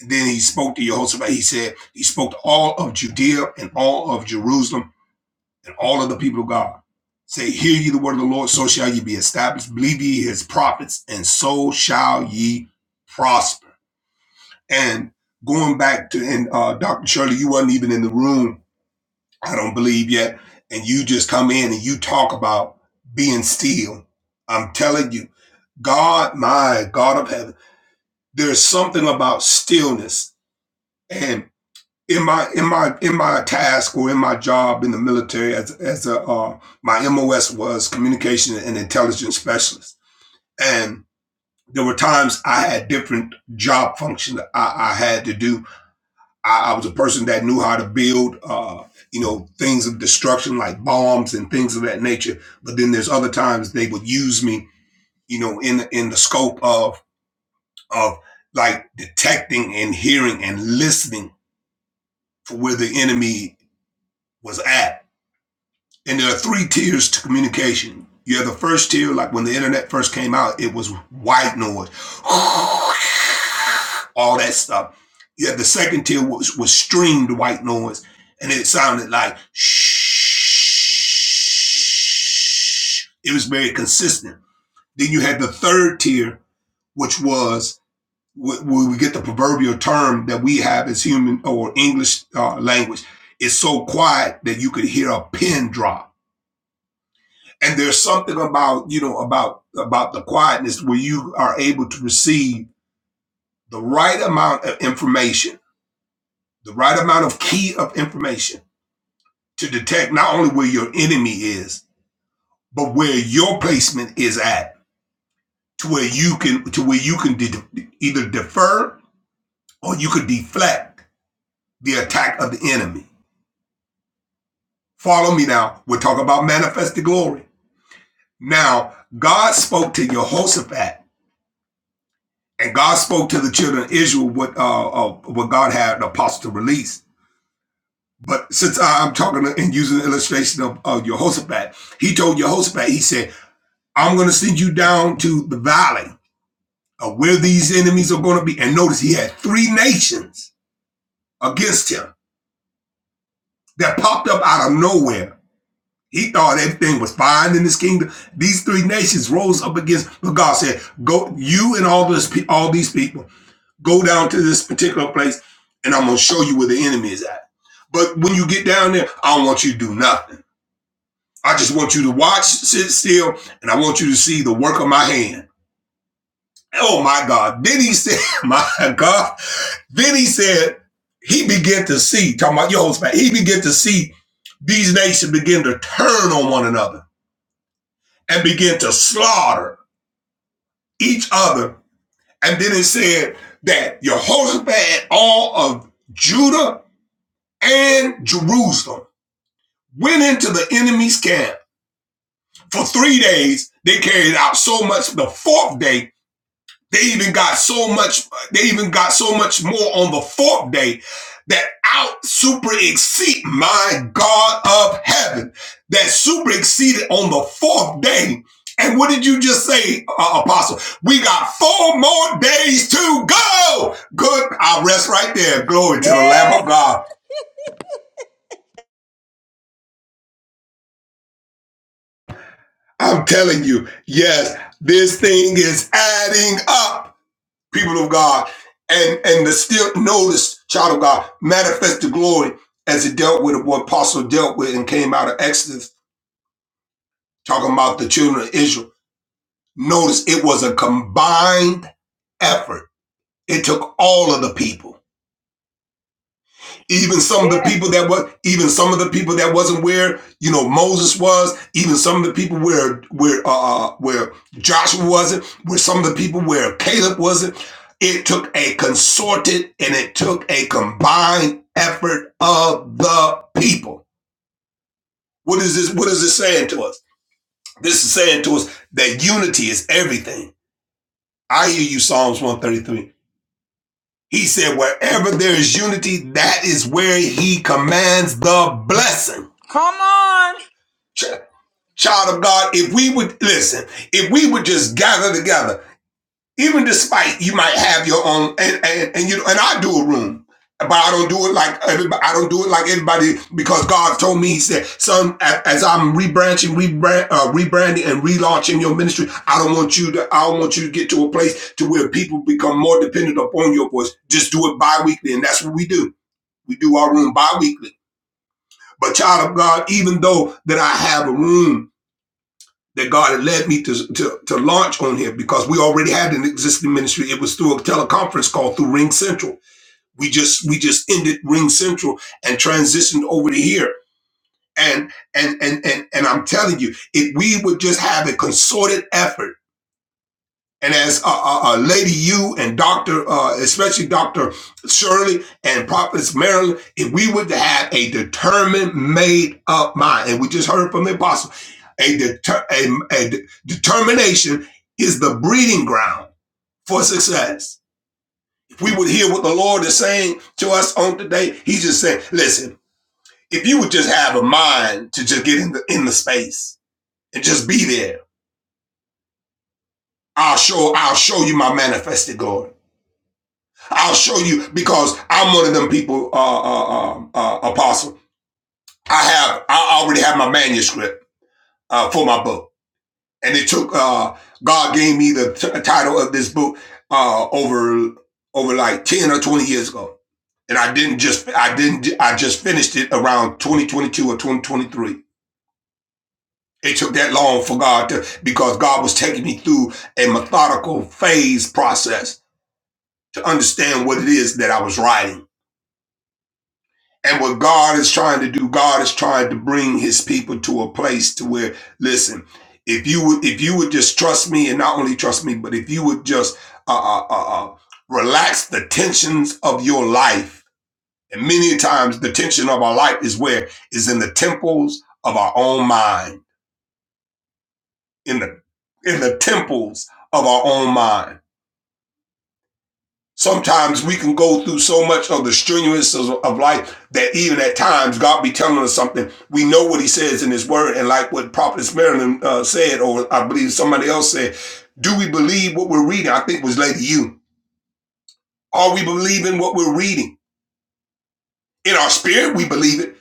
Speaker 5: and then he spoke to Jehoshaphat, he said, he spoke to all of Judea and all of Jerusalem and all of the people of God. Say, hear ye the word of the Lord, so shall ye be established. Believe ye his prophets, and so shall ye prosper. And going back to, and uh, Dr. Shirley, you weren't even in the room I don't believe yet. And you just come in and you talk about being still. I'm telling you, God, my God of heaven, there's something about stillness. And in my in my in my task or in my job in the military as as a uh, my MOS was communication and intelligence specialist. And there were times I had different job functions that I, I had to do I, I was a person that knew how to build, uh, you know, things of destruction like bombs and things of that nature. But then there's other times they would use me, you know, in the, in the scope of of like detecting and hearing and listening for where the enemy was at And there are three tiers to communication. You have the first tier, like when the internet first came out, it was white noise, all that stuff. You have the second tier was was streamed white noise, and it sounded like shh. It was very consistent. Then you had the third tier, which was where we get the proverbial term that we have as human or English uh, language. It's so quiet that you could hear a pin drop and there's something about you know about about the quietness where you are able to receive the right amount of information the right amount of key of information to detect not only where your enemy is but where your placement is at to where you can to where you can de- either defer or you could deflect the attack of the enemy follow me now we're talking about manifested glory now god spoke to jehoshaphat And God spoke to the children of Israel what uh, uh what God had the apostle to release. But since I- am talking and using the illustration of, of Jehoshaphat, he told Jehoshaphat, he said, I'm going to send you down to the valley of where these enemies are going to be. And notice he had three nations against him that popped up out of nowhere. He thought everything was fine in his kingdom. These three nations rose up against, but God said, "Go, you and all this, all these people." Go down to this particular place and I'm gonna show you where the enemy is at. But when you get down there, I don't want you to do nothing. I just want you to watch, sit still, and I want you to see the work of my hand. Oh my God. Then he said, My God. Then he said, he began to see, talking about Jehoshaphat. he began to see these nations begin to turn on one another and begin to slaughter each other. And then it said that Jehoshaphat and all of Judah and Jerusalem, went into the enemy's camp. For three days, they carried out so much. The fourth day, they even got so much, they even got so much more on the fourth day that out super exceed my God of heaven, that super exceeded on the fourth day. And what did you just say, uh, Apostle? We got four more days to go. Good. I rest right there. Glory to the Lamb of God. I'm telling you, yes, this thing is adding up, people of God. And and the still notice, child of God, manifest the glory as it dealt with what apostle dealt with and came out of Exodus, talking about the children of Israel. Notice it was a combined effort. It took all of the people. even some of the
Speaker 1: Yes.
Speaker 5: people that were even some of the people that wasn't where you know Moses was even some of the people where where uh uh, where Joshua wasn't where some of the people where Caleb wasn't it took a consorted and it took a combined effort of the people what is this what is this saying to us this is saying to us that unity is everything i hear you psalms 133 he said wherever there is unity that is where he commands the blessing
Speaker 1: Come on.
Speaker 5: child of God, if we would listen, if we would just gather together, even despite you might have your own, and and, and you and I do a room, but I don't do it like everybody. I don't do it like everybody because God told me He said, "Son, as I'm rebranching, rebrand, uh, rebranding, and relaunching your ministry, I don't want you to. I don't want you to get to a place to where people become more dependent upon your voice. Just do it bi-weekly, and that's what we do. We do our room bi-weekly." But child of God, even though that I have a room that God had led me to, to, to launch on here because we already had an existing ministry. It was through a teleconference call through Ring Central. We just we just ended Ring Central and transitioned over to here. And and and and and I'm telling you, if we would just have a concerted effort and as uh, uh, uh, Lady U and Dr., uh, especially Dr. Shirley and Prophetess Marilyn, if we would have a determined, made up mind, and we just heard from the apostle, a, deter- a, a de- determination is the breeding ground for success. If we would hear what the Lord is saying to us on today, He's just saying, listen, if you would just have a mind to just get in the, in the space and just be there, I'll show, I'll show you my manifested glory. I'll show you because I'm one of them people, uh, uh, uh, uh, apostle. I have, I already have my manuscript uh, for my book, and it took uh, God gave me the t- title of this book uh, over over like ten or twenty years ago, and I didn't just, I didn't, I just finished it around 2022 or 2023. It took that long for God to because God was taking me through a methodical phase process to understand what it is that I was writing And what God is trying to do, God is trying to bring his people to a place to where, listen, if you would, if you would just trust me and not only trust me, but if you would just, uh, uh, uh, uh, relax the tensions of your life. And many times the tension of our life is where is in the temples of our own mind, in the, in the temples of our own mind Sometimes we can go through so much of the strenuous of, life that even at times God be telling us something. We know what He says in His Word, and like what Prophet Marilyn uh, said, or I believe somebody else said, do we believe what we're reading? I think it was Lady You. Are we believing what we're reading? In our spirit, we believe it,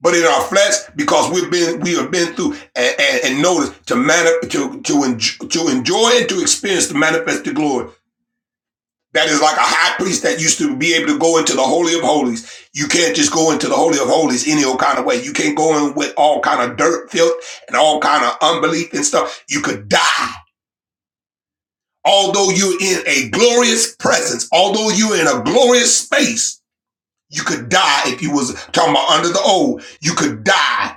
Speaker 5: but in our flesh, because we've been we have been through and, and, and notice to man to to, en- to enjoy and to experience the manifested glory. that is like a high priest that used to be able to go into the holy of holies. You can't just go into the holy of holies any old kind of way. You can't go in with all kind of dirt, filth, and all kind of unbelief and stuff. You could die. Although you're in a glorious presence, although you're in a glorious space, you could die if you was talking about under the old. You could die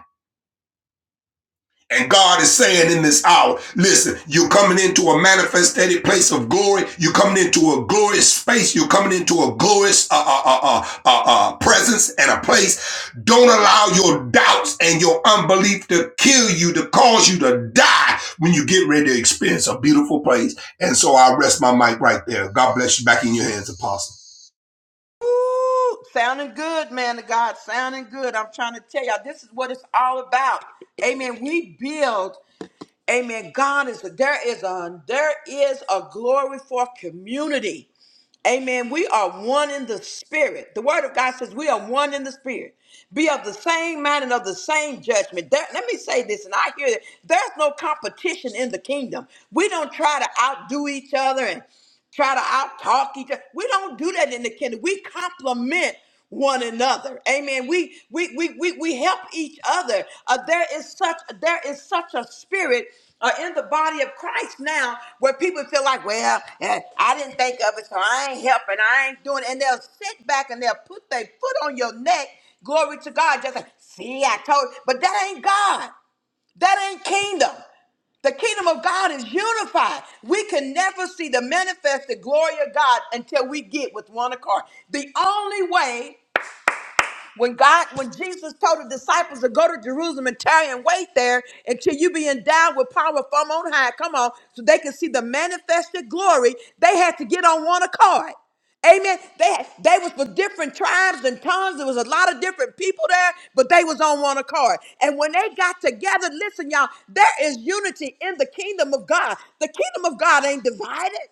Speaker 5: And God is saying in this hour, listen, you're coming into a manifested place of glory. You're coming into a glorious space. You're coming into a glorious uh, uh, uh, uh, uh, uh, presence and a place. Don't allow your doubts and your unbelief to kill you, to cause you to die when you get ready to experience a beautiful place. And so I rest my mic right there. God bless you. Back in your hands, Apostle.
Speaker 1: Ooh, sounding good, man of God. Sounding good. I'm trying to tell y'all, this is what it's all about. Amen. We build. Amen. God is there is a there is a glory for community. Amen. We are one in the spirit. The word of God says we are one in the spirit. Be of the same mind and of the same judgment. There- let me say this, and I hear that there's no competition in the kingdom. We don't try to outdo each other and try to out talk each other. We don't do that in the kingdom. We complement one another. Amen. We we we we, we help each other. Uh, there is such there is such a spirit uh, in the body of Christ now where people feel like, well, eh, I didn't think of it, so I ain't helping, I ain't doing it. And they'll sit back and they'll put their foot on your neck. Glory to God. Just like, see, I told you. But that ain't God. That ain't kingdom. The kingdom of God is unified. We can never see the manifested glory of God until we get with one accord. The only way when God, when Jesus told the disciples to go to Jerusalem and tarry and wait there until you be endowed with power from on high, come on, so they can see the manifested glory, they had to get on one accord. Amen. They had, they was for different tribes and tongues. There was a lot of different people there, but they was on one accord. And when they got together, listen, y'all, there is unity in the kingdom of God. The kingdom of God ain't divided.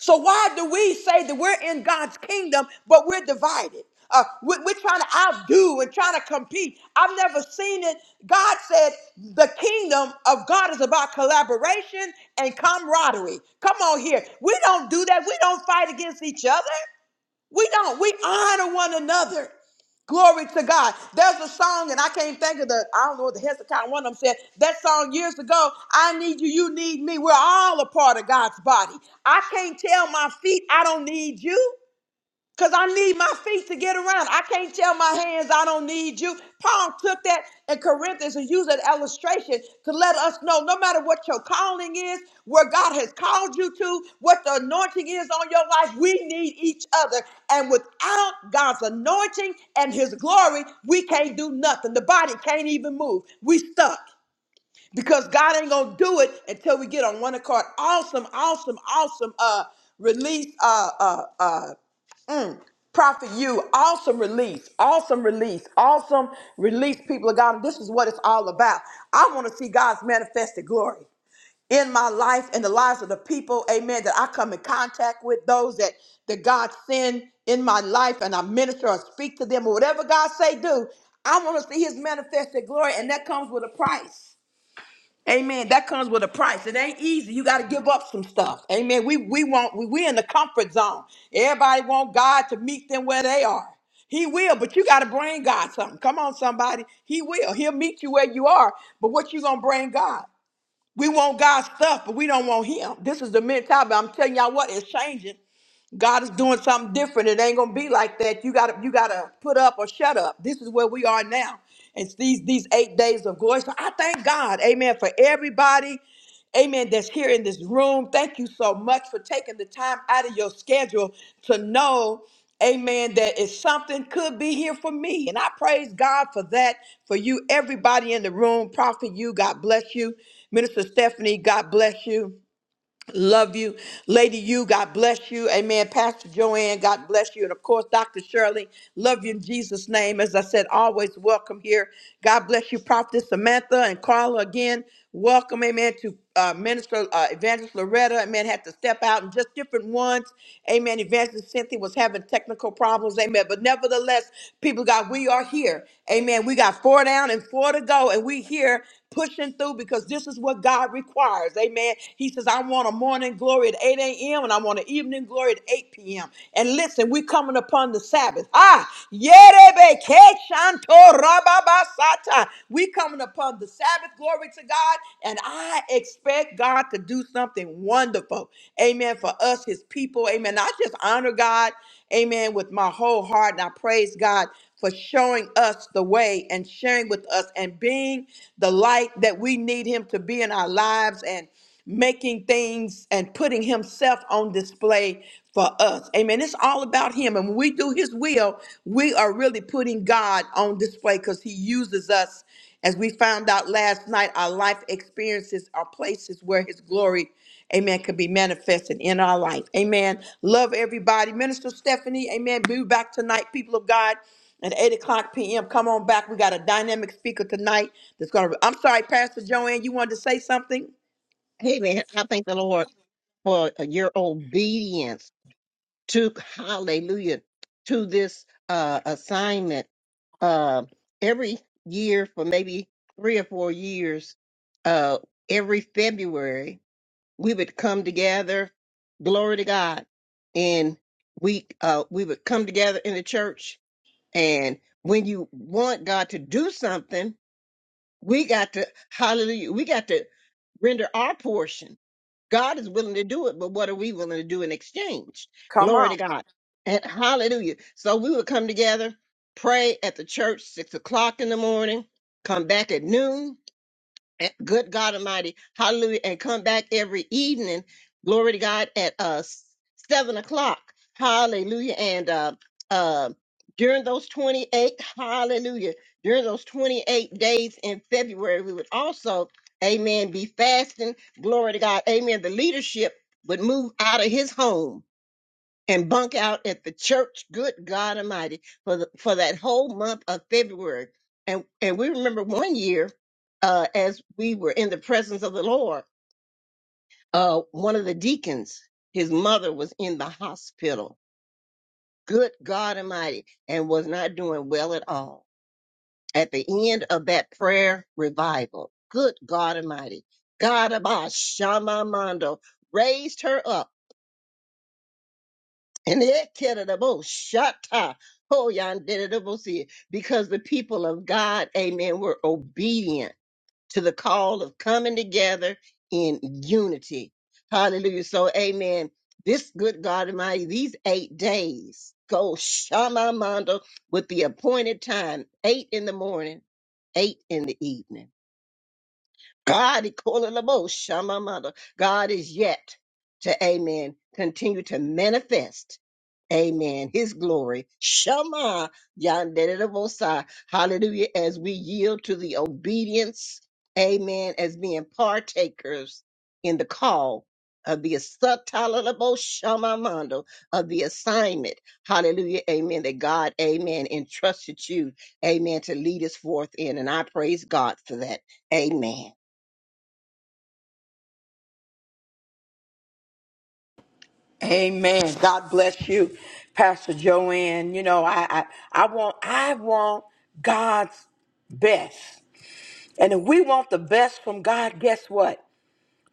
Speaker 1: So why do we say that we're in God's kingdom, but we're divided? Uh, we- we're, trying to outdo and trying to compete. I've never seen it. God said the kingdom of God is about collaboration and camaraderie. Come on here. We don't do that. We don't fight against each other. We don't. We honor one another. Glory to God. There's a song, and I can't think of the, I don't know what the Hezekiah one of them said. That song years ago, I need you, you need me. We're all a part of God's body. I can't tell my feet, I don't need you. Because I need my feet to get around. I can't tell my hands I don't need you. Paul took that in Corinthians and used an illustration to let us know no matter what your calling is, where God has called you to, what the anointing is on your life, we need each other. And without God's anointing and his glory, we can't do nothing. The body can't even move. We stuck because God ain't gonna do it until we get on one accord. Awesome, awesome, awesome. Uh, release. Uh, uh, uh. Prophet, you awesome release, awesome release, awesome release, people of God. And this is what it's all about. I want to see God's manifested glory in my life and the lives of the people, amen, that I come in contact with, those that, that God send in my life and I minister or speak to them or whatever God say do. I want to see his manifested glory, and that comes with a price. Amen. That comes with a price. It ain't easy. You got to give up some stuff. Amen. We we want we we in the comfort zone. Everybody want God to meet them where they are. He will, but you got to bring God something. Come on, somebody. He will. He'll meet you where you are. But what you gonna bring God? We want God's stuff, but we don't want Him. This is the mentality. I'm telling y'all what is changing God is doing something different. It ain't gonna be like that. You gotta you gotta put up or shut up. This is where we are now. It's these these eight days of glory. So I thank God, amen, for everybody, amen, that's here in this room. Thank you so much for taking the time out of your schedule to know. Amen. that That is something could be here for me. And I praise God for that, for you, everybody in the room. Prophet, you, God bless you. Minister Stephanie, God bless you. Love you. Lady you, God bless you. Amen. Pastor Joanne, God bless you. And of course, Dr. Shirley, love you in Jesus' name. As I said, always welcome here. God bless you, Prophet Samantha and Carla again. Welcome, amen, to uh, Minister uh, Evangelist Loretta. Amen, had to step out and just different ones. Amen. Evangelist Cynthia was having technical problems. Amen. But nevertheless, people, of God, we are here. Amen. We got four down and four to go, and we here pushing through because this is what God requires. Amen. He says, I want a morning glory at 8 a.m. and I want an evening glory at 8 p.m. And listen, we're coming upon the Sabbath. Ah, yerebe ke shanto rababasata. we coming upon the Sabbath, glory to God. And I expect God to do something wonderful. Amen. For us, his people. Amen. I just honor God. Amen. With my whole heart. And I praise God for showing us the way and sharing with us and being the light that we need him to be in our lives. And making things and putting himself on display for us. Amen. It's all about him. And when we do his will, we are really putting God on display because he uses us. As we found out last night, our life experiences are places where his glory, amen, can be manifested in our life. Amen. Love everybody. Minister Stephanie, amen. Be back tonight, people of God at 8 o'clock p.m. Come on back. We got a dynamic speaker tonight that's going to. I'm sorry, Pastor Joanne, you wanted to say something?
Speaker 7: Amen. I thank the Lord for your obedience. to hallelujah to this uh assignment uh every year for maybe three or four years uh every february we would come together glory to god and we uh we would come together in the church and when you want god to do something we got to, hallelujah, we got to render our portion. God is willing to do it, but what are we willing to do in exchange?
Speaker 1: Come
Speaker 7: Glory to
Speaker 1: on.
Speaker 7: God. And hallelujah. So we would come together, pray at the church, six o'clock in the morning, come back at noon, and- good God Almighty, hallelujah, and come back every evening, glory to God, at uh s- seven o'clock, hallelujah, and uh, uh, during those 28, hallelujah, during those 28 days in February, we would also, amen, be fasting, glory to God, amen, the leadership would move out of his home and bunk out at the church. Good God Almighty for the, for that whole month of February. And and we remember one year, uh, as we were in the presence of the Lord, uh, one of the deacons, his mother was in the hospital. Good God Almighty, and was not doing well at all. At the end of that prayer revival, good God Almighty, God Abba Shama Mondo raised her up And it carried the most shut Oh, y'all did it the most here. because the people of God, amen, were obedient to the call of coming together in unity. Hallelujah. So, amen. This good God Almighty, these eight days go Shama shamamando with the appointed time, eight in the morning, eight in the evening. God, he called it a boast, Shama mother. God is yet to, amen, continue to manifest, amen, his glory. Shama, Yanderebosai. Hallelujah. As we yield to the obedience, amen, as being partakers in the call of the subtolerable Shama Mondo of the assignment. Hallelujah. Amen. That God, amen, entrusted you, amen, to lead us forth in. And I praise God for that. Amen.
Speaker 1: Amen. God bless you, Pastor Joanne. You know, I I, I want I want God's best. And if we want the best from God, guess what?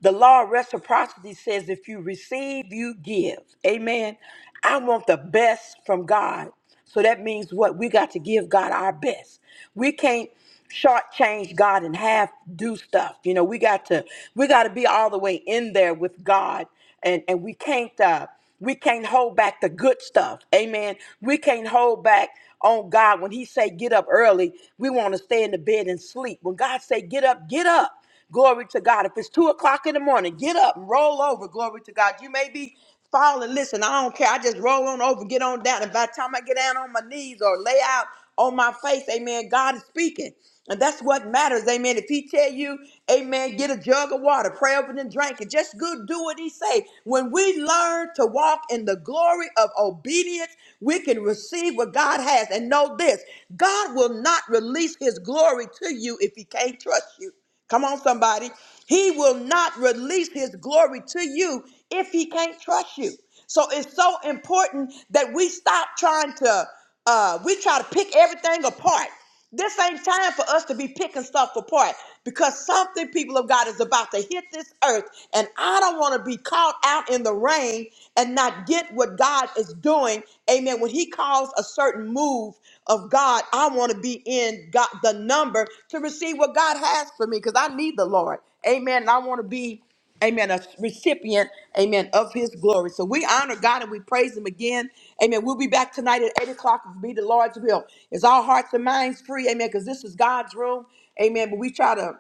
Speaker 1: The law of reciprocity says if you receive, you give. Amen. I want the best from God. So that means what? We got to give God our best. We can't shortchange God and half do stuff. You know, we got to we got to be all the way in there with God and and we can't uh we can't hold back the good stuff amen we can't hold back on god when he say get up early we want to stay in the bed and sleep when god say get up get up glory to god if it's two o'clock in the morning get up and roll over glory to god you may be Father, listen, I don't care. I just roll on over, get on down. And by the time I get down on my knees or lay out on my face, amen, God is speaking. And that's what matters, amen. If he tell you, amen, get a jug of water, pray over it and drink it. Just good do what he say. When we learn to walk in the glory of obedience, we can receive what God has. And know this, God will not release his glory to you if he can't trust you. Come on, somebody. He will not release his glory to you if he can't trust you. So it's so important that we stop trying to, uh, we try to pick everything apart. This ain't time for us to be picking stuff apart because something, people of God, is about to hit this earth. And I don't want to be caught out in the rain and not get what God is doing doing, amen, when he calls a certain move of God, I want to be in God, the number to receive what God has for me because I need the Lord. Amen. And I want to be amen, a recipient, amen, of his glory. So we honor God and we praise him again. Amen. We'll be back tonight at 8 o'clock. It'll be the Lord's will. It's our hearts and minds free? Amen. Because this is God's room. Amen. But we try to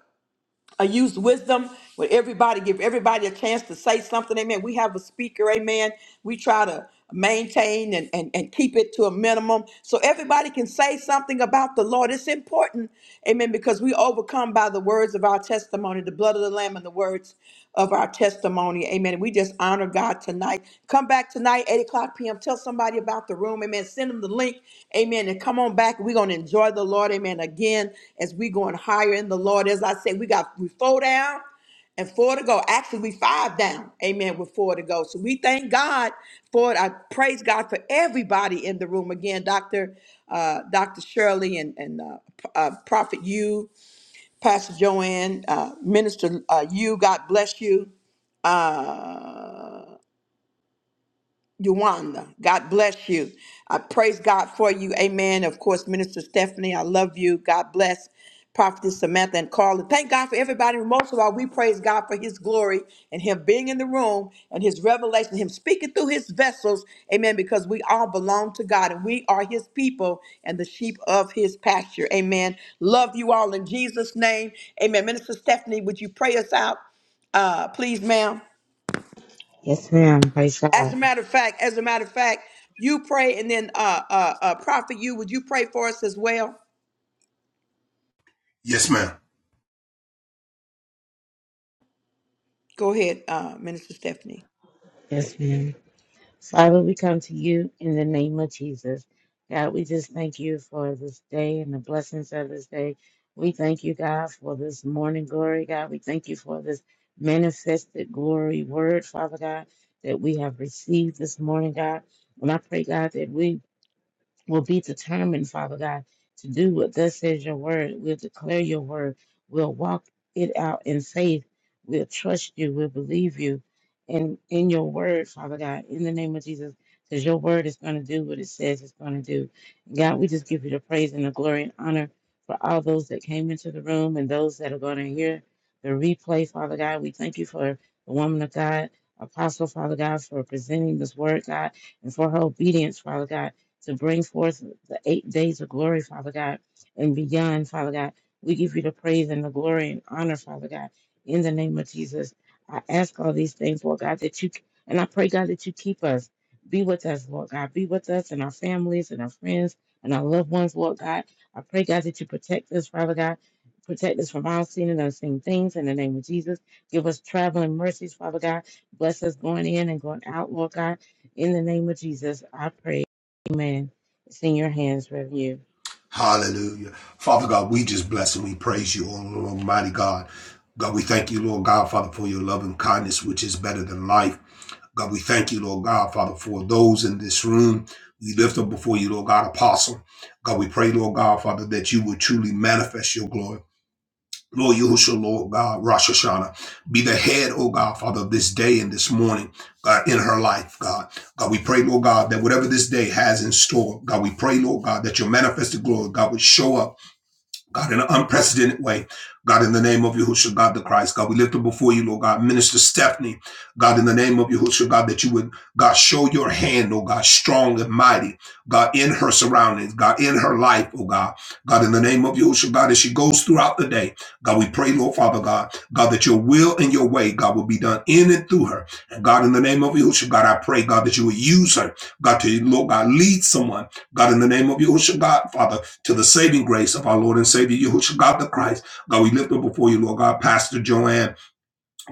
Speaker 1: I use wisdom with everybody, give everybody a chance to say something. Amen. We have a speaker. Amen. We try to maintain and, and, and keep it to a minimum so everybody can say something about the Lord. It's important. Amen. Because we overcome by the words of our testimony, the blood of the Lamb and the words of our testimony. Amen. we just honor God tonight. Come back tonight, 8 o'clock p.m. Tell somebody about the room. Amen. Send them the link. Amen. And come on back. We're going to enjoy the Lord. Amen. Again, as we going higher in the Lord. As I said, we got we four down and four to go. Actually, we five down. Amen. With four to go. So we thank God for it. I praise God for everybody in the room. Again, Dr. Uh, Dr. Shirley and, and uh, P- uh, Prophet you, Pastor Joanne, uh, Minister uh, you, God bless you. Yolanda. God bless you. I praise God for you. Amen. Of course, Minister Stephanie, I love you. God bless Prophetess Samantha and Carla. Thank God for everybody. Most of all, we praise God for his glory and him being in the room and his revelation, him speaking through his vessels. Amen. Because we all belong to God and we are his people and the sheep of his pasture. Amen. Love you all in Jesus' name. Amen. Minister Stephanie, would you pray us out? Uh, please, ma'am.
Speaker 2: Yes, ma'am. Praise
Speaker 1: As a
Speaker 2: God.
Speaker 1: matter of fact, as a matter of fact, you pray and then uh uh, uh prophet you would you pray for us as well?
Speaker 5: Yes, ma'am.
Speaker 1: Go ahead, uh Minister Stephanie.
Speaker 2: Yes, ma'am. Father, we come to you in the name of Jesus. God, we just thank you for this day and the blessings of this day. We thank you, God, for this morning glory, God. We thank you for this manifested glory word, Father God, that we have received this morning, God. And I pray, God, that we will be determined, Father God, to do what thus says your word. We'll declare your word. We'll walk it out in faith. We'll trust you. We'll believe you. And in your word, Father God, in the name of Jesus, because your word is going to do what it says it's going to do. God, we just give you the praise and the glory and honor for all those that came into the room and those that are going to hear the replay, Father God. We thank you for the woman of God, Apostle, Father God, for presenting this word, God, and for her obedience, Father God to bring forth the eight days of glory, Father God, and beyond, Father God. We give you the praise and the glory and honor, Father God, in the name of Jesus. I ask all these things, Lord God, that you, and I pray, God, that you keep us. Be with us, Lord God. Be with us and our families and our friends and our loved ones, Lord God. I pray, God, that you protect us, Father God. Protect us from all sin and unseen things in the name of Jesus. Give us traveling mercies, Father God. Bless us going in and going out, Lord God. In the name of Jesus, I pray. Amen. It's in your hands, Rev. You.
Speaker 5: Hallelujah. Father God, we just bless and we praise you, O Lord Almighty God. God, we thank you, Lord God, Father, for your love and kindness, which is better than life. God, we thank you, Lord God, Father, for those in this room. We lift up before you, Lord God, Apostle. God, we pray, Lord God, Father, that you would truly manifest your glory. Lord Yahushua, Lord God, Rosh Hashanah, be the head, oh God, Father, of this day and this morning, God, in her life, God. God, we pray, Lord God, that whatever this day has in store, God, we pray, Lord God, that your manifested glory, God, would show up. God, in an unprecedented way. God, in the name of Yahushua, God the Christ, God, we lift up before you, Lord God, Minister Stephanie, God, in the name of Yahushua, God, that you would, God, show your hand, oh God, strong and mighty, God, in her surroundings, God, in her life, oh God, God, in the name of Yahushua, God, as she goes throughout the day, God, we pray, Lord Father God, God, that your will and your way, God, will be done in and through her. And God, in the name of Yahushua, God, I pray, God, that you would use her, God, to, Lord God, lead someone, God, in the name of Yahushua, God, Father to the saving grace of our Lord and Savior, Yahushua God the Christ. God, we lift up before you, Lord God, Pastor Joanne.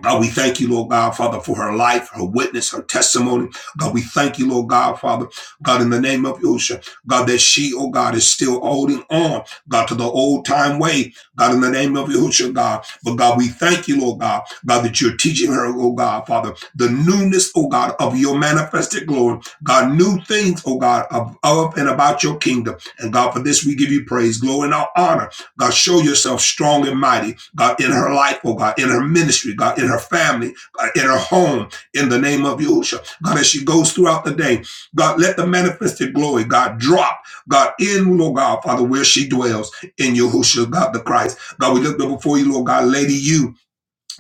Speaker 5: God, we thank you, Lord God, Father, for her life, her witness, her testimony. God, we thank you, Lord God, Father, God, in the name of Yosha, God, that she, oh God, is still holding on, God, to the old time way, God, in the name of Yosha, God. But God, we thank you, Lord God, God, that you're teaching her, oh God, Father, the newness, oh God, of your manifested glory, God, new things, oh God, of, of and about your kingdom. And God, for this we give you praise, glory, and honor. God, show yourself strong and mighty, God, in her life, oh God, in her ministry, God, in her family, God, in her home, in the name of Yahushua. God, as she goes throughout the day, God, let the manifested glory, God, drop, God, in, Lord God, Father, where she dwells in Yahushua, God the Christ. God, we lift up before you, Lord God, Lady You.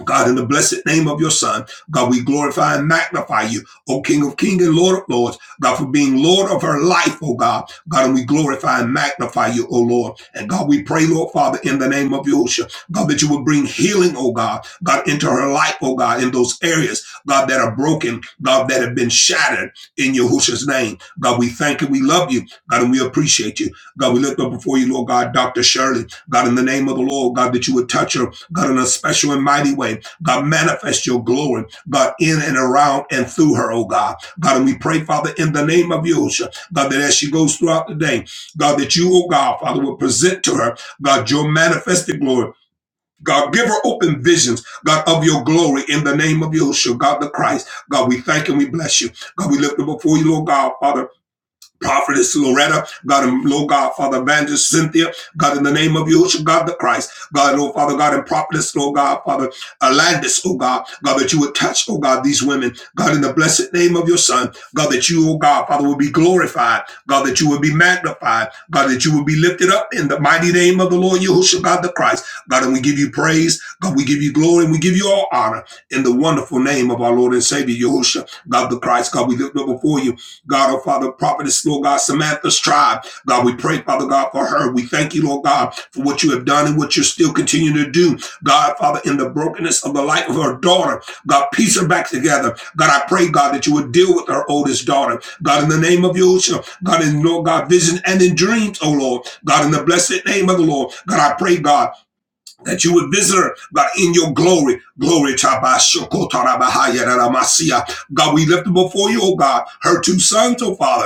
Speaker 5: God, in the blessed name of your son, God, we glorify and magnify you, O King of Kings and Lord of Lords, God, for being Lord of her life, O God. God, and we glorify and magnify you, O Lord. And God, we pray, Lord Father, in the name of Yosha, God, that you would bring healing, O God, God, into her life, O God, in those areas, God, that are broken, God, that have been shattered in Yahusha's name. God, we thank you, we love you, God, and we appreciate you. God, we lift up before you, Lord God, Dr. Shirley, God, in the name of the Lord, God, that you would touch her. God, in a special and mighty way. God, manifest your glory, God, in and around and through her, oh God. God, and we pray, Father, in the name of Yosha, God, that as she goes throughout the day, God, that you, oh God, Father, will present to her, God, your manifested glory. God, give her open visions, God, of your glory in the name of Yeshua, God the Christ. God, we thank and we bless you. God, we lift her before you, Lord God, Father. Prophetess Loretta, God, and Lord God, Father Evangelist Cynthia, God, in the name of Yahushua, God the Christ, God, Lord Father God, and Prophetess, Lord God, Father Alandis, oh God, God, that you would touch, oh God, these women, God, in the blessed name of your Son, God, that you, oh God, Father, would be glorified, God, that you would be magnified, God, that you would be lifted up in the mighty name of the Lord Yahushua, God the Christ, God, and we give you praise, God, we give you glory, and we give you all honor in the wonderful name of our Lord and Savior Yahushua, God the Christ, God, we lift up before you. God, oh Father, prophetess, Lord God, Samantha Strive. God, we pray, Father God, for her. We thank you, Lord God, for what you have done and what you're still continuing to do. God, Father, in the brokenness of the life of her daughter, God, piece her back together. God, I pray, God, that you would deal with her oldest daughter. God, in the name of Yahushua, God, in Lord God, vision and in dreams, oh Lord. God, in the blessed name of the Lord, God, I pray, God that you would visit her, God, in your glory. Glory to Abba, Shoko, Taraba, Haya, Masia. God, we lift them before you, oh God, her two sons, oh Father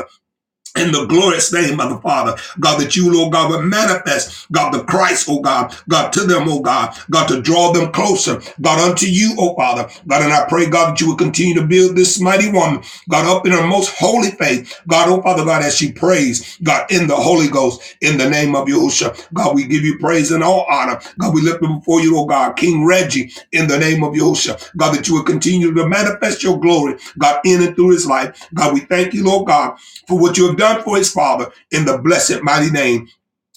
Speaker 5: in the glorious name of the Father, God, that you, Lord God, would manifest, God, the Christ, oh God, God, to them, oh God, God, to draw them closer, God, unto you, oh Father, God, and I pray, God, that you would continue to build this mighty woman, God, up in her most holy faith, God, oh Father, God, as she prays, God, in the Holy Ghost, in the name of Yahushua, God, we give you praise and all honor, God, we lift them before you, oh God, King Reggie, in the name of Yahushua, God, that you would continue to manifest your glory, God, in and through his life, God, we thank you, Lord God, for what you have done for his father in the blessed mighty name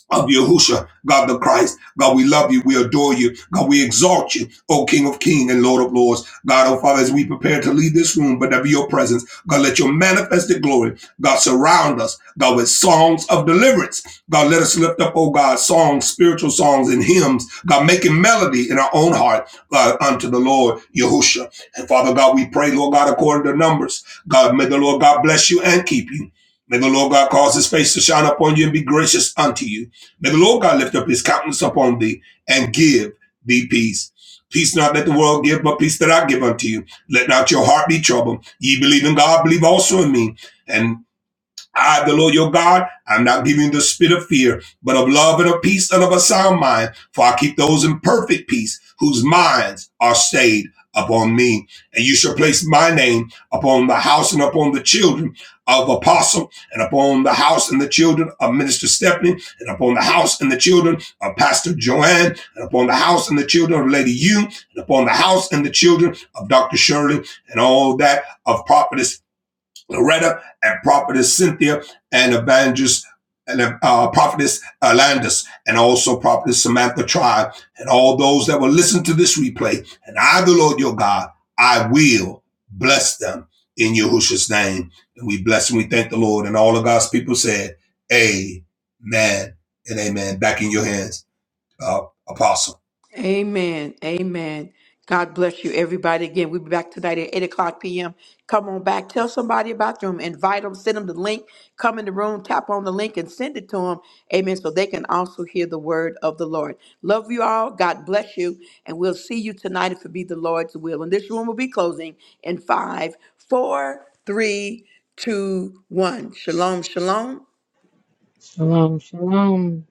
Speaker 5: of Yahusha, God the Christ. God, we love you. We adore you. God, we exalt you, O King of Kings and Lord of Lords. God, O Father, as we prepare to leave this room, but there be your presence. God, let your manifested glory, God, surround us, God, with songs of deliverance. God, let us lift up, O God, songs, spiritual songs and hymns. God, making melody in our own heart God, unto the Lord Yahusha. And Father God, we pray, Lord God, according to numbers. God, may the Lord God bless you and keep you. May the Lord God cause his face to shine upon you and be gracious unto you. May the Lord God lift up his countenance upon thee and give thee peace. Peace not that the world give, but peace that I give unto you. Let not your heart be troubled. Ye believe in God, believe also in me. And I, the Lord your God, I'm not giving you the spirit of fear, but of love and of peace and of a sound mind. For I keep those in perfect peace whose minds are stayed upon me. And you shall place my name upon the house and upon the children of apostle and upon the house and the children of minister Stephanie and upon the house and the children of pastor Joanne and upon the house and the children of lady Yu, and upon the house and the children of Dr. Shirley and all that of prophetess Loretta and prophetess Cynthia and evangelist and uh, prophetess Alandis and also prophetess Samantha Tribe and all those that will listen to this replay. And I, the Lord your God, I will bless them in Yahushua's name. And we bless and we thank the Lord. And all of God's people said, Amen and amen. Back in your hands, uh, Apostle.
Speaker 1: Amen. Amen. God bless you, everybody. Again, we'll be back tonight at 8 o'clock p.m. Come on back. Tell somebody about the room. Invite them. Send them the link. Come in the room. Tap on the link and send it to them. Amen. So they can also hear the word of the Lord. Love you all. God bless you. And we'll see you tonight if it be the Lord's will. And this room will be closing in five, four, three, two, one. Shalom, shalom.
Speaker 2: Shalom, shalom.